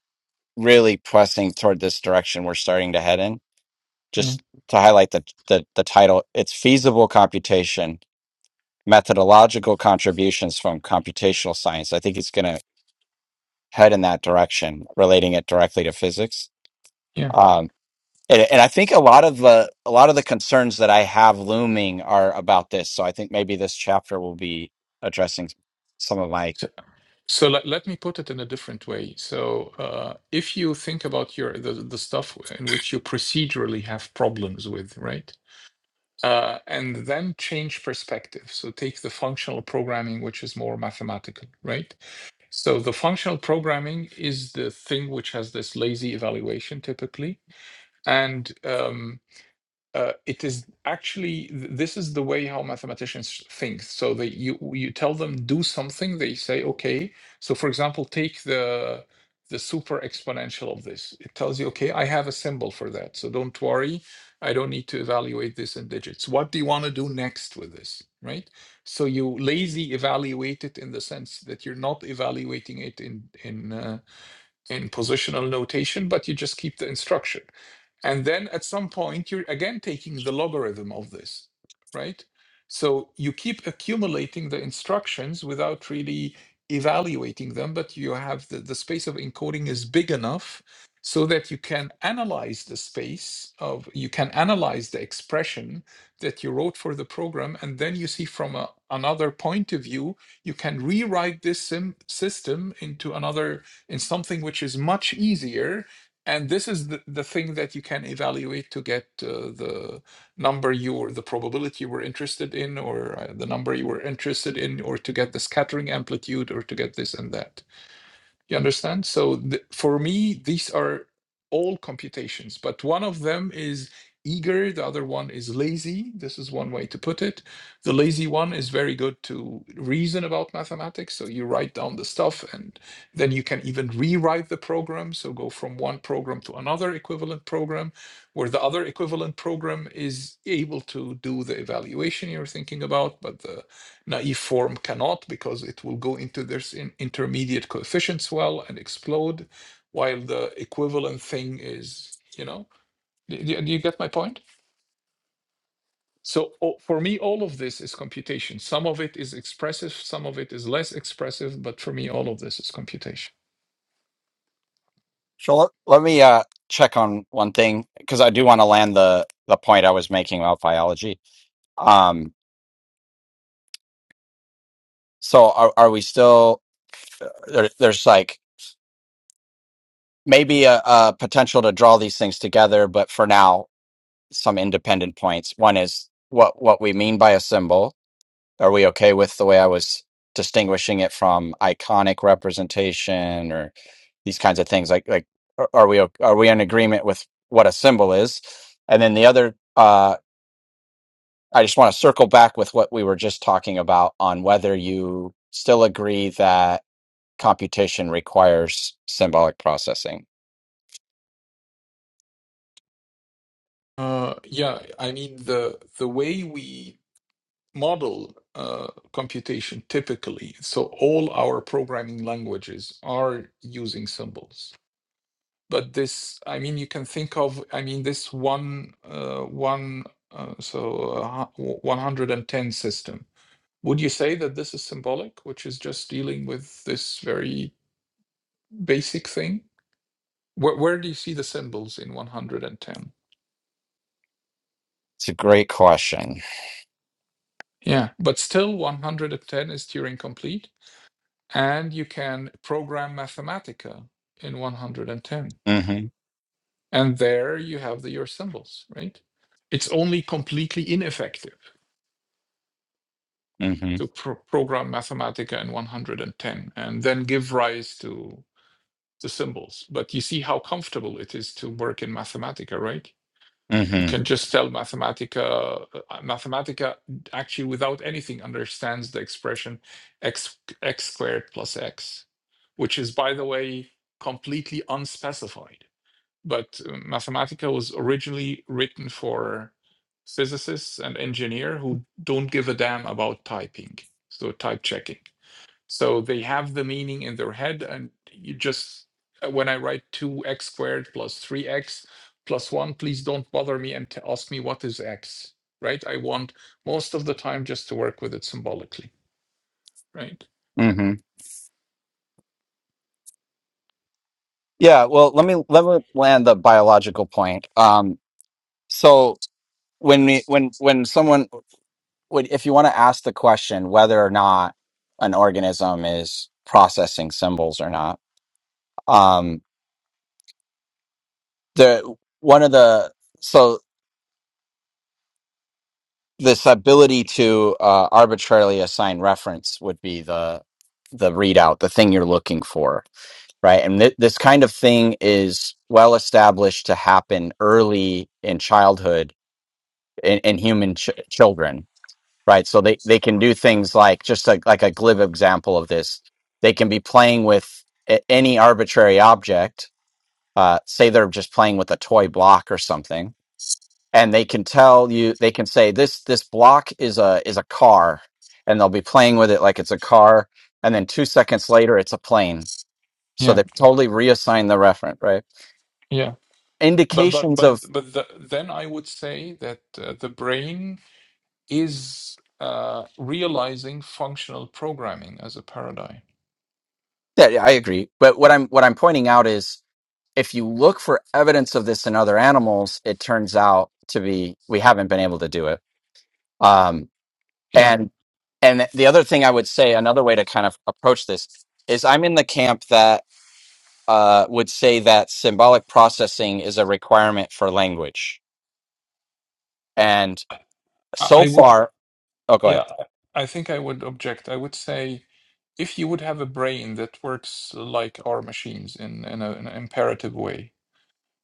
really pressing toward this direction we're starting to head in.
Yeah,
Just to highlight the the, the title, it's feasible computation, methodological contributions from computational science. I think it's gonna head in that direction, relating it directly to physics.
yeah.
Um, And, and I think a lot of uh, a lot of the concerns that I have looming are about this. So I think maybe this chapter will be addressing some of my.
So, so let, let me put it in a different way. So, uh, if you think about your the, the stuff in which you procedurally have problems with, right? Uh, and then change perspective. So take the functional programming, which is more mathematical, right? So the functional programming is the thing which has this lazy evaluation typically. And um, uh, it is actually th- this is the way how mathematicians think so they you you tell them do something they say okay so for example take the the super exponential of this it tells you okay i have a symbol for that so don't worry i don't need to evaluate this in digits what do you want to do next with this right so you lazy evaluate it in the sense that you're not evaluating it in in uh, in positional notation but you just keep the instruction and then at some point, you're again taking the logarithm of this, right? So you keep accumulating the instructions without really evaluating them, but you have the, the space of encoding is big enough so that you can analyze the space of you can analyze the expression that you wrote for the program and then you see from a, another point of view you can rewrite this sim, system into another in something which is much easier and this is the, the thing that you can evaluate to get uh, the number you were, the probability you were interested in, or uh, the number you were interested in, or to get the scattering amplitude, or to get this and that. You understand? So th- for me, these are all computations, but one of them is eager, the other one is lazy. This is one way to put it. The lazy one is very good to reason about mathematics. So you write down the stuff and then you can even rewrite the program. So go from one program to another equivalent program, where the other equivalent program is able to do the evaluation you're thinking about, but the Naive form cannot because it will go into this in intermediate coefficients well and explode, while the equivalent thing is, you know, do, do- do you get my point? So o- for me, all of this is computation. Some of it is expressive, some of it is less expressive, but for me, all of this is computation.
So let, let me uh, check on one thing because I do want to land the the point I was making about biology. Um, so are are we still uh, there, there's like maybe a, a potential to draw these things together, but for now some independent points. One is what what we mean by a symbol. Are we okay with the way I was distinguishing it from iconic representation or these kinds of things? Like like are are we o- are we in agreement with what a symbol is? And then the other, uh, I just want to circle back with what we were just talking about on whether you still agree that computation requires symbolic processing.
Uh, yeah, I mean the the way we model uh, computation typically. So all our programming languages are using symbols. But this, I mean, you can think of, I mean, this one, uh, one, uh, so uh, 110 system. Would you say that this is symbolic, which is just dealing with this very basic thing? Where, where do you see the symbols in 110?
It's a great question.
Yeah, but still 110 is Turing complete. and you can program Mathematica in 110.
Mm
And there you have the, your symbols, right? It's only completely ineffective
hmm Mm
to pro- program Mathematica in 110 and then give rise to the symbols. But you see how comfortable it is to work in Mathematica, right? you
hmm
can just tell Mathematica, uh, Mathematica actually without anything understands the expression x, x squared plus x, which is, by the way, completely unspecified. But uh, Mathematica was originally written for physicists and engineer who don't give a damn about typing, so type checking. So they have the meaning in their head, and you just uh, when I write two x squared plus three x plus one, please don't bother me and t- ask me what is x. Right? I want most of the time just to work with it symbolically. Right?
Mm hmm Yeah, well, let me let me land the biological point. Um, so when we when when someone would if you want to ask the question whether or not an organism is processing symbols or not, um, the one of the so this ability to uh, arbitrarily assign reference would be the the readout, the thing you're looking for, right? And th- this kind of thing is well established to happen early in childhood in, in human ch- children, right? So they, they can do things like just like, like a glib example of this. They can be playing with a- any arbitrary object. Uh, say they're just playing with a toy block or something, and they can tell you they can say this this block is a is a car, and they'll be playing with it like it's a car, and then two seconds later it's a plane. So
Yeah.
they totally reassign the referent, right?
Yeah. But but
Indications
but
of
but the, then I would say that uh, the brain is uh, realizing functional programming as a paradigm.
that I agree, but what I'm what I'm pointing out is if you look for evidence of this in other animals, it turns out to be we haven't been able to do it. Um,
Yeah.
and and the other thing I would say, another way to kind of approach this is, I'm in the camp that uh, would say that symbolic processing is a requirement for language. And
I,
so
I would.
far, oh, go
Yeah.
ahead.
I think I would object. I would say if you would have a brain that works like our machines in, in, a, in an imperative way,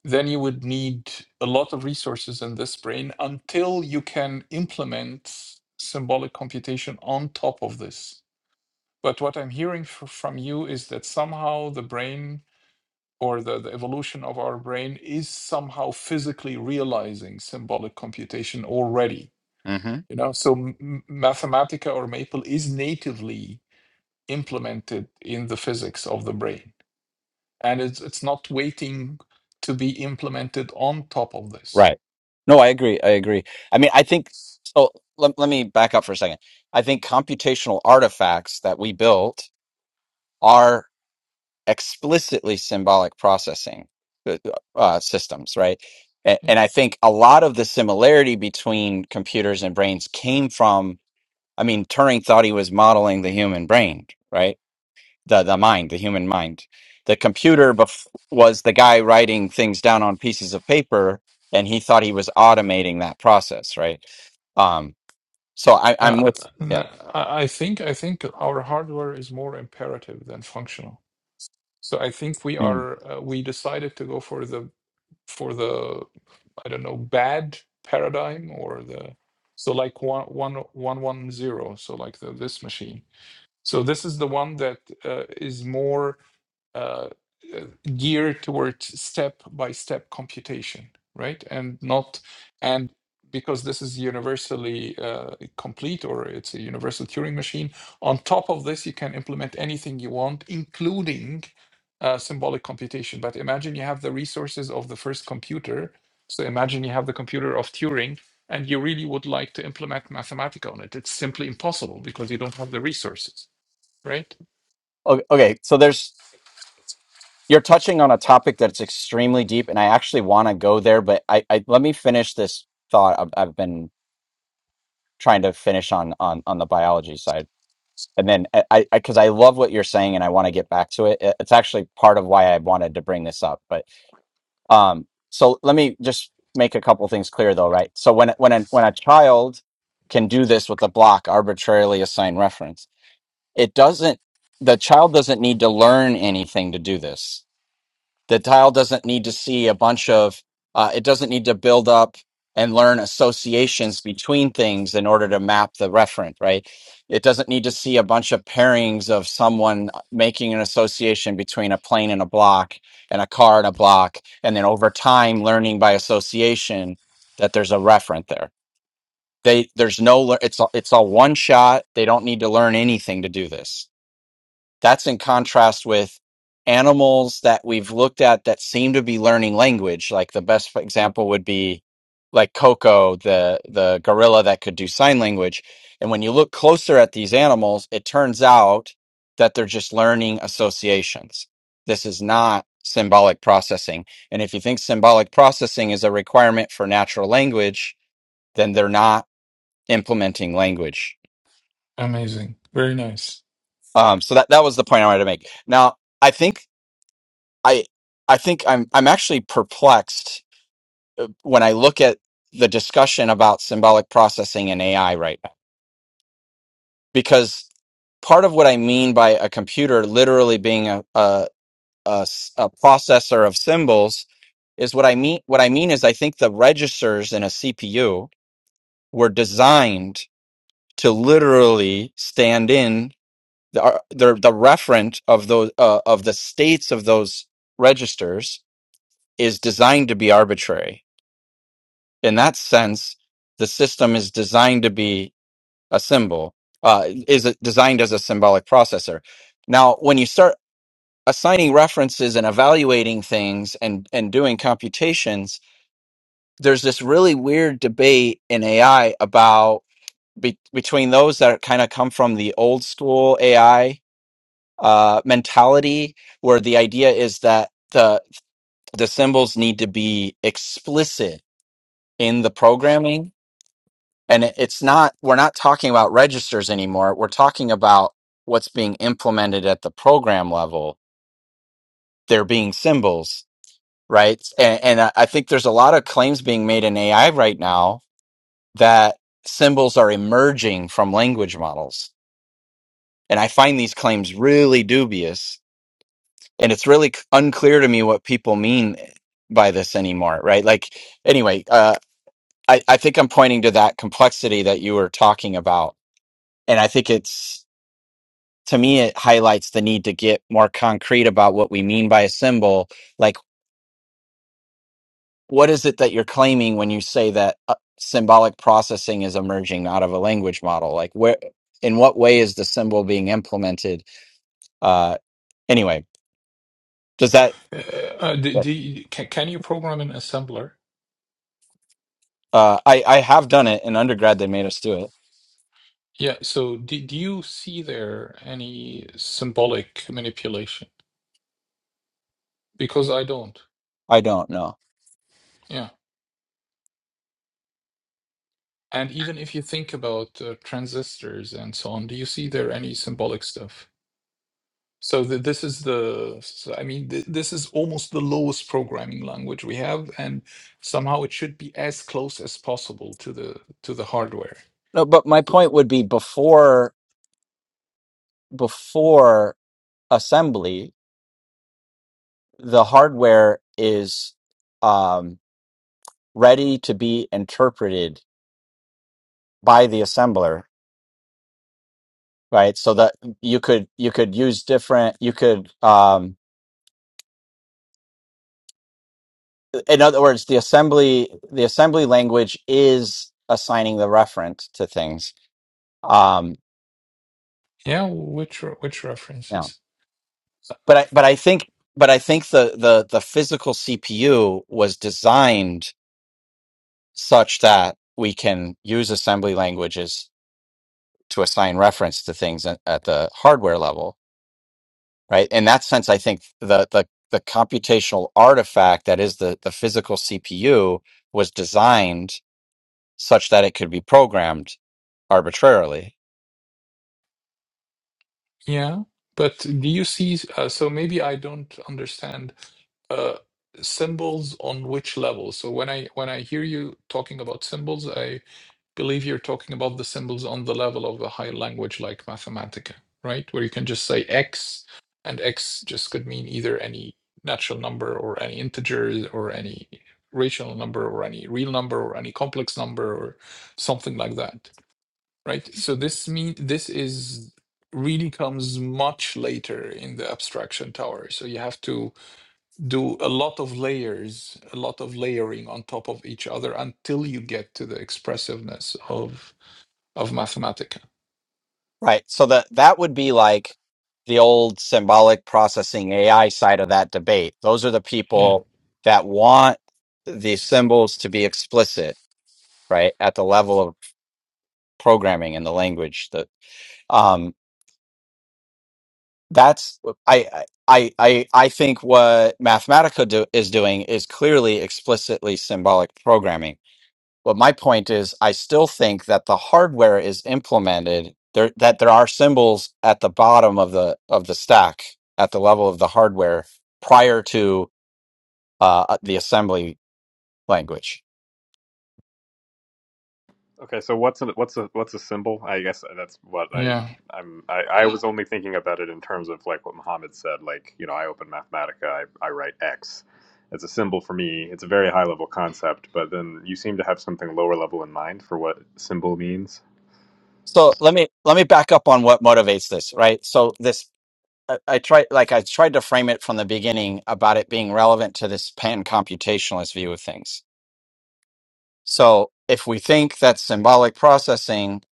then you would need a lot of resources in this brain until you can implement symbolic computation on top of this. But what I'm hearing fr- from you is that somehow the brain or the, the evolution of our brain is somehow physically realizing symbolic computation already.
hmm
You know, so M- M- Mathematica or Maple is natively implemented in the physics of the brain and it's it's not waiting to be implemented on top of this
Right. No, I agree. I agree. I mean, I think so. Let, let me back up for a second. I think computational artifacts that we built are. explicitly symbolic processing uh, uh, systems, right? And,
Yeah.
and I think a lot of the similarity between computers and brains came from, I mean, Turing thought he was modeling the human brain, right? The, the mind, the human mind. The computer bef- was the guy writing things down on pieces of paper, and he thought he was automating that process, right? Um, so I, I'm
uh,
with, yeah.
th- i I think i think our hardware is more imperative than functional so i think we are
Mhm.
uh, we decided to go for the for the i don't know bad paradigm or the so like one one one one zero so like the this machine so this is the one that uh, is more uh, uh, geared towards step by step computation, right? And not and because this is universally uh, complete or it's a universal Turing machine. On top of this, you can implement anything you want, including uh, symbolic computation. But imagine you have the resources of the first computer. So imagine you have the computer of Turing and you really would like to implement Mathematica on it. It's simply impossible because you don't have the resources, right?
O- Okay, so there's you're touching on a topic that's extremely deep and i actually want to go there but I, I let me finish this thought I've, I've been trying to finish on on on the biology side and then eh, i because I, 'cause I love what you're saying and i want to get back to it It- it's actually part of why i wanted to bring this up but um so let me just make a couple things clear though right so when when a, when a child can do this with a block arbitrarily assigned reference it doesn't the child doesn't need to learn anything to do this The tile doesn't need to see a bunch of, uh, it doesn't need to build up and learn associations between things in order to map the referent, right? It doesn't need to see a bunch of pairings of someone uh, making an association between a plane and a block and a car and a block. And then over time, learning by association that there's a referent there. They, there's no, lear- it's, a- it's all one shot. They don't need to learn anything to do this. That's in contrast with animals that we've looked at that seem to be learning language. Like the best example would be like Coco, the the gorilla that could do sign language. And when you look closer at these animals, it turns out that they're just learning associations. This is not symbolic processing. And if you think symbolic processing is a requirement for natural language, then they're not implementing language.
Amazing. Very nice.
Um, so that, that was the point I wanted to make. Now, I think I I think I'm I'm actually perplexed when I look at the discussion about symbolic processing and AI right now because part of what I mean by a computer literally being a a, a s- a processor of symbols is what I mean what I mean is I think the registers in a CPU were designed to literally stand in the uh, the, the referent of those uh, of the states of those registers is designed to be arbitrary in that sense, the system is designed to be a symbol, uh, is it designed as a symbolic processor. Now, when you start assigning references and evaluating things and, and doing computations, there's this really weird debate in AI about be, between those that kind of come from the old school AI uh, mentality, where the idea is that the the symbols need to be explicit in the programming and it- it's not we're not talking about registers anymore we're talking about what's being implemented at the program level there being symbols right and, and i I think there's a lot of claims being made in ai right now that symbols are emerging from language models and i find these claims really dubious and it's really c- unclear to me what people mean by this anymore right like anyway uh, I, I think i'm pointing to that complexity that you were talking about and i think it's to me it highlights the need to get more concrete about what we mean by a symbol like what is it that you're claiming when you say that uh, symbolic processing is emerging out of a language model like where in what way is the symbol being implemented uh anyway does that
Uh, do, do you, can, can you program in assembler?
uh i i have done it in undergrad they made us do it
Yeah, so do, do you see there any symbolic manipulation? Because I don't.
i don't know
Yeah. And even if you think about uh, transistors and so on, do you see there any symbolic stuff? So th this is the, so, I mean, th this is almost the lowest programming language we have, and somehow it should be as close as possible to the to the hardware.
no but my point would be before before assembly the hardware is um ready to be interpreted by the assembler, right? So that you could you could use different you could um in other words, the assembly the assembly language is assigning the referent to things. Um
Yeah, which re- which
yeah.
references?
But I but I think but I think the the the physical CPU was designed such that we can use assembly languages to assign reference to things at at the hardware level right? In that sense, I think the the the computational artifact that is the the physical CPU was designed such that it could be programmed arbitrarily,
Yeah, but do you see? Uh, so maybe I don't understand uh, symbols on which level. So when I when I hear you talking about symbols, I believe you're talking about the symbols on the level of a high language like Mathematica, right? Where you can just say X, and X just could mean either any natural number or any integer or any rational number or any real number or any complex number or something like that right? So this mean this is really comes much later in the abstraction tower. So you have to do a lot of layers, a lot of layering on top of each other until you get to the expressiveness of of Mathematica.
right? So that that would be like the old symbolic processing AI side of that debate. Those are the
Yeah,
people that want the symbols to be explicit, right, at the level of programming and the language that. um, that's I I I I think what Mathematica do, is doing is clearly explicitly symbolic programming. But my point is, I still think that the hardware is implemented there that there are symbols at the bottom of the of the stack at the level of the hardware prior to uh, uh, the assembly language.
Okay. So what's a, what's a what's a symbol? I guess that's what I
yeah,
I'm I, I was only thinking about it in terms of like what Muhammad said. Like you know, I open Mathematica, I, I write X. It's a symbol for me. It's a very high level concept, but then you seem to have something lower level in mind for what symbol means.
So let me let me back up on what motivates this, right? So this I, I tried like I tried to frame it from the beginning about it being relevant to this pan computationalist view of things. So if we think that symbolic processing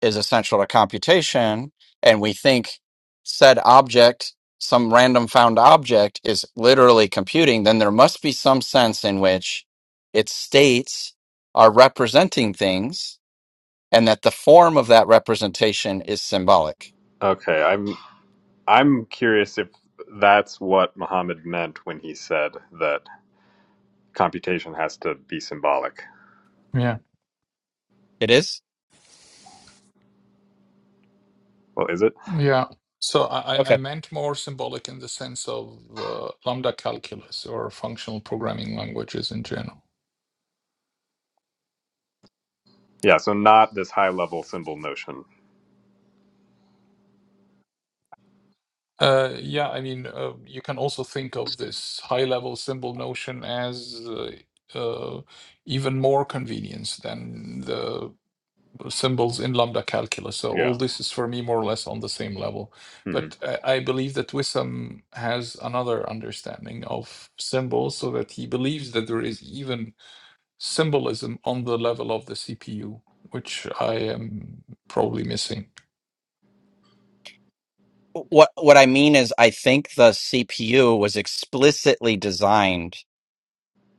is essential to computation, and we think said object, some random found object, is literally computing, then there must be some sense in which its states are representing things and that the form of that representation is symbolic.
Okay, I'm I'm curious if that's what Muhammad meant when he said that computation has to be symbolic.
yeah,
It is?
Well, is it?
yeah. So I,
Okay.
I I meant more symbolic in the sense of uh, lambda calculus or functional programming languages in general.
Yeah, so not this high level symbol notion.
Uh, yeah, I mean, uh, you can also think of this high-level symbol notion as uh, uh, even more convenience than the symbols in lambda calculus. So all
Yeah.
this is for me more or less on the same level.
Mm-hmm.
But I, I believe that Wissam has another understanding of symbols, so that he believes that there is even symbolism on the level of the CPU, which I am probably missing.
what what I mean is I think the CPU was explicitly designed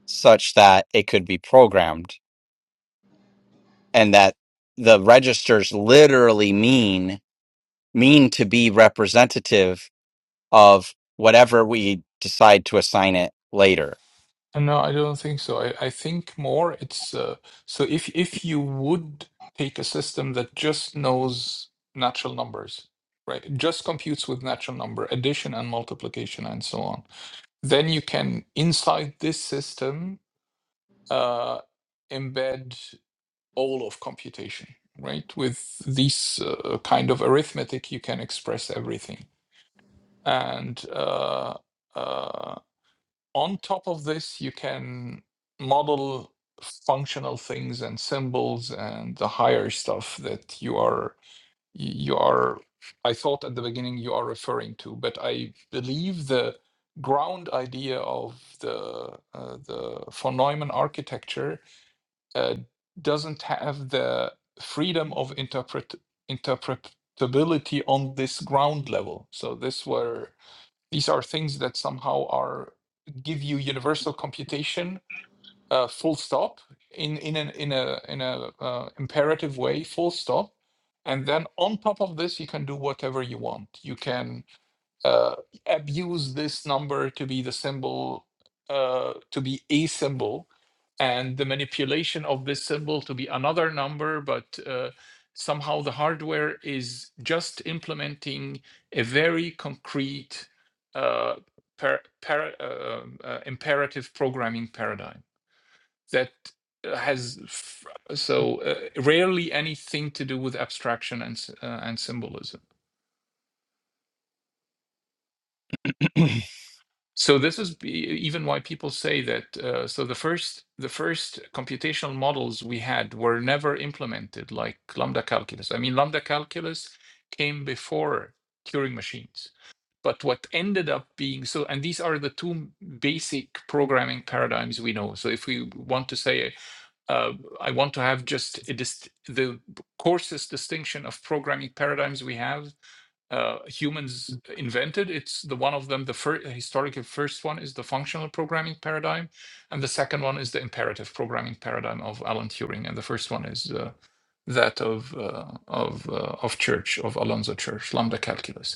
such that it could be programmed and that the registers literally mean mean to be representative of whatever we decide to assign it later.
No, I don't think so. I, I think more it's uh, so if if you would take a system that just knows natural numbers, right? Just computes with natural number, addition and multiplication and so on, then you can inside this system uh, embed all of computation, right? With these uh, kind of arithmetic, you can express everything. And uh, uh, on top of this, you can model functional things and symbols and the higher stuff that you are you are I thought at the beginning you are referring to, but I believe the ground idea of the uh, the von Neumann architecture uh, doesn't have the freedom of interpret interpretability on this ground level. So this were these are things that somehow are give you universal computation, uh, full stop, in in an in a in a uh, imperative way, full stop. And then on top of this, you can do whatever you want. You can uh, abuse this number to be the symbol, uh, to be a symbol, and the manipulation of this symbol to be another number, but uh, somehow the hardware is just implementing a very concrete uh, par- par- uh, uh, imperative programming paradigm that uh, has f- so uh, rarely anything to do with abstraction and s- uh, and symbolism. so this is b- e, even why people say that uh, so the first the first computational models we had were never implemented like lambda calculus i mean lambda calculus came before turing machines but what ended up being so and these are the two basic programming paradigms we know so if we want to say uh, i want to have just a dist- the coarsest distinction of programming paradigms we have uh, humans invented. It's the one of them, the first historical first one is the functional programming paradigm, and the second one is the imperative programming paradigm of Alan Turing, and the first one is uh, that of uh, of uh, of Church of Alonzo Church, lambda calculus.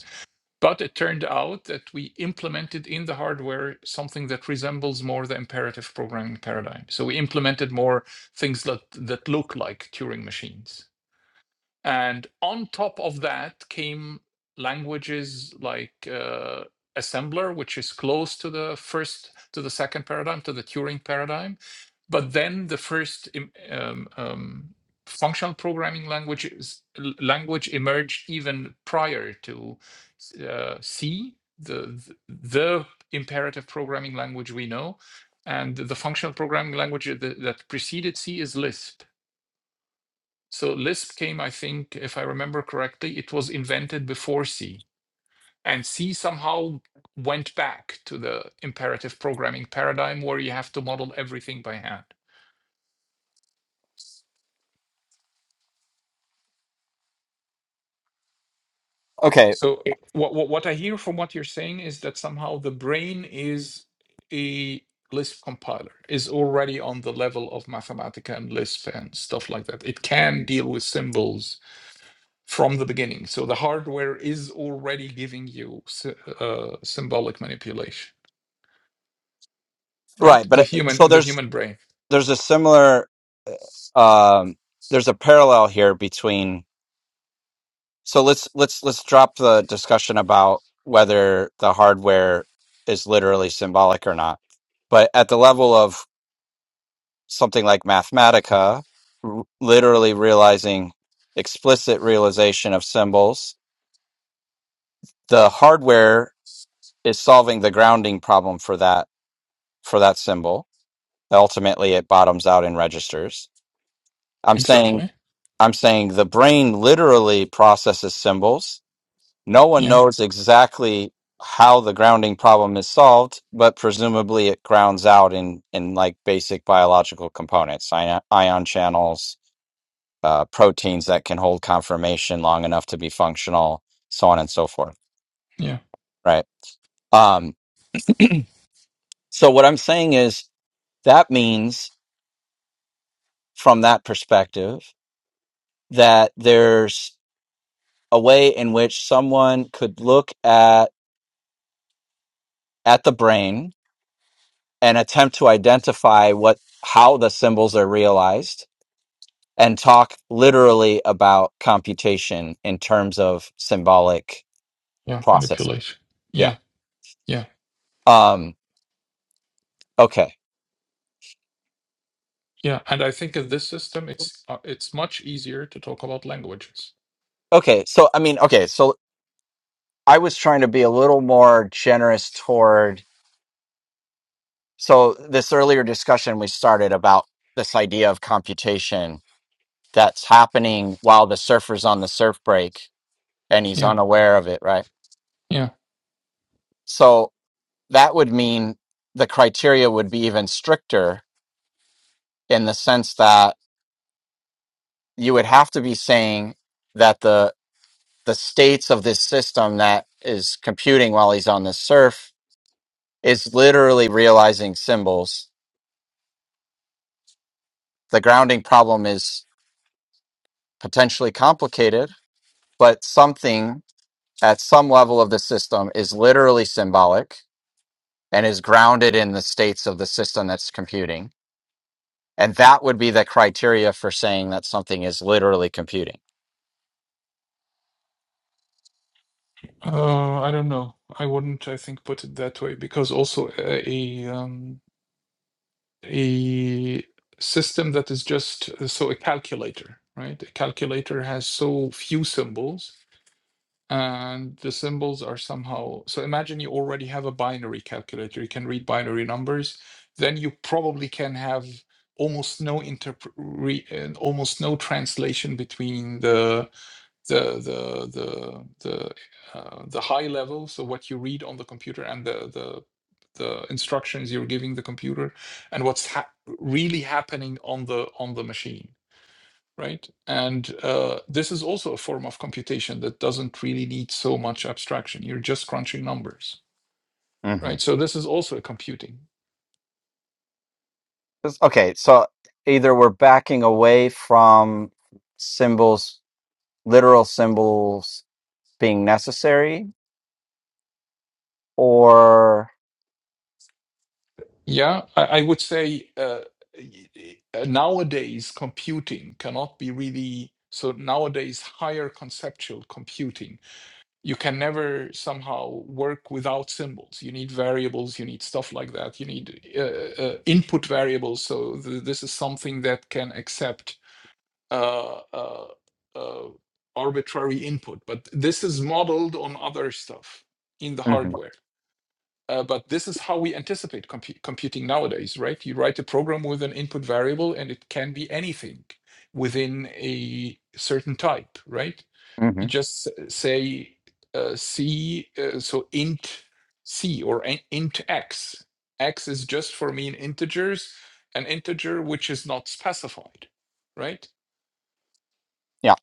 But it turned out that we implemented in the hardware something that resembles more the imperative programming paradigm. So we implemented more things that that look like Turing machines and on top of that came languages like uh, assembler, which is close to the first, to the second paradigm, to the Turing paradigm. But then the first um, um, functional programming languages, language emerged even prior to uh, C, the, the imperative programming language we know. And the functional programming language that that preceded C is Lisp so Lisp came, I think, if I remember correctly, it was invented before C. And C somehow went back to the imperative programming paradigm where you have to model everything by hand.
Okay,
So what, what, what I hear from what you're saying is that somehow the brain is a Lisp compiler, is already on the level of Mathematica and Lisp and stuff like that. It can deal with symbols from the beginning. So the hardware is already giving you uh, symbolic manipulation. right?
right, but
The
uh,
human,
so
the
there's
human brain.
there's a similar um there's a parallel here between So let's let's let's drop the discussion about whether the hardware is literally symbolic or not. But at the level of something like Mathematica, r- literally realizing explicit realization of symbols, the hardware is solving the grounding problem for that for that symbol. Ultimately, it bottoms out in registers. I'm saying
Exactly.
I'm saying the brain literally processes symbols No one
Yeah,
knows exactly how the grounding problem is solved, but presumably it grounds out in in like basic biological components, ion, ion channels, uh, proteins that can hold conformation long enough to be functional, so on and so forth.
yeah,
Right. Um, so what I'm saying is that means, from that perspective, that there's a way in which someone could look at at the brain and attempt to identify what how the symbols are realized and talk literally about computation in terms of symbolic
yeah.
processing.
Manipulation.
yeah
Yeah, yeah,
um okay
yeah. And I think in this system, it's uh, it's much easier to talk about languages.
okay so i mean okay so i was trying to be a little more generous toward so this earlier discussion we started about this idea of computation that's happening while the surfer's on the surf break and he's
Yeah,
unaware of it right
yeah.
So. that would mean the criteria would be even stricter in the sense that you would have to be saying that the the states of this system that is computing while he's on the surf is literally realizing symbols. The grounding problem is potentially complicated, but something at some level of the system is literally symbolic and is grounded in the states of the system that's computing. And that would be the criteria for saying that something is literally computing.
Uh, I don't know. I wouldn't, I think, put it that way because also a, a um a system that is just uh, so a calculator, right? A calculator has so few symbols and the symbols are somehow so imagine you already have a binary calculator you can read binary numbers then you probably can have almost no interpret almost no translation between the the the the the, uh, the high level so what you read on the computer and the the the instructions you're giving the computer and what's ha- really happening on the on the machine right? And uh, this is also a form of computation that doesn't really need so much abstraction. You're just crunching numbers,
hmm
right? So this is also a computing.
Okay, so either we're backing away from symbols, literal symbols being necessary, or
Yeah, I, I would say uh, uh, nowadays computing cannot be really. So nowadays, higher conceptual computing, you can never somehow work without symbols. You need variables, you need stuff like that. You need uh, uh, input variables. So th- this is something that can accept uh, uh, uh, arbitrary input. But this is modeled on other stuff in the
hmm
hardware. Uh, but this is how we anticipate compu- computing nowadays, right? You write a program with an input variable, and it can be anything within a certain type, right?
hmm
You just s- say uh, C, uh, so int C or in- int X. X is just for me an integers, an integer which is not specified, right?
yeah,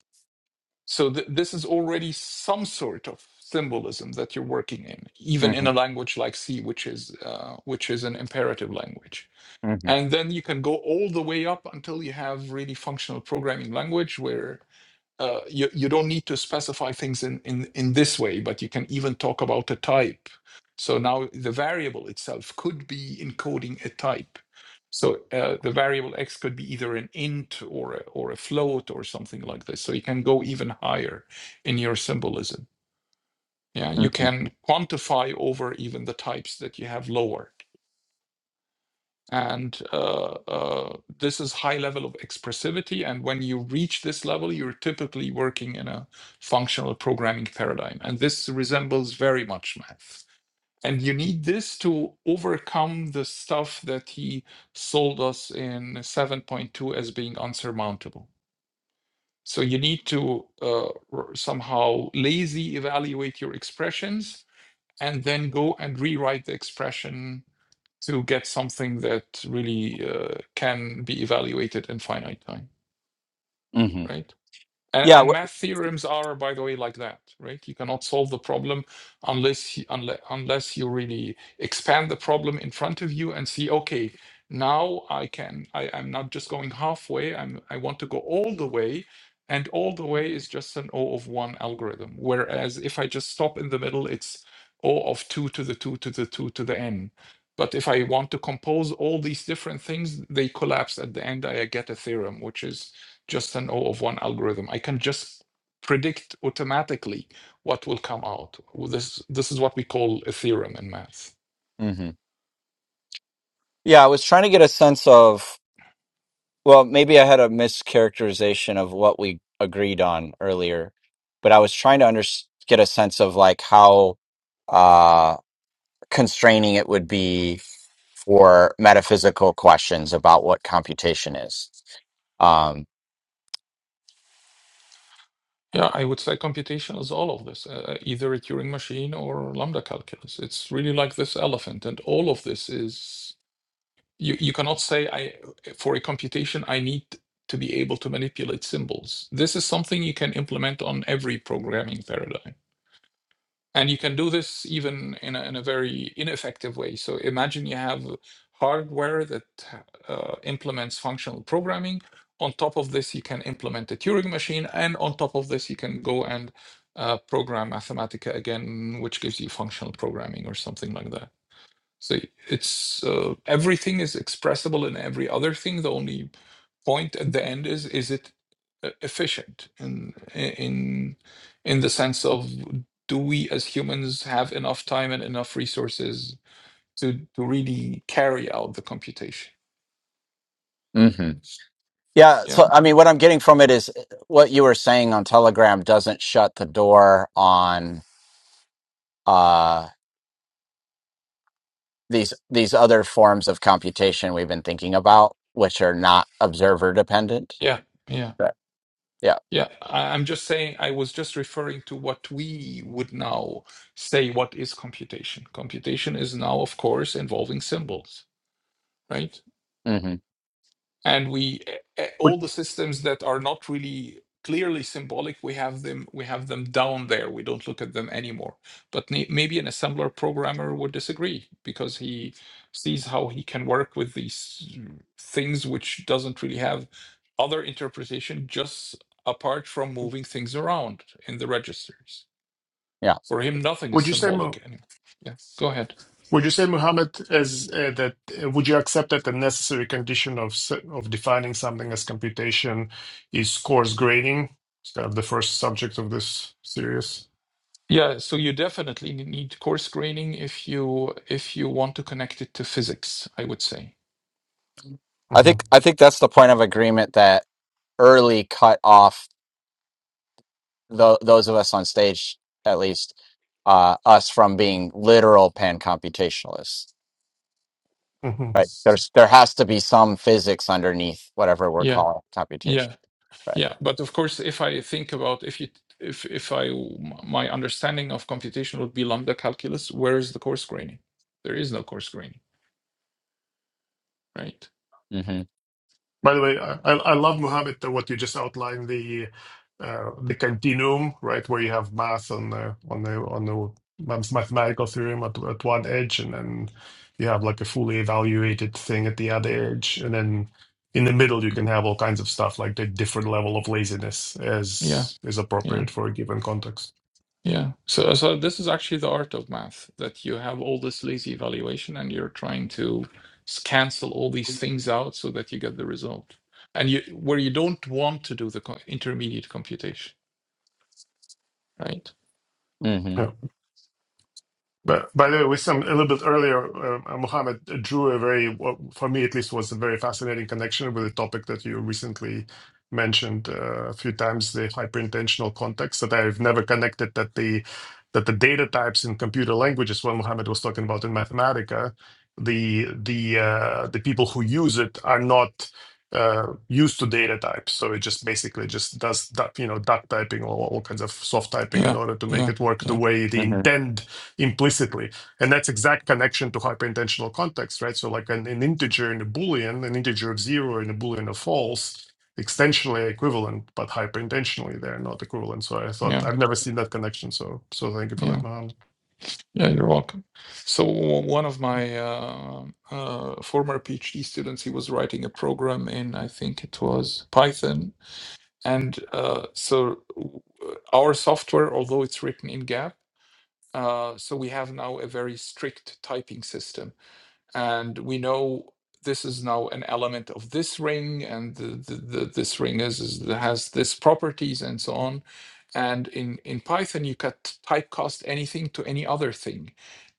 So th- this is already some sort of symbolism that you're working in,
hmm
even in a language like C, which is uh, which is an imperative language.
hmm
And then you can go all the way up until you have really functional programming language, where uh, you, you don't need to specify things in, in, in this way, but you can even talk about a type. So now the variable itself could be encoding a type. So uh, the variable x could be either an int or a, or a float or something like this. So you can go even higher in your symbolism. Yeah, you
hmm
can quantify over even the types that you have lower and uh, uh, this is high level of expressivity and when you reach this level you're typically working in a functional programming paradigm and this resembles very much math and you need this to overcome the stuff that he sold us in 7.2 as being unsurmountable so you need to uh, r- somehow lazy evaluate your expressions and then go and rewrite the expression to get something that really uh, can be evaluated in finite time,
hmm
right? And,
Yeah,
and
w-
math theorems are, by the way, like that, right? You cannot solve the problem unless you, unless, unless you really expand the problem in front of you and see, okay, now I can. I, I'm not just going halfway. I'm. I want to go all the way, and all the way is just an O of one algorithm. Whereas if I just stop in the middle, it's O of two to the two to the two to the n. But if I want to compose all these different things, they collapse at the end. I get a theorem, which is just an O of one algorithm. I can just predict automatically what will come out. Well, This this is what we call a theorem in math.
hmm yeah. I was trying to get a sense of. Well, maybe I had a mischaracterization of what we agreed on earlier, but I was trying to under- get a sense of like how uh, constraining it would be for metaphysical questions about what computation is. Um,
Yeah, I would say computation is all of this, uh, uh, either a Turing machine or lambda calculus. It's really like this elephant, and all of this is you. You cannot say I for a computation I need to be able to manipulate symbols. This is something you can implement on every programming paradigm. And you can do this even in a, in a very ineffective way. So imagine you have hardware that uh, implements functional programming. On top of this, you can implement a Turing machine. And on top of this, you can go and uh, program Mathematica again, which gives you functional programming or something like that. So it's uh, everything is expressible in every other thing. The only point at the end is is it uh, efficient in in in the sense of do we as humans have enough time and enough resources to to really carry out the computation?
hmm Yeah,
Yeah,
so I mean, what I'm getting from it is eh, what you were saying on Telegram doesn't shut the door on uh, these these other forms of computation we've been thinking about, which are not observer dependent.
yeah, yeah,
Right. Yeah.
yeah. I, I'm just saying. I was just referring to what we would now say. What is computation? Computation is now, of course, involving symbols, right?
hmm
and we eh, eh,
Would
all the systems that are not really clearly symbolic we have them we have them down there we don't look at them anymore but may- maybe an assembler programmer would disagree because he sees how he can work with these mm, things which doesn't really have other interpretation just apart from moving things around in the registers
Yeah,
for him nothing is
Would you say, Mo?
symbolic anymore yeah go ahead
Would you say, Muhammad, as uh, that uh, would you accept that the necessary condition of s- of defining something as computation is coarse grading? It's kind of the first subject of this series.
Yeah, so you definitely need course graining if you if you want to connect it to physics, I would say.
I think
hmm
I think that's the point of agreement that early cut off tho- those of us on stage, at least uh, us, from being literal pan computationalists. Right? There's there has to be some physics underneath whatever we're
Yeah,
calling computation.
yeah,
Right.
yeah. But of course, if I think about if you if if I m- my understanding of computation would be lambda calculus, where is the course graining? There is no course graining, right?
Mm-hmm.
By the way, I, I I love Mohammed uh, what you just outlined the uh, the continuum, right, where you have math on the on the on the math- mathematical theorem at, at one edge, and then you have like a fully evaluated thing at the other edge, and then in the middle you can have all kinds of stuff like the different level of laziness
Yeah,
as is
yeah.
appropriate for a given context.
Yeah. So, so this is actually the art of math that you have all this lazy evaluation and you're trying to s- cancel all these things out so that you get the result. And you where you don't want to do the co- intermediate computation, right?
Mm-hmm.
Yeah. But by the way, with some a little bit earlier, uh, Mohammed drew a very, what for me at least, was a very fascinating connection with a topic that you recently mentioned uh, a few times, the hyperintentional context that I've never connected that the that the data types in computer languages, what Mohammed was talking about in Mathematica, the the uh, the people who use it are not uh, used to data types, so it just basically just does that, you know duck typing or all kinds of soft typing in
Yeah.
order to make
Yeah.
it work the
Yeah.
way they
Mm-hmm.
intend implicitly and that's exact connection to hyperintentional context right so like an, an integer and a boolean an integer of zero and a boolean of false extensionally equivalent but hyperintentionally they're not equivalent so i thought
Yeah.
i've never seen that connection so so thank you for that
Yeah.
Mohan.
Yeah. You're welcome. So w- one of my uh, uh, former PhD students, he was writing a program in, I think it was Python, and uh, so uh, our software, although it's written in Gap Uh, so we have now a very strict typing system, and we know this is now an element of this ring, and the, the, the, this ring is, is has this properties and so on. And in, in Python, you could typecast anything to any other thing.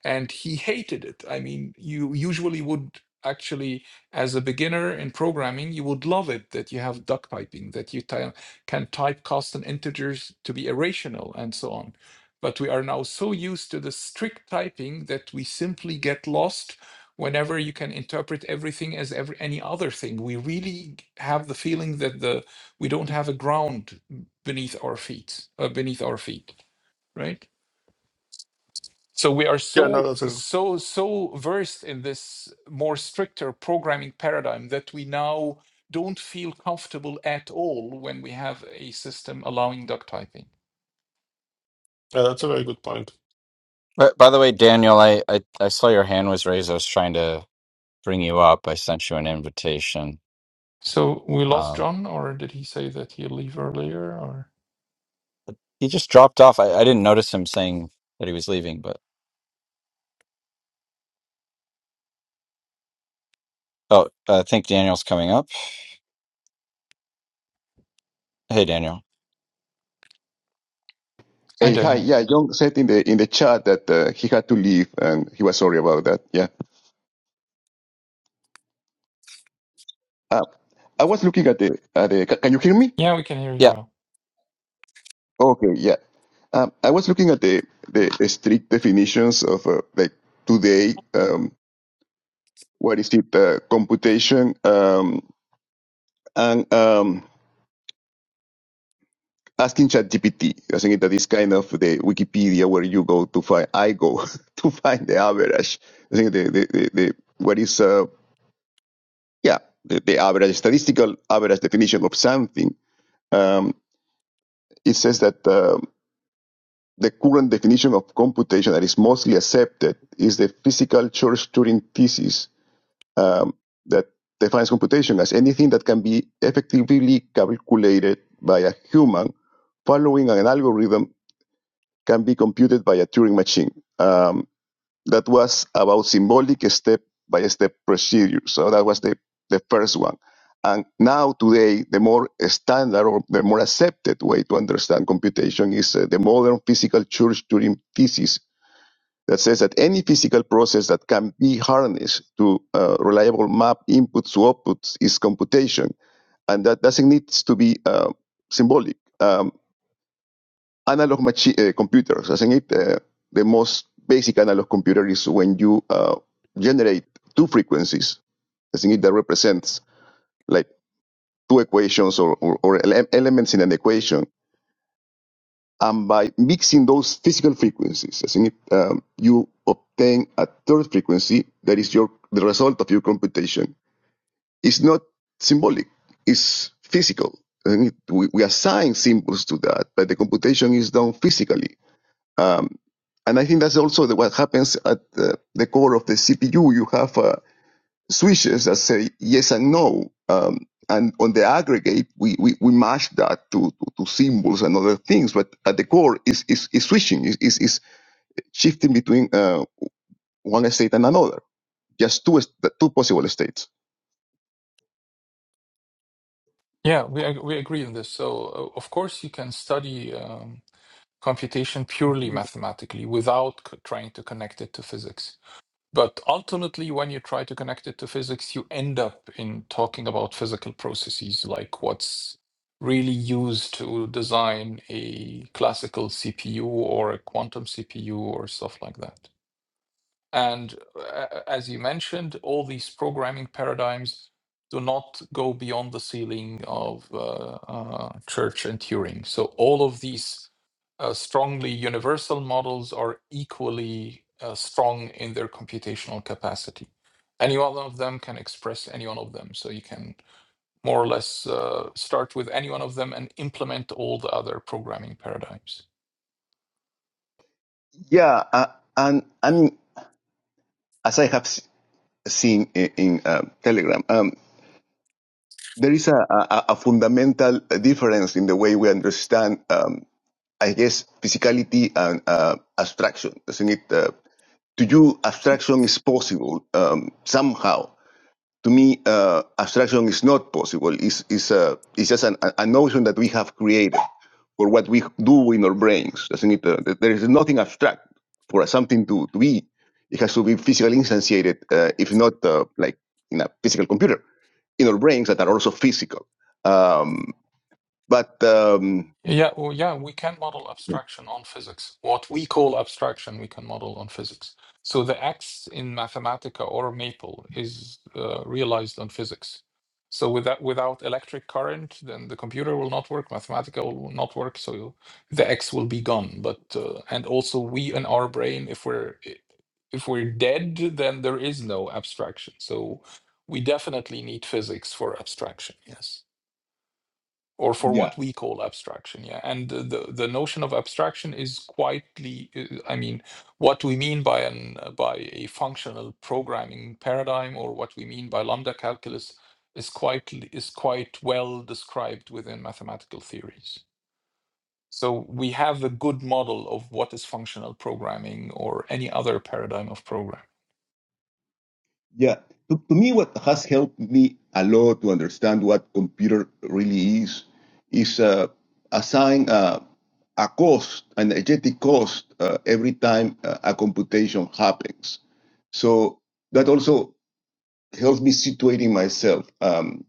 And he hated it. I mean, you usually would actually, as a beginner in programming, you would love it that you have duck typing, that you ty- can typecast an integers to be irrational and so on. But we are now so used to the strict typing that we simply get lost whenever you can interpret everything as every, any other thing. We really have the feeling that the we don't have a ground beneath our feet uh, beneath our feet right so we are
yeah no
so
that's a
so so versed in this more stricter programming paradigm that we now don't feel comfortable at all when we have a system allowing duck typing
uh, that's a very good point
But by the way, Daniel, I, I I saw your hand was raised. I was trying to bring you up. I sent you an invitation.
so we lost
Um,
john or did he say that he'll leave earlier or
but he just dropped off. I, I didn't notice him saying that he was leaving, but. Oh, I think Daniel's coming up. Hey, Daniel.
hi
Hey, hi.
daniel
Yeah, John said in the in the chat that uh, he had to leave and he was sorry about that. Yeah. Uh, I was looking at the at the. ca- Can you hear me?
yeah we can hear you
Yeah.
well
Okay. Yeah. Um, I was looking at the the, the strict definitions of uh, like today. Um, what is it? Uh, computation. Um, and um, asking ChatGPT. I think that is kind of the Wikipedia where you go to find. I go *laughs* to find the average. I think the the the, the what is uh, yeah, the, the average statistical average definition of something, um, it says that uh, the current definition of computation that is mostly accepted is the physical Church Turing thesis um, that defines computation as anything that can be effectively calculated by a human following an algorithm can be computed by a Turing machine. Um, That was about symbolic step-by-step procedure. So that was the, the first one. And now today, the more standard or the more accepted way to understand computation is uh, the modern physical church Turing thesis that says that any physical process that can be harnessed to uh, reliable map inputs to outputs is computation. And that doesn't need to be uh, symbolic. Um, analog machi- uh, computers, isn't it? Uh, the most basic analog computer is when you uh, generate two frequencies, isn't it? That represents like two equations or, or, or ele- elements in an equation. And by mixing those physical frequencies, isn't it? Um, you obtain a third frequency that is your the result of your computation. It's not symbolic; it's physical. isn't it? We, we assign symbols to that, but the computation is done physically Um, and I think that's also the, what happens at the, the core of the CPU. You have uh, switches that say yes and no. Um, and on the aggregate, we, we, we mash that to, to, to symbols and other things. But at the core is, is, is switching, is, is, is shifting between uh, one state and another, just two, two possible states.
Yeah, we ag- we agree on this. So, uh, of course, you can study um, computation purely mathematically without c- trying to connect it to physics. But ultimately, when you try to connect it to physics, you end up in talking about physical processes, like what's really used to design a classical CPU or a quantum CPU or stuff like that. And uh, as you mentioned, all these programming paradigms do not go beyond the ceiling of uh, uh, Church and Turing. So all of these uh, strongly universal models are equally uh, strong in their computational capacity. Any one of them can express any one of them. So you can more or less uh, start with any one of them and implement all the other programming paradigms.
Yeah. Uh, and I mean, as I have seen in, in uh, Telegram, um, there is a, a, a fundamental difference in the way we understand. um, I guess, physicality and uh, abstraction, isn't it? Uh, to you, abstraction is possible um, somehow. To me, uh, abstraction is not possible. It's, it's, uh, it's just an, a notion that we have created for what we do in our brains, doesn't it? Uh, there is nothing abstract for something to, to be. It has to be physically instantiated, uh, if not uh, like in a physical computer, in our brains that are also physical. Um, but um,
Yeah, well, yeah, we can model abstraction on physics. What we call abstraction, we can model on physics. So the X in Mathematica or Maple is uh, realized on physics. So without without electric current, then the computer will not work. Mathematica will not work. So you- the X will be gone. But uh, and also we in our brain, if we're if we're dead, then there is no abstraction. So we definitely need physics for abstraction. Yes or for what we call abstraction yeah and the the the notion of abstraction is quietly uh, i mean what we mean by an uh, by a functional programming paradigm or what we mean by lambda calculus is quite is quite well described within mathematical theories so we have a good model of what is functional programming or any other paradigm of programming
Yeah. To, to me, what has helped me a lot to understand what computer really is is uh, assign uh, a cost, an energetic cost, uh, every time uh, a computation happens. So that also helps me situating myself, um,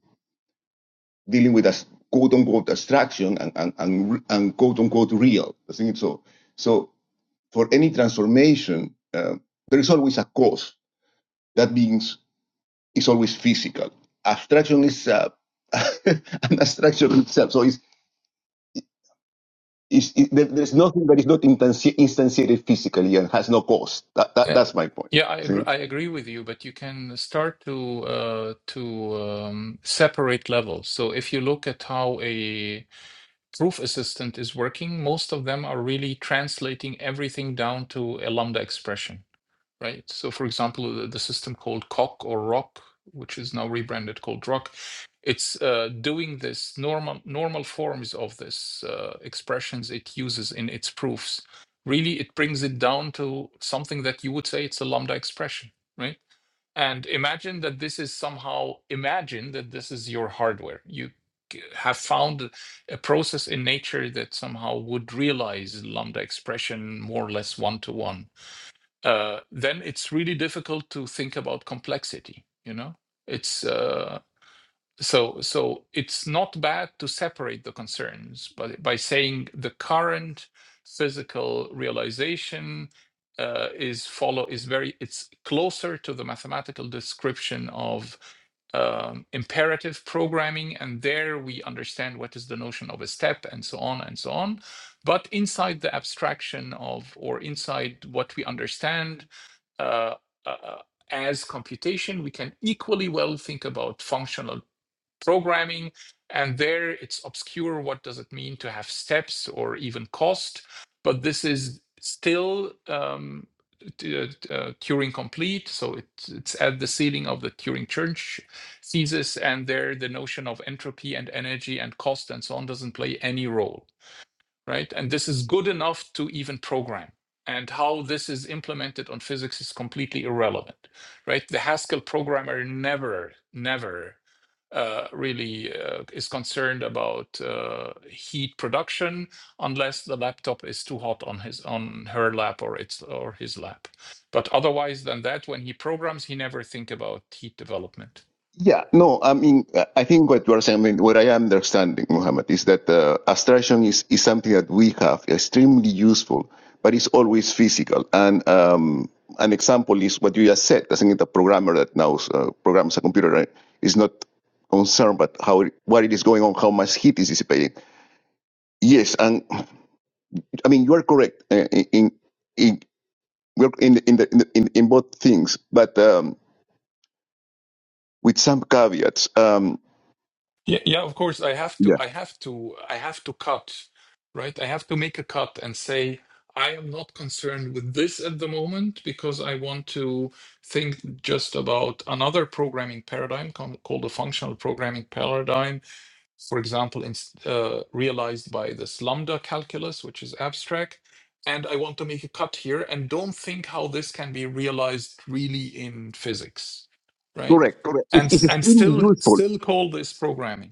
dealing with a s- quote unquote abstraction and, and, and, re- and quote unquote real. I think so. So for any transformation, uh, there is always a cost. That means It's always physical. Abstraction is uh, *laughs* an abstraction itself. So it's, it's, it, there- there's nothing that is not instanti- instantiated physically and has no cost. That, that,
Yeah,
that's my point.
yeah, I
See?
agree. I agree with you, but you can start to uh, to um, separate levels. So if you look at how a proof assistant is working, most of them are really translating everything down to a lambda expression right? So, for example, the, the system called Coq or Rock, which is now rebranded called Rock, it's uh, doing this normal normal forms of this uh, expressions it uses in its proofs. Really, it brings it down to something that you would say it's a lambda expression, right? And imagine that this is somehow imagine that this is your hardware. You have found a process in nature that somehow would realize lambda expression more or less one to one uh, then it's really difficult to think about complexity you know it's uh, so so it's not bad to separate the concerns but by saying the current physical realization uh, is follow is very it's closer to the mathematical description of um, imperative programming and there we understand what is the notion of a step and so on and so on but inside the abstraction of or inside what we understand uh, uh, uh, as computation, we can equally well think about functional programming. And there it's obscure. What does it mean to have steps or even cost? But this is still um, uh, uh, Turing complete. So it's, it's at the ceiling of the Turing Church thesis. And there the notion of entropy and energy and cost and so on doesn't play any role right? And this is good enough to even program. And how this is implemented on physics is completely irrelevant, right? The Haskell programmer never, never uh, really uh, is concerned about uh, heat production unless the laptop is too hot on his on her lap or its or his lap. But otherwise than that, when he programs, he never think about heat development.
Yeah, no, I mean, uh, I think what you are saying, I mean, what I am understanding, Muhammad, is that uh, abstraction is, is something that we have extremely useful, but it's always physical. And um, an example is what you just said. I think the programmer that now uh, programs a computer right, is not concerned about how it, what it is going on, how much heat is dissipating. Yes, and I mean, you are correct uh, in in in, we're in, the- in, the, in, the- in in both things, but um, with some caveats. Um,
Yeah, yeah, of course. I have to, I have to, I have to cut, right? I have to make a cut and say, I am not concerned with this at the moment because I want to think just about another programming paradigm com- called the functional programming paradigm, for example, in, uh, realized by this lambda calculus, which is abstract. And I want to make a cut here and don't think how this can be realized really in physics, right?
Correct, correct.
And
It's, it's
s- and
extremely
still
useful.
still call this programming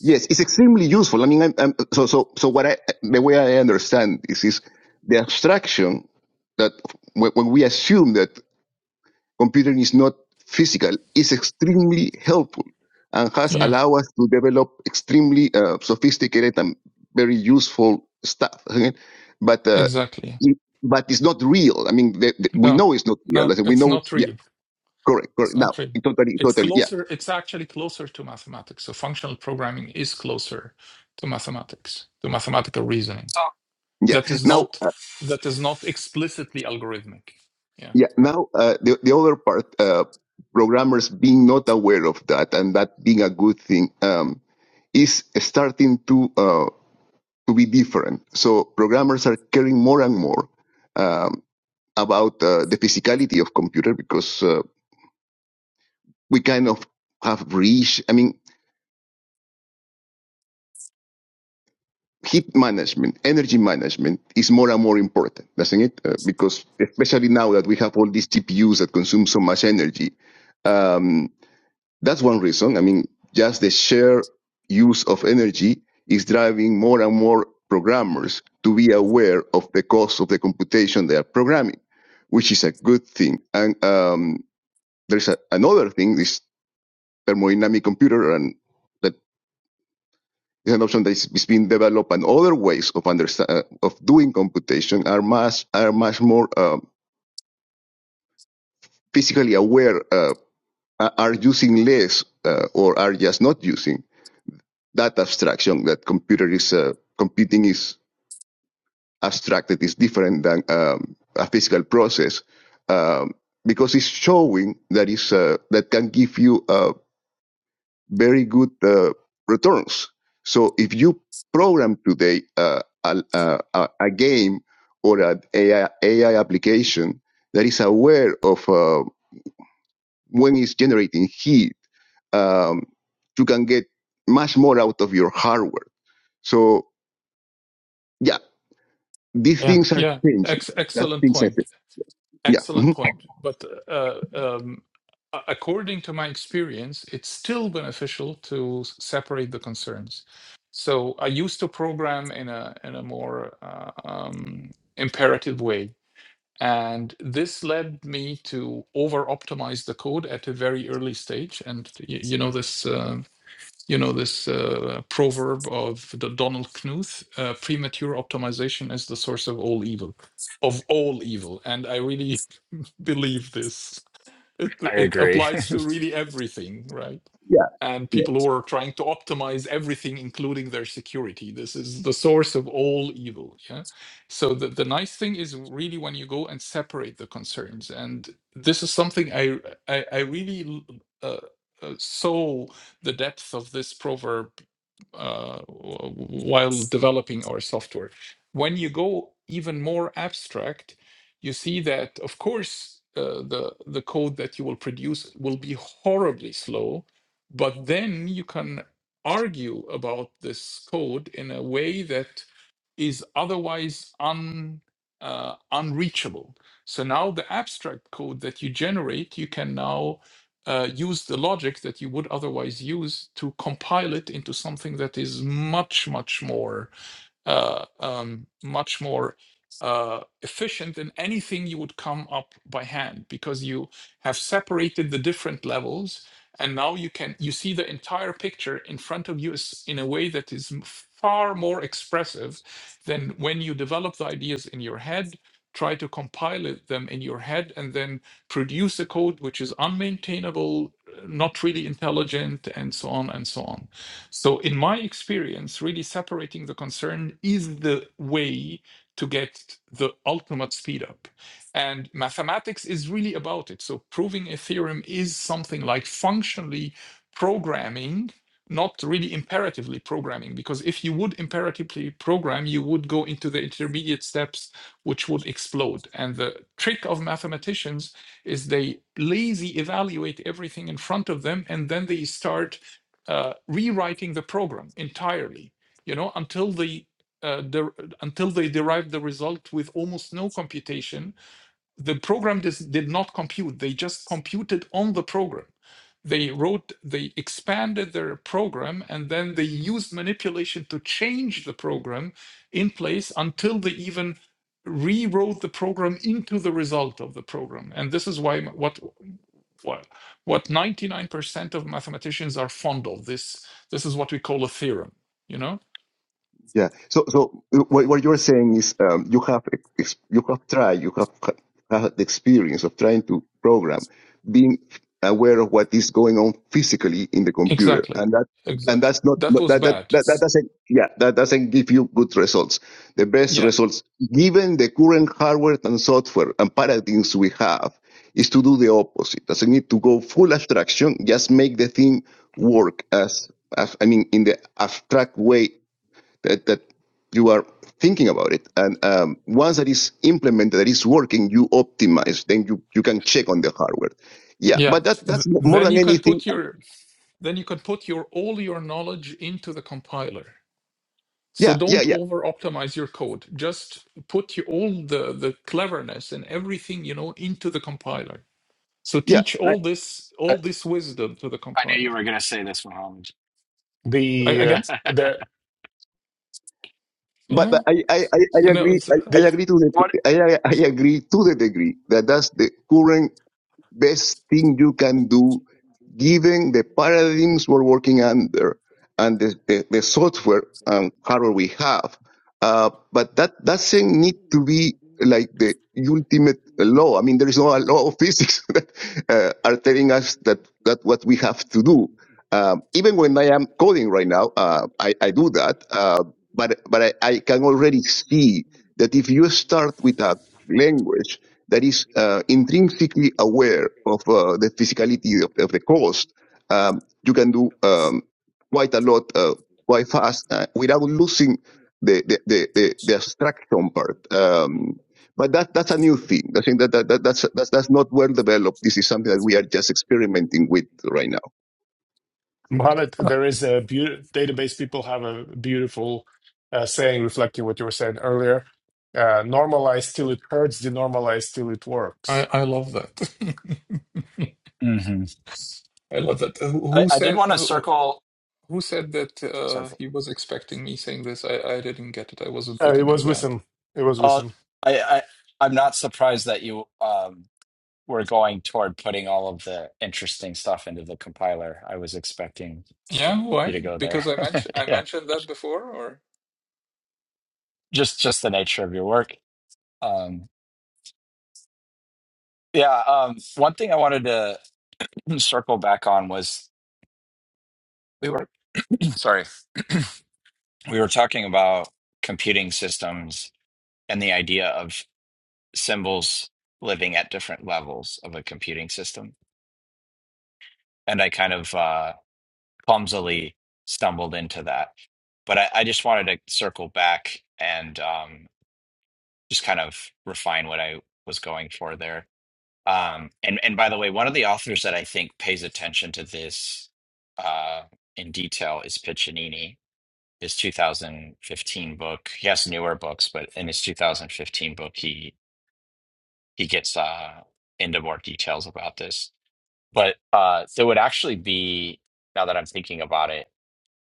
Yes, it's extremely useful. I mean, I'm, I'm, so so so what I the way I understand this is the abstraction that when, when we assume that computing is not physical is extremely helpful and has
Yeah,
allowed us to develop extremely uh, sophisticated and very useful stuff. okay? But uh,
exactly.
it, but it's not real. I mean, the, the- we
No,
know it's not real.
no,
I said, We
it's
know, it's,
not
yeah,
real.
correct,
It's
correct. Now,
not real.
totally,
It's
totally, yeah,
closer, it's actually closer to mathematics. So functional programming is closer to mathematics, to mathematical reasoning.
Oh,
yeah.
That is
Now.
not that is not explicitly algorithmic. Yeah.
Yeah. Now, uh, the, the other part, uh, programmers being not aware of that and that being a good thing, um, is starting to, uh, to be different. So programmers are caring more and more, um, about, uh, the physicality of computer because, uh, we kind of have reached, I mean, heat management, energy management is more and more important, doesn't it? Uh, because especially now that we have all these GPUs that consume so much energy, um, That's one reason. I mean, just the sheer use of energy is driving more and more programmers to be aware of the cost of the computation they are programming, which is a good thing. And um, there's a, another thing, this thermodynamic computer, and that is an option that is, is being developed, and other ways of understand, uh, of doing computation are much are much more um physically aware, uh, are are using less uh, or are just not using. that abstraction that computer is uh, computing is abstracted is different than um, a physical process um, because it's showing that is uh, that can give you uh, very good uh, returns. So if you program today uh, a, uh, a, a game or an AI, application that is aware of uh, when it's generating heat, um, you can get much more out of your hardware. So yeah, These
Yeah.
things are
Yeah.
changing.
Ex-
That
excellent
things are
point.
changing. Yeah.
Excellent
mhm.
point. But uh, um, a- according to my experience, it's still beneficial to s- separate the concerns. So I used to program in a in a more uh, um, imperative way, and this led me to over optimize the code at a very early stage. And you, you know this. Uh, you know this uh, proverb of the Donald Knuth: uh, "Premature optimization is the source of all evil." Of all evil, and I really believe this. It,
I
it
agree. *laughs*
applies to really everything, right?
Yeah.
And people who are trying to optimize everything, including their security. This is the source of all evil. Yeah. So the, the nice thing is really when you go and separate the concerns. And this is something I I, I really uh, uh, saw the depth of this proverb uh, w- while developing our software. When you go even more abstract, you see that, of course, uh, the the code that you will produce will be horribly slow, but then you can argue about this code in a way that is otherwise un uh, unreachable. So now the abstract code that you generate, you can now uh, use the logic that you would otherwise use to compile it into something that is much much more uh, um, much more uh, efficient than anything you would come up by hand because you have separated the different levels and now you can you see the entire picture in front of you is- in a way that is m- far more expressive than when you develop the ideas in your head try to compile it- them in your head and then produce a code which is unmaintainable uh, not really intelligent and so on and so on so, in my experience, really separating the concern is the way to get the ultimate speed up. And mathematics is really about it. So, proving a theorem is something like functionally programming, not really imperatively programming, because if you would imperatively program, you would go into the intermediate steps, which would explode. And the trick of mathematicians is they lazy evaluate everything in front of them and then they start uh, rewriting the program entirely, you know, until they uh, der- until they derived the result with almost no computation. The program dis- did not compute; they just computed on the program. They wrote, they expanded their program, and then they used manipulation to change the program in place until they even rewrote the program into the result of the program. And this is why m- what well, what 99% of mathematicians are fond of. This this is what we call a theorem, you know?
Yeah. So, so uh, what, what you're saying is, um, you have, ex- you have tried, you have had the experience of trying to program, being aware of what is going on physically in the computer.
Exactly.
And that, and
Exactly.
that's not,
That was
that, that,
bad.
that, that doesn't, yeah, that doesn't give you good results. The best
Yeah.
results, given the current hardware and software and paradigms we have, is to do the opposite. Doesn't need to go full abstraction, just make the thing work as, as I mean, in the abstract way that, that you are thinking about it and um, once that is implemented that is working you optimize then you, you can check on the hardware yeah
Yeah.
but that
Th-
that's mo- more
then
than
you can
anything
put your then you can put your all your knowledge into the compiler. So
yeah yeah
don't
yeah
over optimize your code. Just put your, all the, the cleverness and everything you know into the compiler. So
yeah
teach
I,
all this
I
all this wisdom to the
I knew you
compiler.
were going to say this, Mohammed.
A-
the uh,
again?
*laughs*
the
but,
Yeah.
but I, I, I I
and No,
agree
it's,
I, I
the
agree to
what?
the I, I I agree to the degree that that's the current best thing you can do given the paradigms we're working under and the, the, the software and hardware we have. Uh, but that, doesn't need to be like the ultimate law. I mean, there is no law of physics *laughs* that uh, are telling us that, that what we have to do. Um, even when I am coding right now, uh, I, I do that. Uh, but, but I, I can already see that if you start with a language that is uh, intrinsically aware of uh, the physicality of, of the cost, um, you can do. Um, quite a lot, uh, quite fast, uh, without losing the the the, the, the abstraction part. Um, but that that's a new thing. I think that, that, that that's that's that's not well developed. This is something that we are just experimenting with right now.
Mohammed, there is a beau- database people have a beautiful uh, saying reflecting what you were saying earlier uh, normalize till it hurts denormalize till it works
I, I love that.
hmm
*laughs* I love that. Who
I,
who
I did
said
want to
who,
circle.
who said that uh,
Circle.
he was expecting me saying this? I, I didn't get it. I wasn't
Uh, it
looking at
was
that.
Wissam. It was
Uh,
Wissam.
I, I, I'm not surprised that you um, were going toward putting all of the interesting stuff into the compiler. I was expecting
Yeah,
you to
why?
go there.
Because I mentioned I
*laughs* yeah,
mentioned that before, or
just just the nature of your work. Um, yeah, um, one thing I wanted to *clears throat* circle back on was we were *clears throat* sorry, we were talking about computing systems and the idea of symbols living at different levels of a computing system. And I kind of uh, clumsily stumbled into that. But I, I just wanted to circle back and um, just kind of refine what I was going for there. Um, and and by the way, one of the authors that I think pays attention to this uh, in detail is Piccinini. His 2015 book. He has newer books, but in his 2015 book, he he gets uh, into more details about this. But uh, there would actually be, now that I'm thinking about it,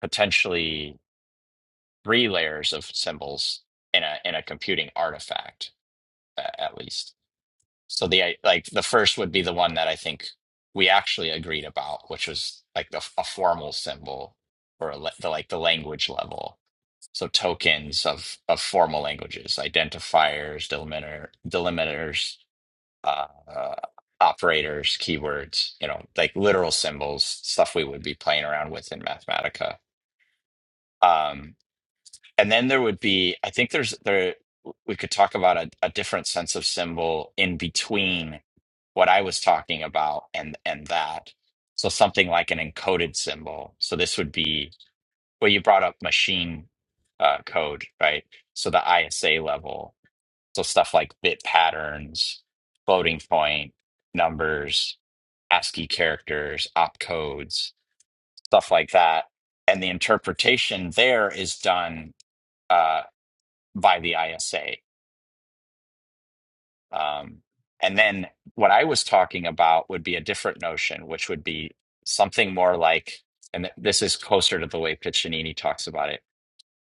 potentially three layers of symbols in a in a computing artifact, a- at least. So the like the first would be the one that I think we actually agreed about, which was like the a formal symbol or a, le- the like the language level. So tokens of of formal languages, identifiers, delimiter delimiters, uh, uh, operators, keywords, you know, like literal symbols, stuff we would be playing around with in Mathematica. Um, and then there would be i think there's there we could talk about a, a different sense of symbol in between what i was talking about and and that so something like an encoded symbol so this would be well you brought up machine uh, code right so the isa level so stuff like bit patterns floating point numbers ascii characters opcodes stuff like that and the interpretation there is done uh, by the ISA. Um, and then what I was talking about would be a different notion, which would be something more like, and th- this is closer to the way Piccinini talks about it,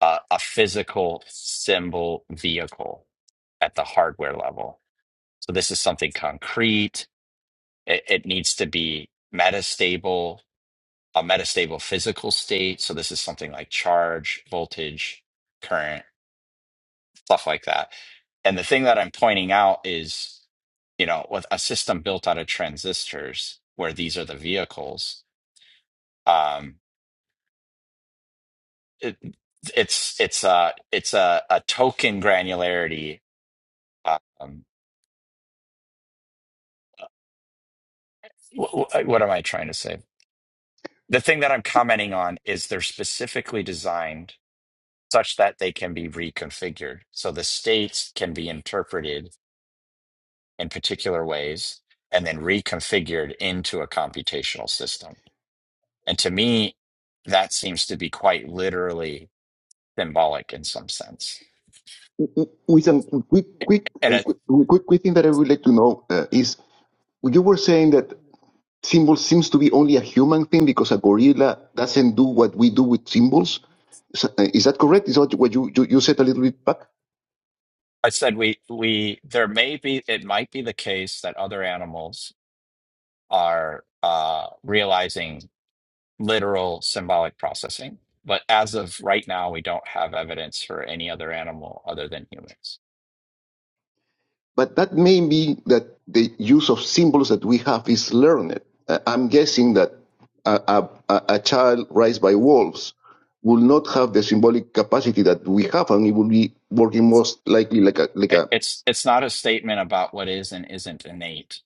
uh, a physical symbol vehicle at the hardware level. So this is something concrete. It, it needs to be metastable, a metastable physical state. So this is something like charge, voltage, current stuff like that. And the thing that I'm pointing out is, you know, with a system built out of transistors, where these are the vehicles, um, it, it's it's a it's a, a token granularity. Um, what am I trying to say? The thing that I'm commenting on is they're specifically designed such that they can be reconfigured. So the states can be interpreted in particular ways and then reconfigured into a computational system And to me, that seems to be quite literally symbolic in some sense.
With some quick, quick,
And
uh, quick, quick, quick thing that I would like to know uh, is you were saying that symbols seems to be only a human thing because a gorilla doesn't do what we do with symbols. So, uh, Is that correct? Is that what you, you, you said a little bit back?
I said we we there may be it might be the case that other animals are uh, realizing literal symbolic processing, but as of right now, we don't have evidence for any other animal other than humans.
But that may be that the use of symbols that we have is learned. Uh, I'm guessing that a, a, a child raised by wolves will not have the symbolic capacity that we have, and it will be working most likely like a like
It,
a
it's it's not a statement about what is and isn't innate.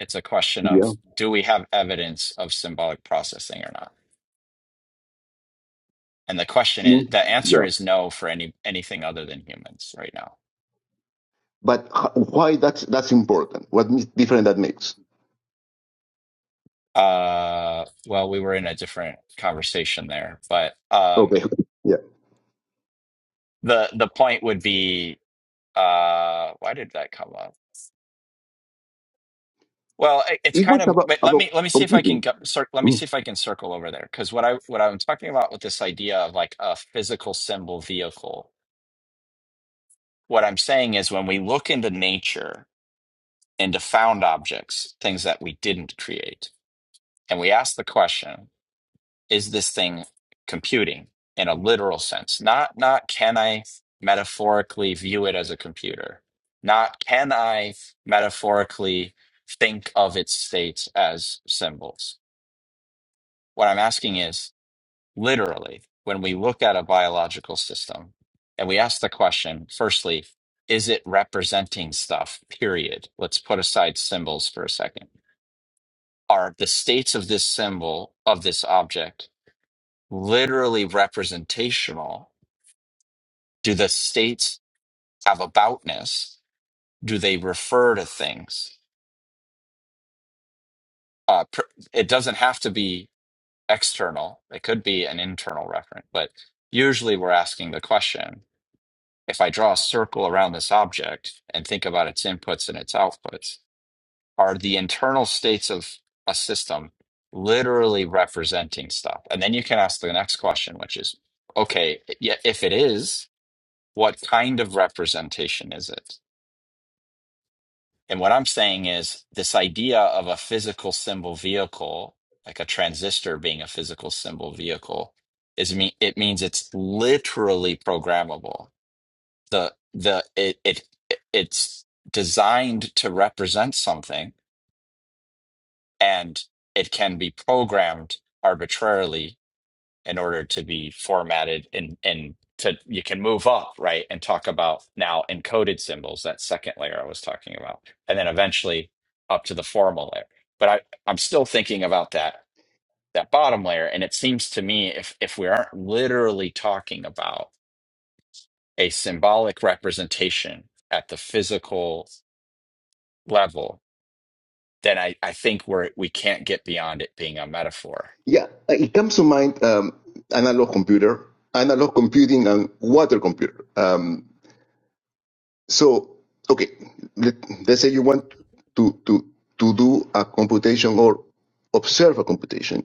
It's a question
yeah
of do we have evidence of symbolic processing or not. And the question is,
in,
the answer
yeah.
is no for any anything other than humans right now.
But h- why that's that's important? What different that makes?
Uh, well, we were in a different conversation there, but um,
Okay, *laughs* yeah.
the the point would be, uh, why did that come up? Well, it, it's
It
kind
was
of.
about,
Wait, let
about
me let me see if I can
computing.
go, cir- let me see
Mm.
if I can circle over there because what I what I'm talking about with this idea of like a physical symbol vehicle. What I'm saying is when we look into nature, into found objects, things that we didn't create, and we ask the question. is this thing computing in a literal sense not not can i metaphorically view it as a computer not can i metaphorically think of its states as symbols what i'm asking is literally when we look at a biological system and we ask the question firstly is it representing stuff period let's put aside symbols for a second are the states of this symbol of this object literally representational. Do the states have aboutness? Do they refer to things? Uh, pr- it doesn't have to be external. It could be an internal referent, but usually we're asking the question, if I draw a circle around this object and think about its inputs and its outputs, are the internal states of a system literally representing stuff? And then you can ask the next question, which is, okay, yeah, if it is, what kind of representation is it? And what I'm saying is this idea of a physical symbol vehicle, like a transistor being a physical symbol vehicle, is mean it means it's literally programmable. The the it it it's designed to represent something and it can be programmed arbitrarily in order to be formatted and and to you can move up right and talk about now encoded symbols that second layer i was talking about and then eventually up to the formal layer but i i'm still thinking about that that bottom layer and it seems to me if if we aren't literally talking about a symbolic representation at the physical level then i i think we're we can't get beyond it being a metaphor
Yeah, uh, it comes to mind um, analog computer, analog computing, and water computer. Um, so, okay, let, let's say you want to, to, to do a computation or observe a computation.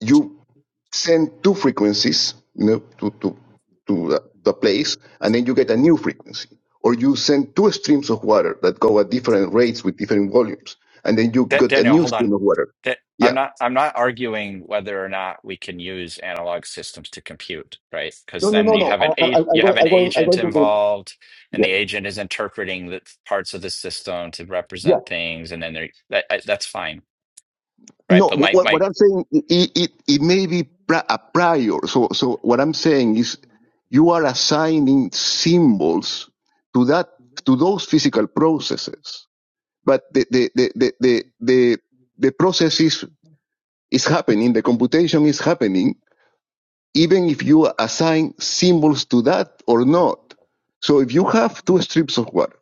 You send two frequencies, you know, to, to, to a, to a place, and then you get a new frequency. Or you send two streams of water that go at different rates with different volumes, and then you
Da-
get a
daniel
new
hold on
stream of water.
that
Yeah.
I'm not I'm not arguing whether or not we can use analog systems to compute, right? Because
No, no,
then
no,
you
no.
have an
I,
a,
I, I'm
you
going.
have an
I'm going. I'm
agent
going to do.
involved, and the
Yeah,
agent is interpreting the parts of the system to
yeah.
represent things, and then they that I- that's fine, right?
No,
But
what,
my
what
my
I'm saying, it it, it may be pri- a prior. So so what I'm saying is, you are assigning symbols to that to those physical processes, but the the the the the the, the process is is happening. The computation is happening, even if you assign symbols to that or not. So if you have two strips of water,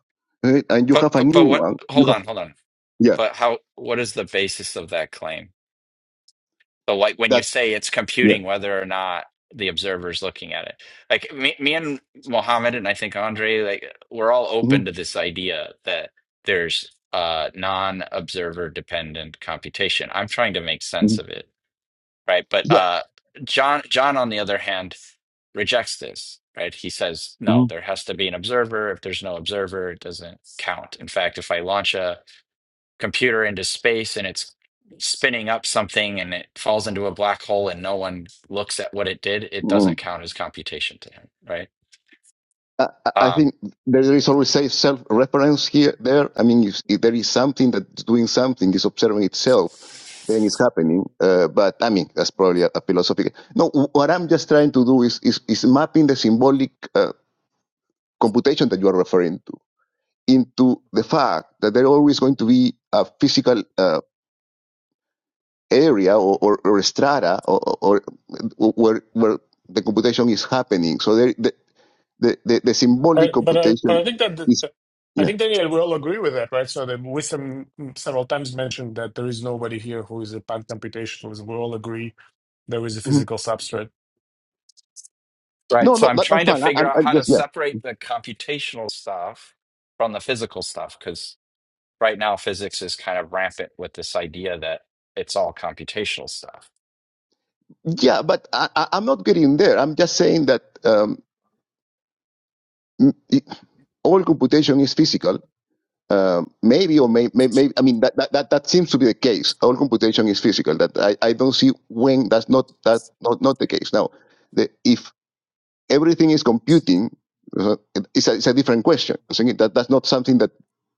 right, and you
but
have a
but
new
but what?
one, you
Hold
have
on, hold on.
yeah
But how? What is the basis of that claim? So, like when you
that.
say it's computing, whether or not the observer's looking at it, like me, me and Mohammed, and I think Andre, like we're all
Mhm,
open to this idea that there's uh, non-observer dependent computation. I'm trying to make sense
mhm.
of it, right? But
Yeah.
uh, John, John, on the other hand, rejects this. Right? He says no.
mhm,
There has to be an observer. If there's no observer, it doesn't count. In fact, if I launch a computer into space and it's spinning up something and it falls into a black hole and no one looks at what it did, it
mhm.
doesn't count as computation to him, right?
I, I I
Um,
think there is always a self-reference here, there. I mean, if, if there is something that's doing something, is observing itself, then it's happening. Uh, but I mean, that's probably a, a philosophical. No, wh- what I'm just trying to do is is, is mapping the symbolic uh, computation that you are referring to into the fact that there always going to be a physical uh, area or, or, or strata or, or or where where the computation is happening. So there. the, the, the
I,
symbolic
but I, but
computation
I think that the,
is
the- I
yeah.
think Daniel we all agree with that, right? So the Wissam several times mentioned that there is nobody here who is a pan-computationalist. We all agree there is a
Mhm.
physical substrate.
right.
No,
So
no,
I'm
that, that's
trying to
fine. I,
figure
I'm,
out
I'm
how to
just
separate the computational stuff from the physical stuff because right now physics is kind of rampant with this idea that it's all computational stuff.
yeah, yeah, but I, I- I'm not getting there. I'm just saying that um, m- it- all computation is physical. Um, maybe or may, may, may I mean that, that, that, that seems to be the case. All computation is physical. That I, I don't see when that's not that not, not the case. Now, the, if everything is computing, uh, it- it's, a, it's a different question. I'm saying that that's not something that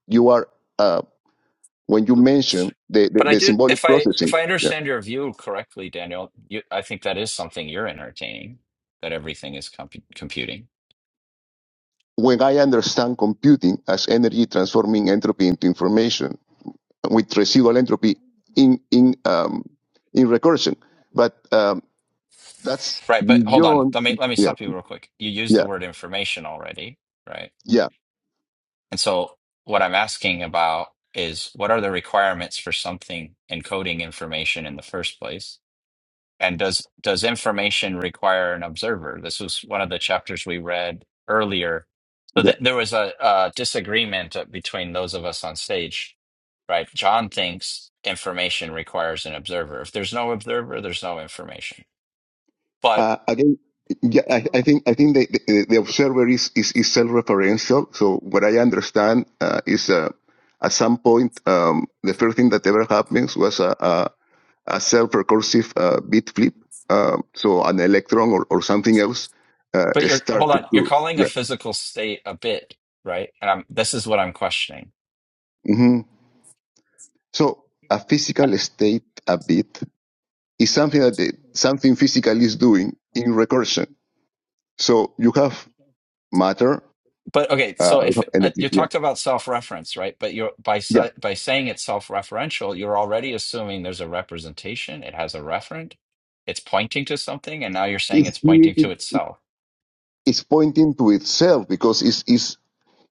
you are uh, when you mention the, the,
But I
the
do
symbolic
if I if
processing.
I
Yeah.
understand your view correctly, Daniel, you, I think that is something you're entertaining that everything is compu computing.
When I understand computing as energy transforming entropy into information with residual entropy in in um, in recursion, but um, that's
Right, but hold on.
beyond.
Let me let me
Yeah,
stop you real quick. You used the
yeah,
word information already, right?
yeah,
And so what I'm asking about is what are the requirements for something encoding information in the first place? And does does information require an observer? This was one of the chapters we read earlier. So th
yeah.
there was a, a disagreement between those of us on stage, right? John thinks information requires an observer. If there's no observer, there's no information. But
Uh, again, yeah, I, I think I think the, the, the observer is, is, is self-referential. So what I understand uh, is uh, at some point um, the first thing that ever happens was a. Uh, a self-recursive uh, bit flip, uh, so an electron or, or something else uh,
But you're hold
started
on, you're
to,
calling a
yeah.
physical state a bit, right? And I'm, this is what I'm questioning.
hmm So a physical state, a bit, is something that the, something physical is doing in recursion. So you have matter,
But okay,
uh,
so
you
if
have
uh,
energy,
you
yeah,
talked about self-reference, right? But you're by
yeah.
si- by saying it's self-referential, you're already assuming there's a representation. It has a referent. It's pointing to something, and now you're saying
It's
it's pointing to
creating,
itself.
it's pointing to itself because it's, it's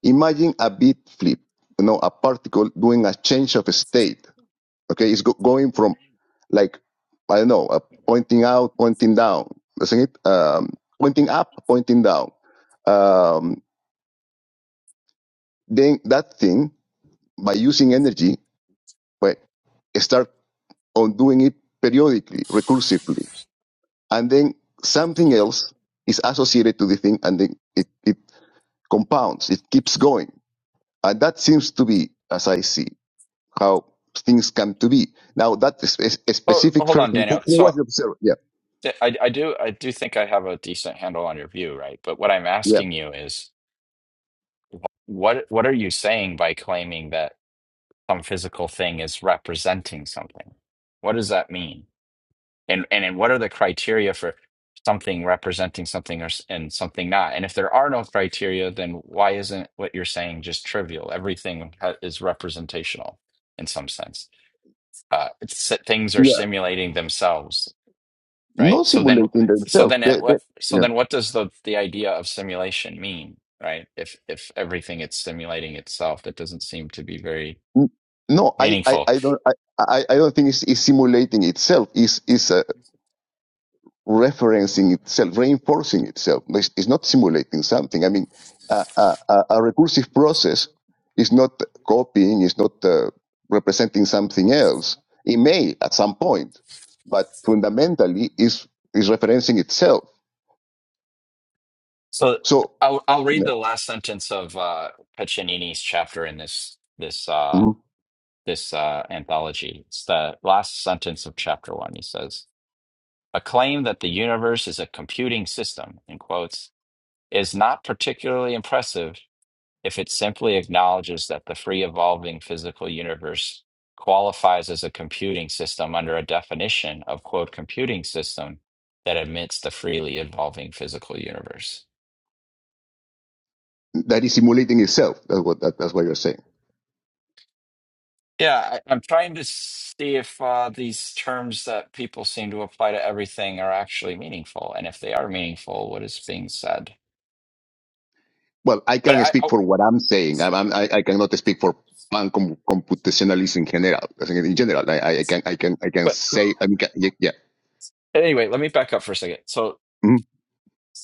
imagine a bit flip, you know, a particle doing a change of state. Okay, it's go- going from like I don't know, uh, pointing out, pointing down, isn't it? Um, pointing up, pointing down. Um, then that thing by using energy, but start on doing it periodically, recursively, and then something else is associated to the thing, and then it it compounds, it keeps going, and that seems to be, as I see, how things come to be. Now that is a
Oh,
specific
hold on,
person who,
Daniel.
who
So
was the observer, yeah,
th- I I do I do think I have a decent handle on your view, right? But what I'm
yeah.
asking you is, wh- what what are you saying by claiming that? some physical thing is representing something. What does that mean? And and, and what are the criteria for something representing something or s- and something not? And if there are no criteria, then why isn't what you're saying just trivial? Everything ha- is representational in some sense. Uh, it's, si, things are
yeah.
simulating themselves, right?
not
So then,
simulating
so
themselves.
then,
They,
at
they,
what? So
yeah.
then, what does the the idea of simulation mean, right? If if everything it's simulating itself, that doesn't seem to be very
N- No, I, I,
meaningful
I don't, I, I I don't think it's, it's simulating itself. It's, it's uh, referencing itself, reinforcing itself. It's, it's not simulating something. I mean, a, a, a a recursive process is not copying, it's not uh, representing something else. It may at some point, but fundamentally is, is referencing itself.
So
So
I'll I'll read
yeah,
the last sentence of uh, Piccinini's chapter in this this uh,
mhm.
this uh, anthology. It's the last sentence of chapter one. He says, "A claim that the universe is a computing system," in quotes, is not particularly impressive if it simply acknowledges that the free evolving physical universe qualifies as a computing system under a definition of quote computing system that admits the freely evolving physical universe.
that is simulating itself. That's what, that, that's what you're saying.
Yeah, I, I'm trying to see if uh, these terms that people seem to apply to everything are actually meaningful, and if they are meaningful, what is being said.
Well, I
But
can
I,
speak
oh,
for what I'm saying. I'm, I'm, I, I cannot speak for pan com- computationalists in general. I think In general, I, I I can I can I can
but
say I mean ca- yeah yeah.
anyway, let me back up for a second. So,
Mhm.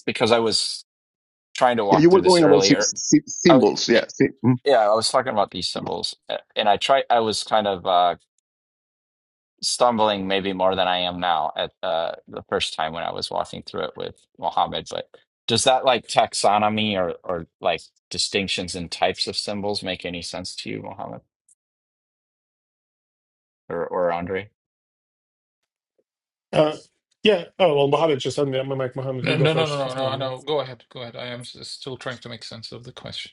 because I was trying to
Yeah,
walk
you
through
were
this
going about sy-
earlier,
sy-
I was,
symbols.
yeah,
Yeah, sy- mhm.
yeah, I was talking about these symbols, uh, and I try, I was kind of. uh, stumbling maybe more than I am now at uh, the first time when I was walking through it with Mohammed. But does that like taxonomy or or like distinctions in types of symbols make any sense to you, Mohammed or or Andre?
Uh, yeah. Oh well, Mohammed just suddenly. I'm like Mohammed.
no,
You go
no, no,
first.
no, no, no. no. Go ahead, go ahead. I am s- still trying to make sense of the question.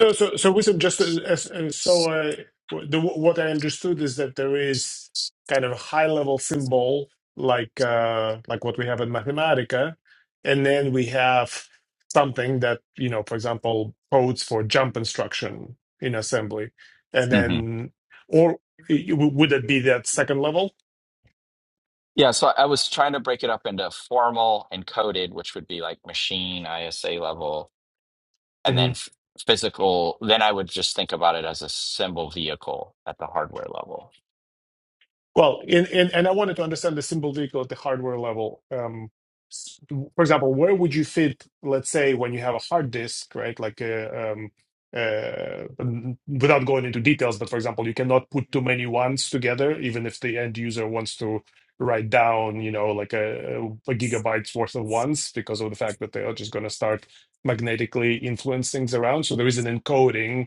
So, so, so, Wisdom, just uh, as, uh, so, uh, w- the, what I understood is that there is kind of a high-level symbol, like uh, like what we have in Mathematica, and then we have something that, you know, for example, codes for jump instruction in assembly, and
Mhm.
then, or uh, w- would that be that second level?
Yeah, so I was trying to break it up into formal and coded, which would be like machine ISA level, and
Mm-hmm.
then f- physical. Then I would just think about it as a symbol vehicle at the hardware level.
Well, in, in, and I wanted to understand the symbolic at the hardware level. Um, s- for example, where would you fit, let's say, when you have a hard disk, right? Like, uh, um, uh, n- without going into details, but for example, you cannot put too many ones together, even if the end user wants to write down, you know, like a, a gigabyte's worth of ones because of the fact that they are just going to start magnetically influencing things around. So there is an encoding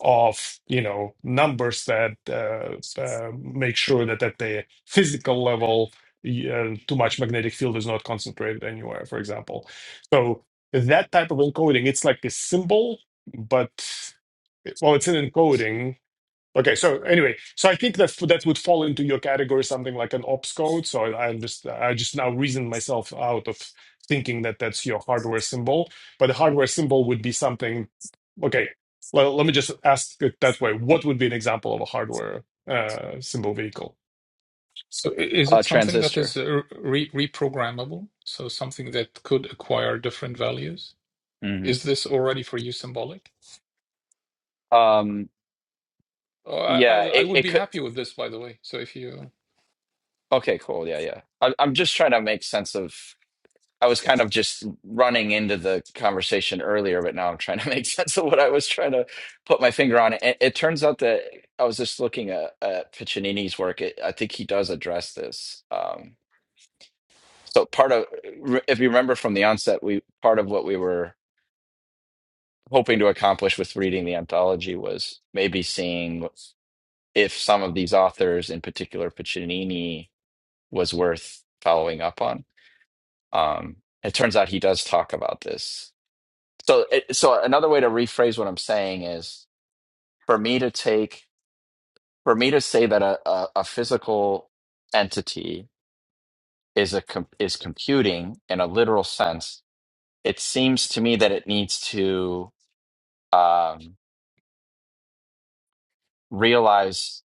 of you know numbers that uh, uh, make sure that at the physical level y- uh, too much magnetic field is not concentrated anywhere for example so that type of encoding it's like a symbol but well it's an encoding Okay, so anyway, so I think that that would fall into your category, something like an ops code. So I, I just I just now reasoned myself out of thinking that that's your hardware symbol, but the hardware symbol would be something. Okay, well, let me just ask it that way. What would be an example of a hardware uh, symbol vehicle?
So, i- is
Uh,
it something that is
transistor.
uh, re reprogrammable? So, something that could acquire different values?
Mhm.
Is this already for you symbolic?
Um,
Oh, I, I
yeah,
I
it,
would
it
be
could.
happy with this, by the way. So, if you
Okay, cool. Yeah, yeah. I, I'm just trying to make sense of. I was kind of just running into the conversation earlier, but now I'm trying to make *laughs* sense of what I was trying to put my finger on. It, it turns out that I was just looking at, at Piccinini's work. It, I think he does address this. Um, so part of, if you remember from the onset, we part of what we were hoping to accomplish with reading the anthology was maybe seeing if some of these authors, in particular Piccinini, was worth following up on Um, it turns out he does talk about this. So, it, so another way to rephrase what I'm saying is for me to take, for me to say that a, a, a physical entity is a com- is computing in a literal sense. It seems to me that it needs to um, realize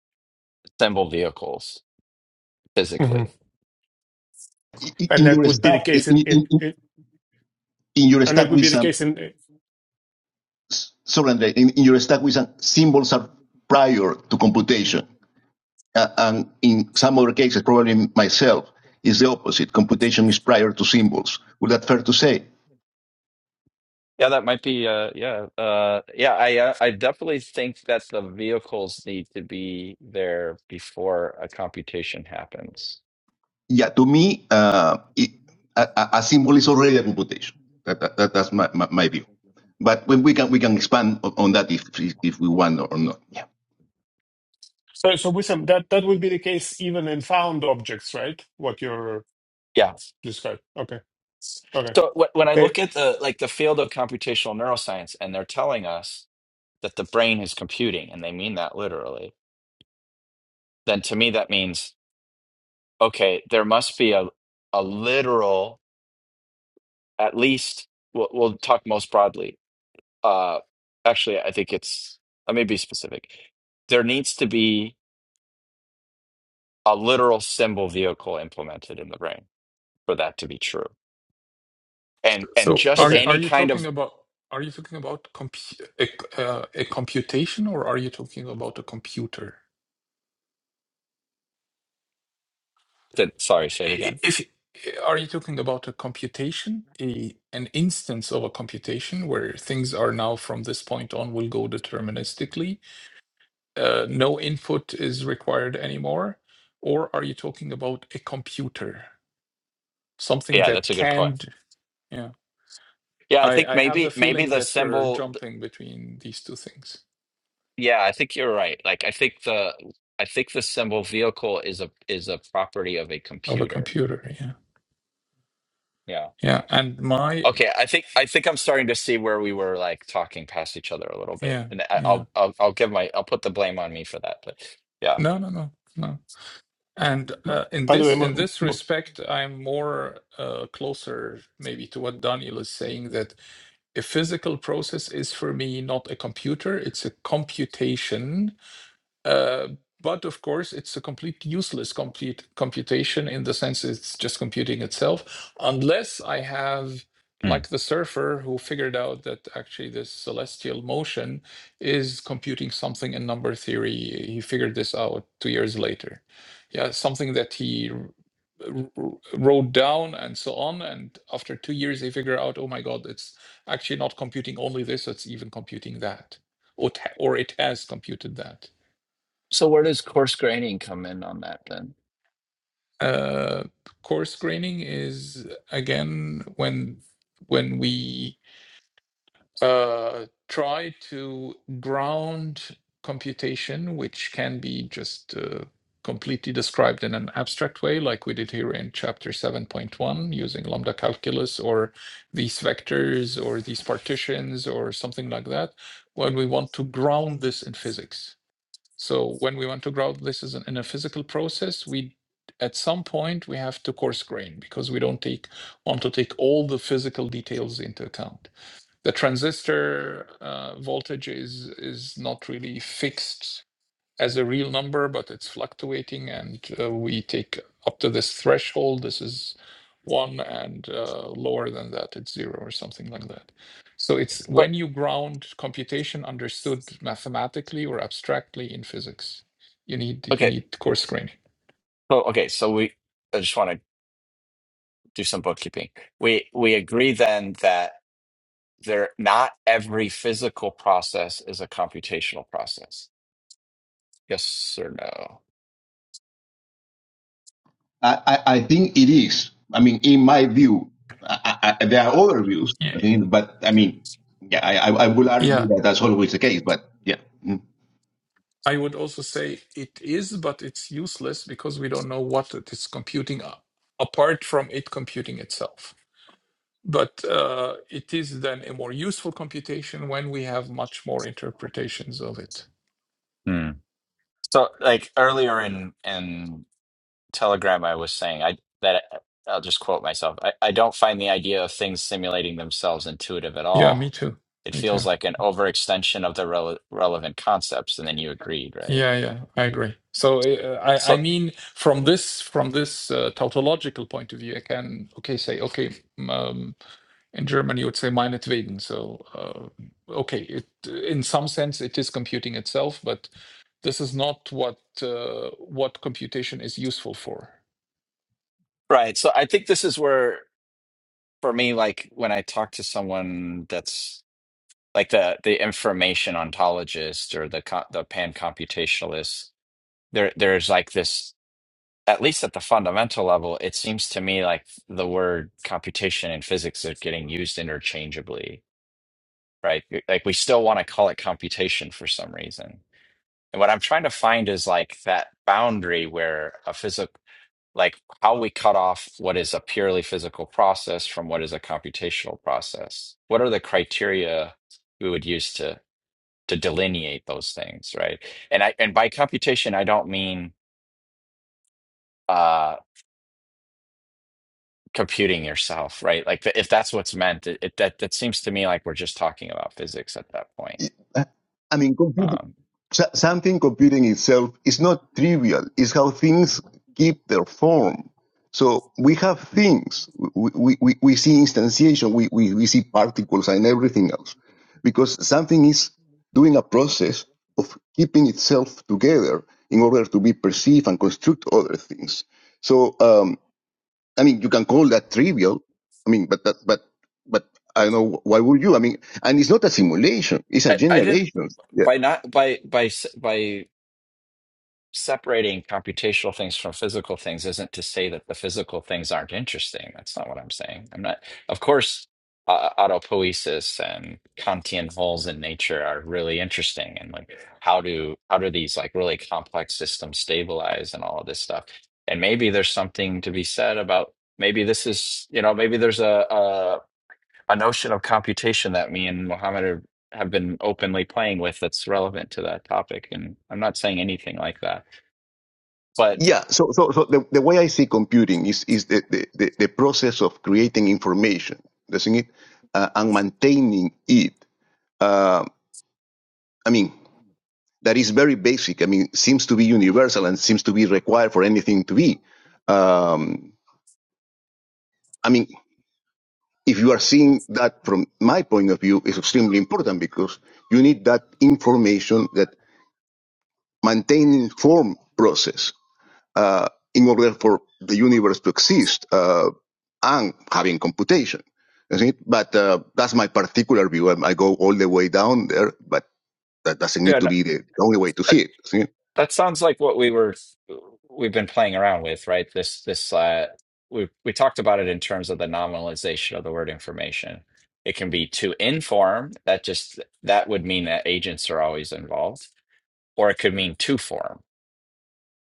symbol vehicles
hmm
physically.
in
And
in
that
your
would be
stack
the
in,
case in,
in,
in
in
in
in your
and
stack
that would
with
be the
some
case in.
sorry Andre, in, in your stack with some symbols are prior to computation Uh, and in some other cases probably myself is the opposite computation is prior to symbols would that fair to say
Yeah, that might be. Uh, yeah, uh, yeah. I uh, I definitely think that the vehicles need to be there before a computation happens.
yeah, to me, uh, it, a, a a symbol is already a computation. That, that, that- that's my, my, my view. But when we can we can expand on, on that if, if if we want or not. Yeah,
So so with some that that would be the case even in found objects, right? What you're
Yeah.
described. Okay, okay,
So wh- when I
Eh,
look at the like the field of computational neuroscience and they're telling us that the brain is computing and they mean that literally, then to me that means okay, there must be a a literal at least we'll, we'll talk most broadly. Uh actually I think it's let me be specific. There needs to be a literal symbol vehicle implemented in the brain for that to be true. And and
So
just
are
okay.
are
any
you
kind
talking
of
about are you talking about compu a, uh, a computation or are you talking about a computer?
that.
So
sorry, say it
i- i-
again.
If are you talking about a computation, a an instance of a computation where things are now from this point on will go deterministically, uh, no input is required anymore, or are you talking about a computer, something
Yeah, that's
that
a good point.
can? d- Yeah,
Yeah, I think
I I have the
maybe maybe
feeling
the
that you're
symbol.
jumping between these two things
Yeah, I think you're right. Like, I think the I think the symbol vehicle is a is a property of a
of a
computer.
computer. yeah.
Yeah.
Yeah, and my
Okay. I think I think I'm starting to see where we were like talking past each other a little bit,
yeah,
and I,
yeah.
I'll I'll I'll give my I'll put the blame on me for that. But yeah.
No, no, no, no. And uh, in
By the way,
this in
Mo-
this
Mo-
respect, I'm more uh, closer maybe to what Daniel is saying that a physical process is for me not a computer; it's a computation Uh, but of course, it's a complete useless complete computation in the sense it's just computing itself, unless I have
Hmm.
like the surfer who figured out that actually this celestial motion is computing something in number theory. He figured this out two years later. Yeah, something that he r- r- wrote down and so on. And after two years, he figured out, oh my God, it's actually not computing only this, it's even computing that. Or, ta- or it has computed that.
So where does coarse graining come in on that then?
uh, coarse graining is again when when we uh, try to ground computation, which can be just uh, completely described in an abstract way, like we did here in chapter 7.1, using lambda calculus or these vectors or these partitions or something like that, when we want to ground this in physics. So when we want to grout this is an, in a physical process, we at some point we have to coarse grain because we don't take want to take all the physical details into account. The transistor uh, voltage is is not really fixed as a real number, but it's fluctuating, and uh, we take up to this threshold. This is one, and uh, lower than that, it's zero or something like that. So it's when
But
you ground computation understood mathematically or abstractly in physics, you need you
okay.
need coarse graining.
So okay. So we I just want to do some bookkeeping. We we agree then that. There, not every physical process is a computational process. Yes or no?
I, I, I think it is. I mean, in my view, I, I, I- there are other views.
Yeah.
I think, but I mean, yeah, I, I I will
Yeah,
argue that that's always the case. But yeah, Mm.
I would also say it is, but it's useless because we don't know what it is computing a- apart from it computing itself. But uh, it is then a more useful computation when we have much more interpretations of it.
Hmm. So, like earlier in in Telegram, I was saying I that I'll just quote myself. I, I don't find the idea of things simulating themselves intuitive at
Yeah, me
all.
too.
It
Me too.
feels like an overextension of the rele relevant concepts, and then you agreed, right?
Yeah, yeah, I agree. So uh, I, I
So,
mean, from this from this uh, tautological point of view, I can okay say okay. Um, in German, you would say meinetwegen. So uh, okay, it in some sense it is computing itself, but this is not what uh, what computation is useful for.
right. So, I think this is where, for me, like when I talk to someone that's like the the information ontologist or the co- the pan computationalist there there's like this at least at the fundamental level it seems to me like the word computation and physics are getting used interchangeably right like we still want to call it computation for some reason and what i'm trying to find is like that boundary where a physic like how we cut off what is a purely physical process from what is a computational process what are the criteria we would use to to delineate those things, right? And I and by computation, I don't mean uh computing yourself, right? Like th- if that's what's meant, it, it that that seems to me like we're just talking about physics at that point.
I mean, computing.
Um,
something computing itself is not trivial. It's how things keep their form. So we have things. We, we, we, see instantiation. We, we, we see particles and everything else because something is doing a process of keeping itself together in order to be perceived and construct other things. So, um, I mean, you can call that trivial. I mean, but, that, but, but I don't know. Why would you? I mean, and it's not a simulation. It's a
I, I didn't
generation. Yeah.
by not by by s- by. separating computational things from physical things isn't to say that the physical things aren't interesting. That's not what I'm saying. I'm not, of course, uh, autopoiesis and Kantian holes in nature are really interesting, and like how do how do these like really complex systems stabilize and all of this stuff. And maybe there's something to be said about maybe this is you know maybe there's a a, a notion of computation that me and Mohammed are, have been openly playing with that's relevant to that topic. And I'm not saying anything like that but
Yeah, so so so the, the way I see computing is is the, the, the, the process of creating information, doesn't it, uh, and maintaining it. Uh, I mean, that is very basic. I mean, seems to be universal and seems to be required for anything to be. Um, I mean, if you are seeing that from my point of view, is extremely important because you need that information, that maintaining form process uh, in order for the universe to exist uh, and having computation. You see? But uh, that's my particular view. I go all the way down there, but that doesn't need
yeah,
to
no-
be the only way to see
that
it. See?
that sounds like what we were we've been playing around with, right? This this uh, we we talked about it in terms of the nominalization of the word information. It can be to inform. That just that would mean that agents are always involved, or it could mean to form.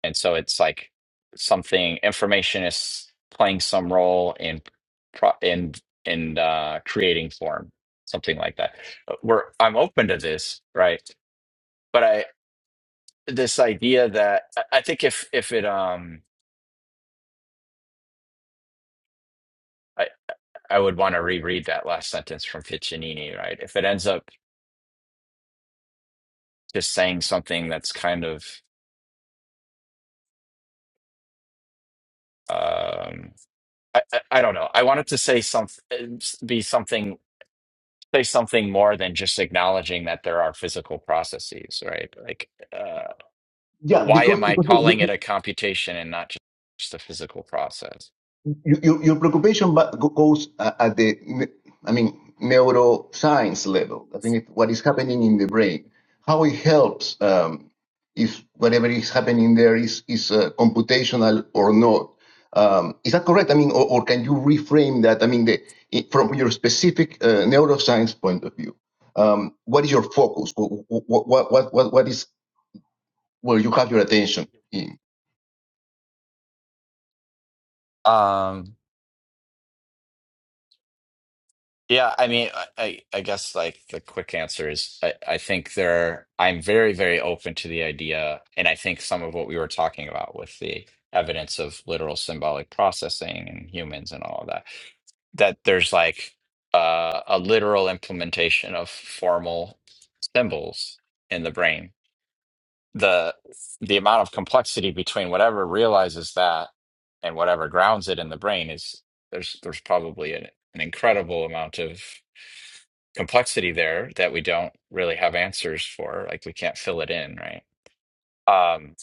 And so it's like something information is playing some role in pro in in uh, creating form, something like that. We're I'm open to this, right? But I. this idea that I I think if if it um I I would want to reread that last sentence from Piccinini, right? If it ends up just saying something that's kind of um I I, I don't know. I wanted to say some uh, be something say something more than just acknowledging that there are physical processes, right? Like uh
Yeah,
why
because
am I
because you, you,
calling it a computation and not just a physical process?
Your, your your preoccupation ba- go- goes a- at the, ne- I mean, neuroscience level. I think it, what is happening in the brain, how it helps, um, if whatever is happening there is is uh, computational or not. Um, is that correct? I mean, or, or can you reframe that? I mean, the, i- from your specific uh, neuroscience point of view, um, what is your focus? what what what, what, what is where you have your attention in.
Um Yeah, I mean, I, I I guess like the quick answer is I, I think there I'm very, very open to the idea, and I think some of what we were talking about with the evidence of literal symbolic processing and humans and all of that, that there's like uh, a literal implementation of formal symbols in the brain. The the amount of complexity between whatever realizes that and whatever grounds it in the brain is there's there's probably an, an incredible amount of complexity there that we don't really have answers for. Like we can't fill it in, right? Um,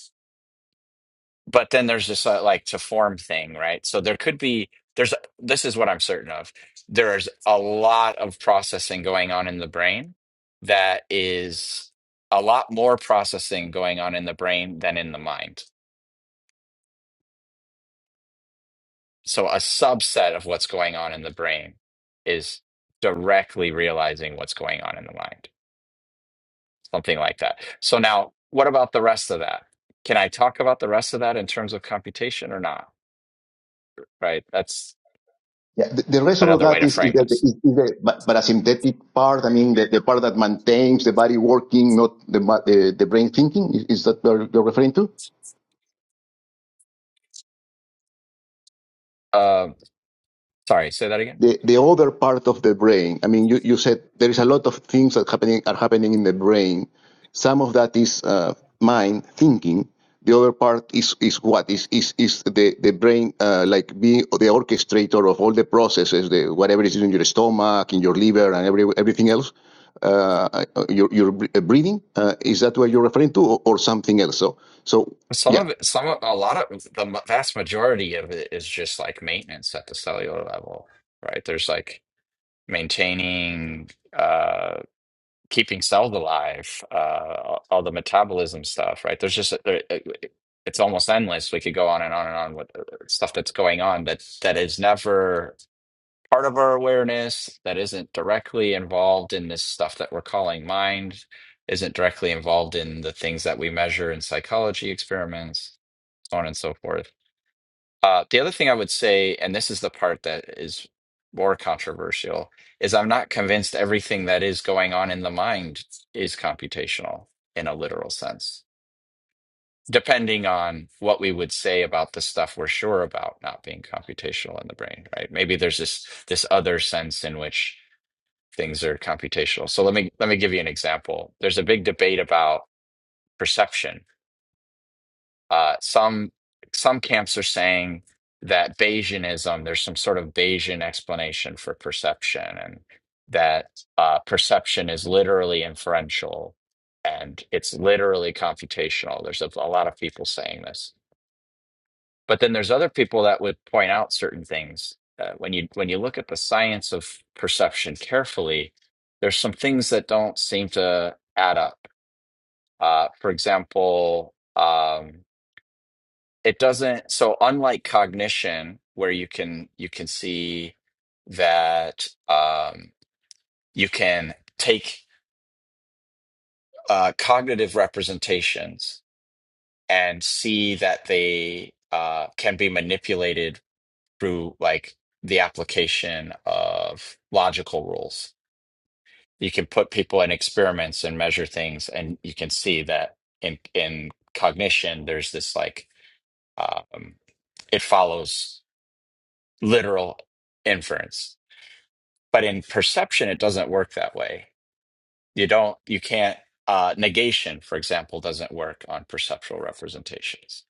but then there's this uh, like to form thing, right? So there could be there's this is what I'm certain of. There's a lot of processing going on in the brain that is a lot more processing going on in the brain than in the mind. So a subset of what's going on in the brain is directly realizing what's going on in the mind something like that. So now, what about the rest of that? Can I talk about the rest of that in terms of computation or not? Right. That's
Yeah, the, the rest of
another way
that
to
is, is
frame
the,
this.
is, is the pa- parasympathetic part. I mean, the, the part that maintains the body working, not the ma- the, the brain thinking. Is, is that what you're referring to?
Um, sorry, say that again.
the, the other part of the brain. I mean, you, you said there is a lot of things that happening are happening in the brain. Some of that is uh, mind thinking. The other part is is what is is is the the brain uh, like being the orchestrator of all the processes, the whatever is in your stomach, in your liver, and every everything else. Uh, uh, your your breathing uh, is that what you're referring to, or, or something else? So so
Some
yeah.
of it, some of a lot of the m- vast majority of it is just like maintenance at the cellular level, right? There's like maintaining, uh, keeping cells alive, uh, all all the metabolism stuff, right? There's just there, it's almost endless. We could go on and on and on with uh, stuff that's going on that that is never part of our awareness that isn't directly involved in this stuff that we're calling mind, isn't directly involved in the things that we measure in psychology experiments, so on and so forth. Uh, the other thing I would say, and this is the part that is more controversial, is I'm not convinced everything that is going on in the mind is computational in a literal sense, depending on what we would say about the stuff we're sure about not being computational in the brain, right? Maybe there's this this other sense in which things are computational. So let me let me give you an example. There's a big debate about perception. Uh, some some camps are saying that Bayesianism, there's some sort of Bayesian explanation for perception, and that uh, perception is literally inferential and it's literally computational. There's a, a lot of people saying this but then there's other people that would point out certain things uh, when you when you look at the science of perception carefully there's some things that don't seem to add up uh, for example um, it doesn't so unlike cognition where you can you can see that um, you can take uh, cognitive representations and see that they uh, can be manipulated through like the application of logical rules. You can put people in experiments and measure things, and you can see that in in cognition, there's this like um, it follows literal inference, but in perception, it doesn't work that way. You don't, you can't. Uh, negation, for example, doesn't work on perceptual representations.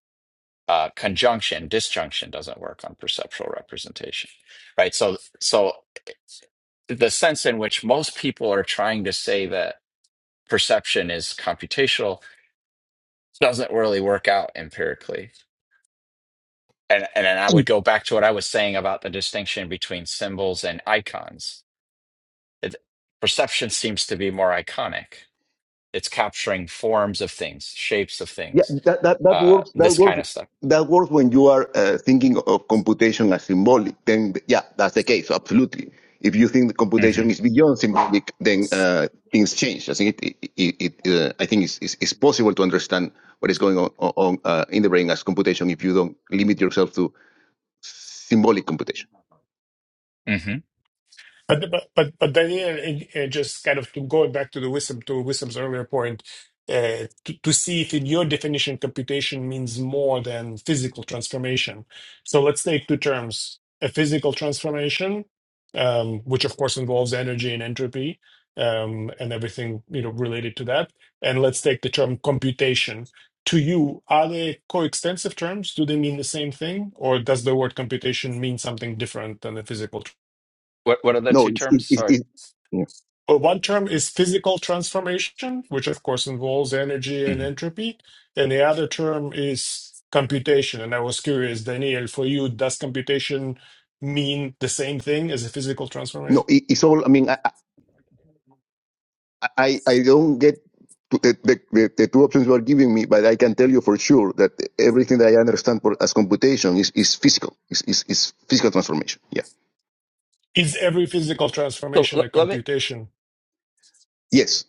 Uh, conjunction, disjunction doesn't work on perceptual representation, right? So, so the sense in which most people are trying to say that perception is computational doesn't really work out empirically. And and then I
If
would go back to what I was saying about the distinction between symbols and icons. It, perception seems to be more iconic. It's capturing forms of things, shapes of
Yeah,
things,
that, that, that
uh,
works. That
this kind
works.
of stuff.
That works when you are uh, thinking of computation as symbolic. Then, yeah, that's the case. Absolutely. If you think the
hmm
computation is beyond symbolic, then uh, things change. I think it. it, it uh, I think it's, it's, it's possible to understand what is going on, on uh, in the brain as computation if you don't limit yourself to symbolic computation.
hmm
But but but but then yeah, and- and just kind of to going back to the wisdom to wisdom's earlier point, uh, to, to see if in your definition computation means more than physical transformation. So let's take two terms: a physical transformation, um, which of course involves energy and entropy, um, and everything you know related to that, and let's take the term computation. To you, are they coextensive terms? Do they mean the same thing, or does the word computation mean something different than the physical
What what are the
No,
two
it's, it,
terms?
it,
Sorry.
it, yeah.
Well, one term is physical transformation, which of course involves energy and
hmm
entropy, and the other term is computation. And I was curious, Daniel, for you, does computation mean the same thing as a physical
no,
transformation?
it, it's all. I mean, I, I don't get to the, the, the, the two options you are giving me, but I can tell you for sure that everything that I understand for, as computation is, is physical, is, is, is physical transformation. Yeah.
Is every physical transformation a computation?
Yes.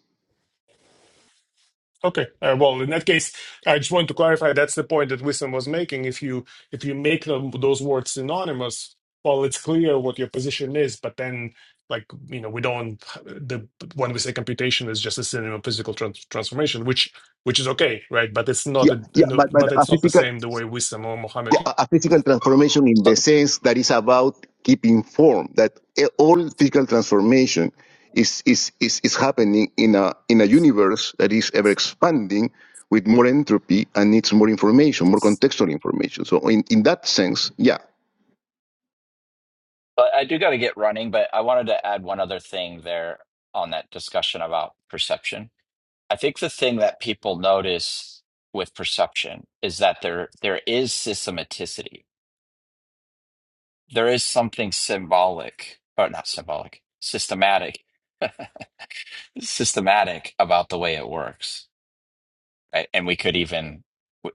Okay. Uh, well, in that case, I just want to clarify that's the point that Wisdom was making. If you if you make them, those words synonymous, well, it's clear what your position is. But then, like you know, we don't the when we say computation is just a synonym of physical trans- transformation, which which is okay, right? But it's not
Yeah,
a,
yeah,
you know,
but, but
but
a
it's not the
physical
same the way Wisdom or Mohammed.
yeah, a a physical transformation in
So,
the sense that is about keeping form. That e- all physical transformation is is is, is happening in a in a universe that is ever expanding with more entropy and needs more information, more contextual information. So in, in that sense, yeah,
but I do got to get running. But I wanted to add one other thing there on that discussion about perception I think the thing that people notice with perception is that there there is systematicity. There is something symbolic, or not symbolic, systematic, *laughs* systematic about the way it works. Right? And we could even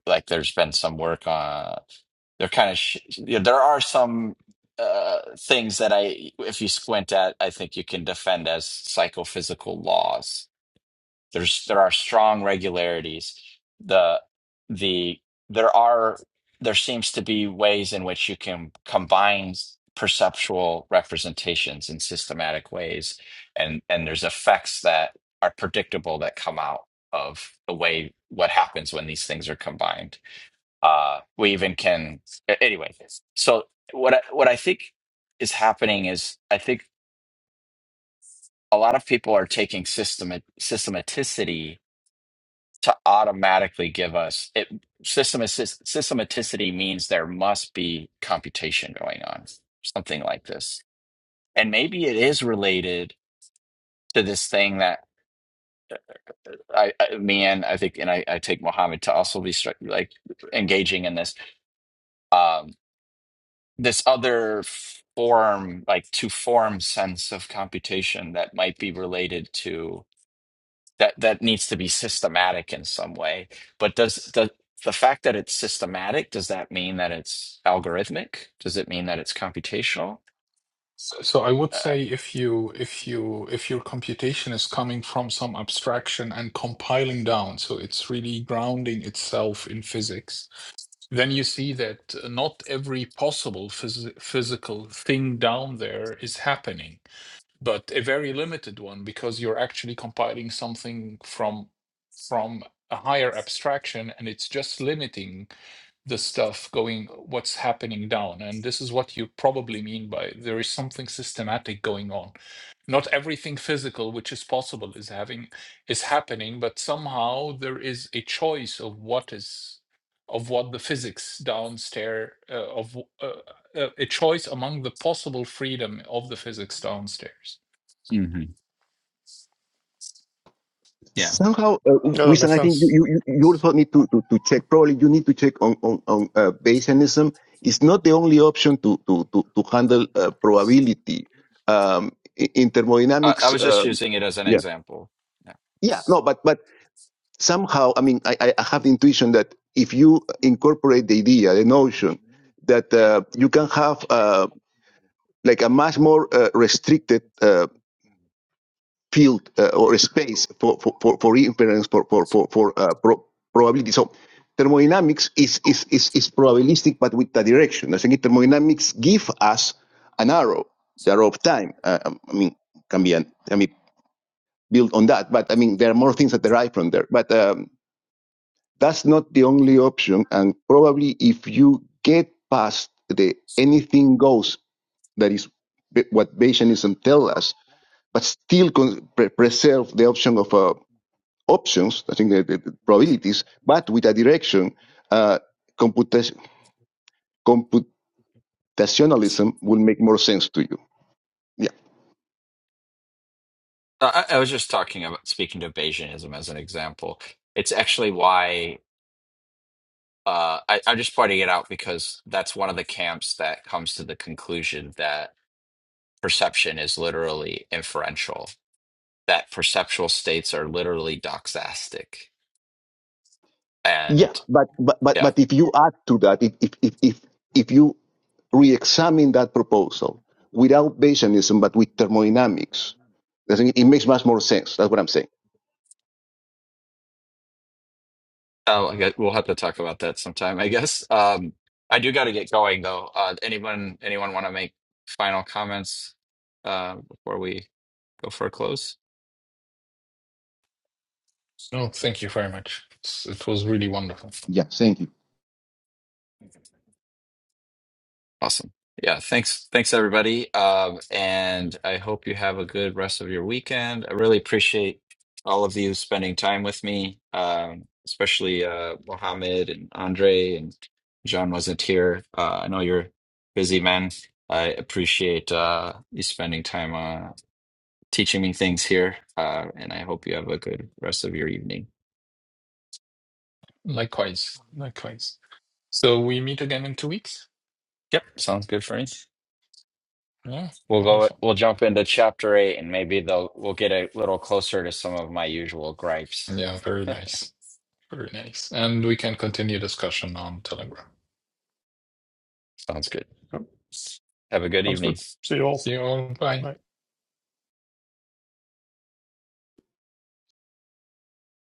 like there's been some work on there kind of sh- you know, there are some uh things that I if you squint at I think you can defend as psychophysical laws There's there are strong regularities. The the there are there seems to be ways in which you can combine perceptual representations in systematic ways, and and there's effects that are predictable that come out of the way what happens when these things are combined. Uh, we even can anyway. So what I, what I think is happening is I think a lot of people are taking system systematicity to automatically give us it system assist, systematicity means there must be computation going on something like this and maybe it is related to this thing that i, I me and i think and I, I take mohammed to also be stri- like engaging in this um this other form like to form sense of computation that might be related to. that that needs to be systematic in some way. But does the the fact that it's systematic, does that mean that it's algorithmic? Does it mean that it's computational?
So, so I would
Uh,
say if you if you if your computation is coming from some abstraction and compiling down, so it's really grounding itself in physics, then you see that not every possible phys physical thing down there is happening but a very limited one because you're actually compiling something from from a higher abstraction and it's just limiting the stuff going what's happening down and this is what you probably mean by there is something systematic going on not everything physical which is possible is having is happening but somehow there is a choice of what is of what the physics downstairs uh, of uh, uh, a choice among the possible freedom of the physics downstairs
mhm. Yeah,
somehow uh,
Yeah, that
Wisan,
makes
I think you
sense.
you you you also need to, to, to check. Probably you need to check on on on uh, Bayesianism. It's not the only option to to to, to handle uh, probability um, i- in
I, I
thermodynamics.
was just
Um,
using it as an
yeah,
example. Yeah.
yeah, no, but but somehow, I mean, I, I I have the intuition that if you incorporate the idea, the notion that uh, you can have uh, like a much more uh, restricted uh, field uh, or a space for for for, for inference for for for, for uh, pro- probability. So thermodynamics is, is is is probabilistic, but with the direction. I think thermodynamics give us an arrow, the arrow of time. Uh, um, I mean, can be an, I mean built on that, but I mean there are more things that derive from there. But um, that's not the only option, and probably if you get past the anything goes that is be- what Bayesianism tells us, but still con- pre- preserve the option of uh, options, I think the, the probabilities, but with a direction, uh, computation, computationalism will make more sense to you. Yeah.
I, I was just talking about speaking to Bayesianism as an example. It's actually why uh, I, I'm just pointing it out because that's one of the camps that comes to the conclusion that perception is literally inferential, that perceptual states are literally doxastic
Yeah.
and
But, but, but,
yeah,
but if you add to that, if, if, if, if, if you re-examine that proposal without Bayesianism, but with thermodynamics, I think it makes much more sense. That's what I'm saying.
oh, I guess we'll have to talk about that sometime, I guess. Um, I do got to get going though. Uh, anyone, anyone want to make final comments uh, before we go for a close?
No, thank you very much. It's, it was really wonderful.
Yeah, thank you.
Awesome. Yeah, thanks. Thanks everybody. Um, and I hope you have a good rest of your weekend. I really appreciate all of you spending time with me, um, especially uh Mohammed and Andre and John wasn't here. Uh, I know you're busy man. I appreciate uh you spending time uh teaching me things here. Uh, and I hope you have a good rest of your evening.
Likewise, likewise. So we meet again in two weeks.
Yep, sounds good for me.
Yeah,
We'll go,
wonderful.
we'll jump into chapter eight and maybe they'll, we'll get a little closer to some of my usual gripes.
Yeah, very nice. Very nice. And we can continue discussion on Telegram.
Sounds good.
Yeah,
Have a good
sounds
evening.
good. See you all.
See you all. Bye.
Bye.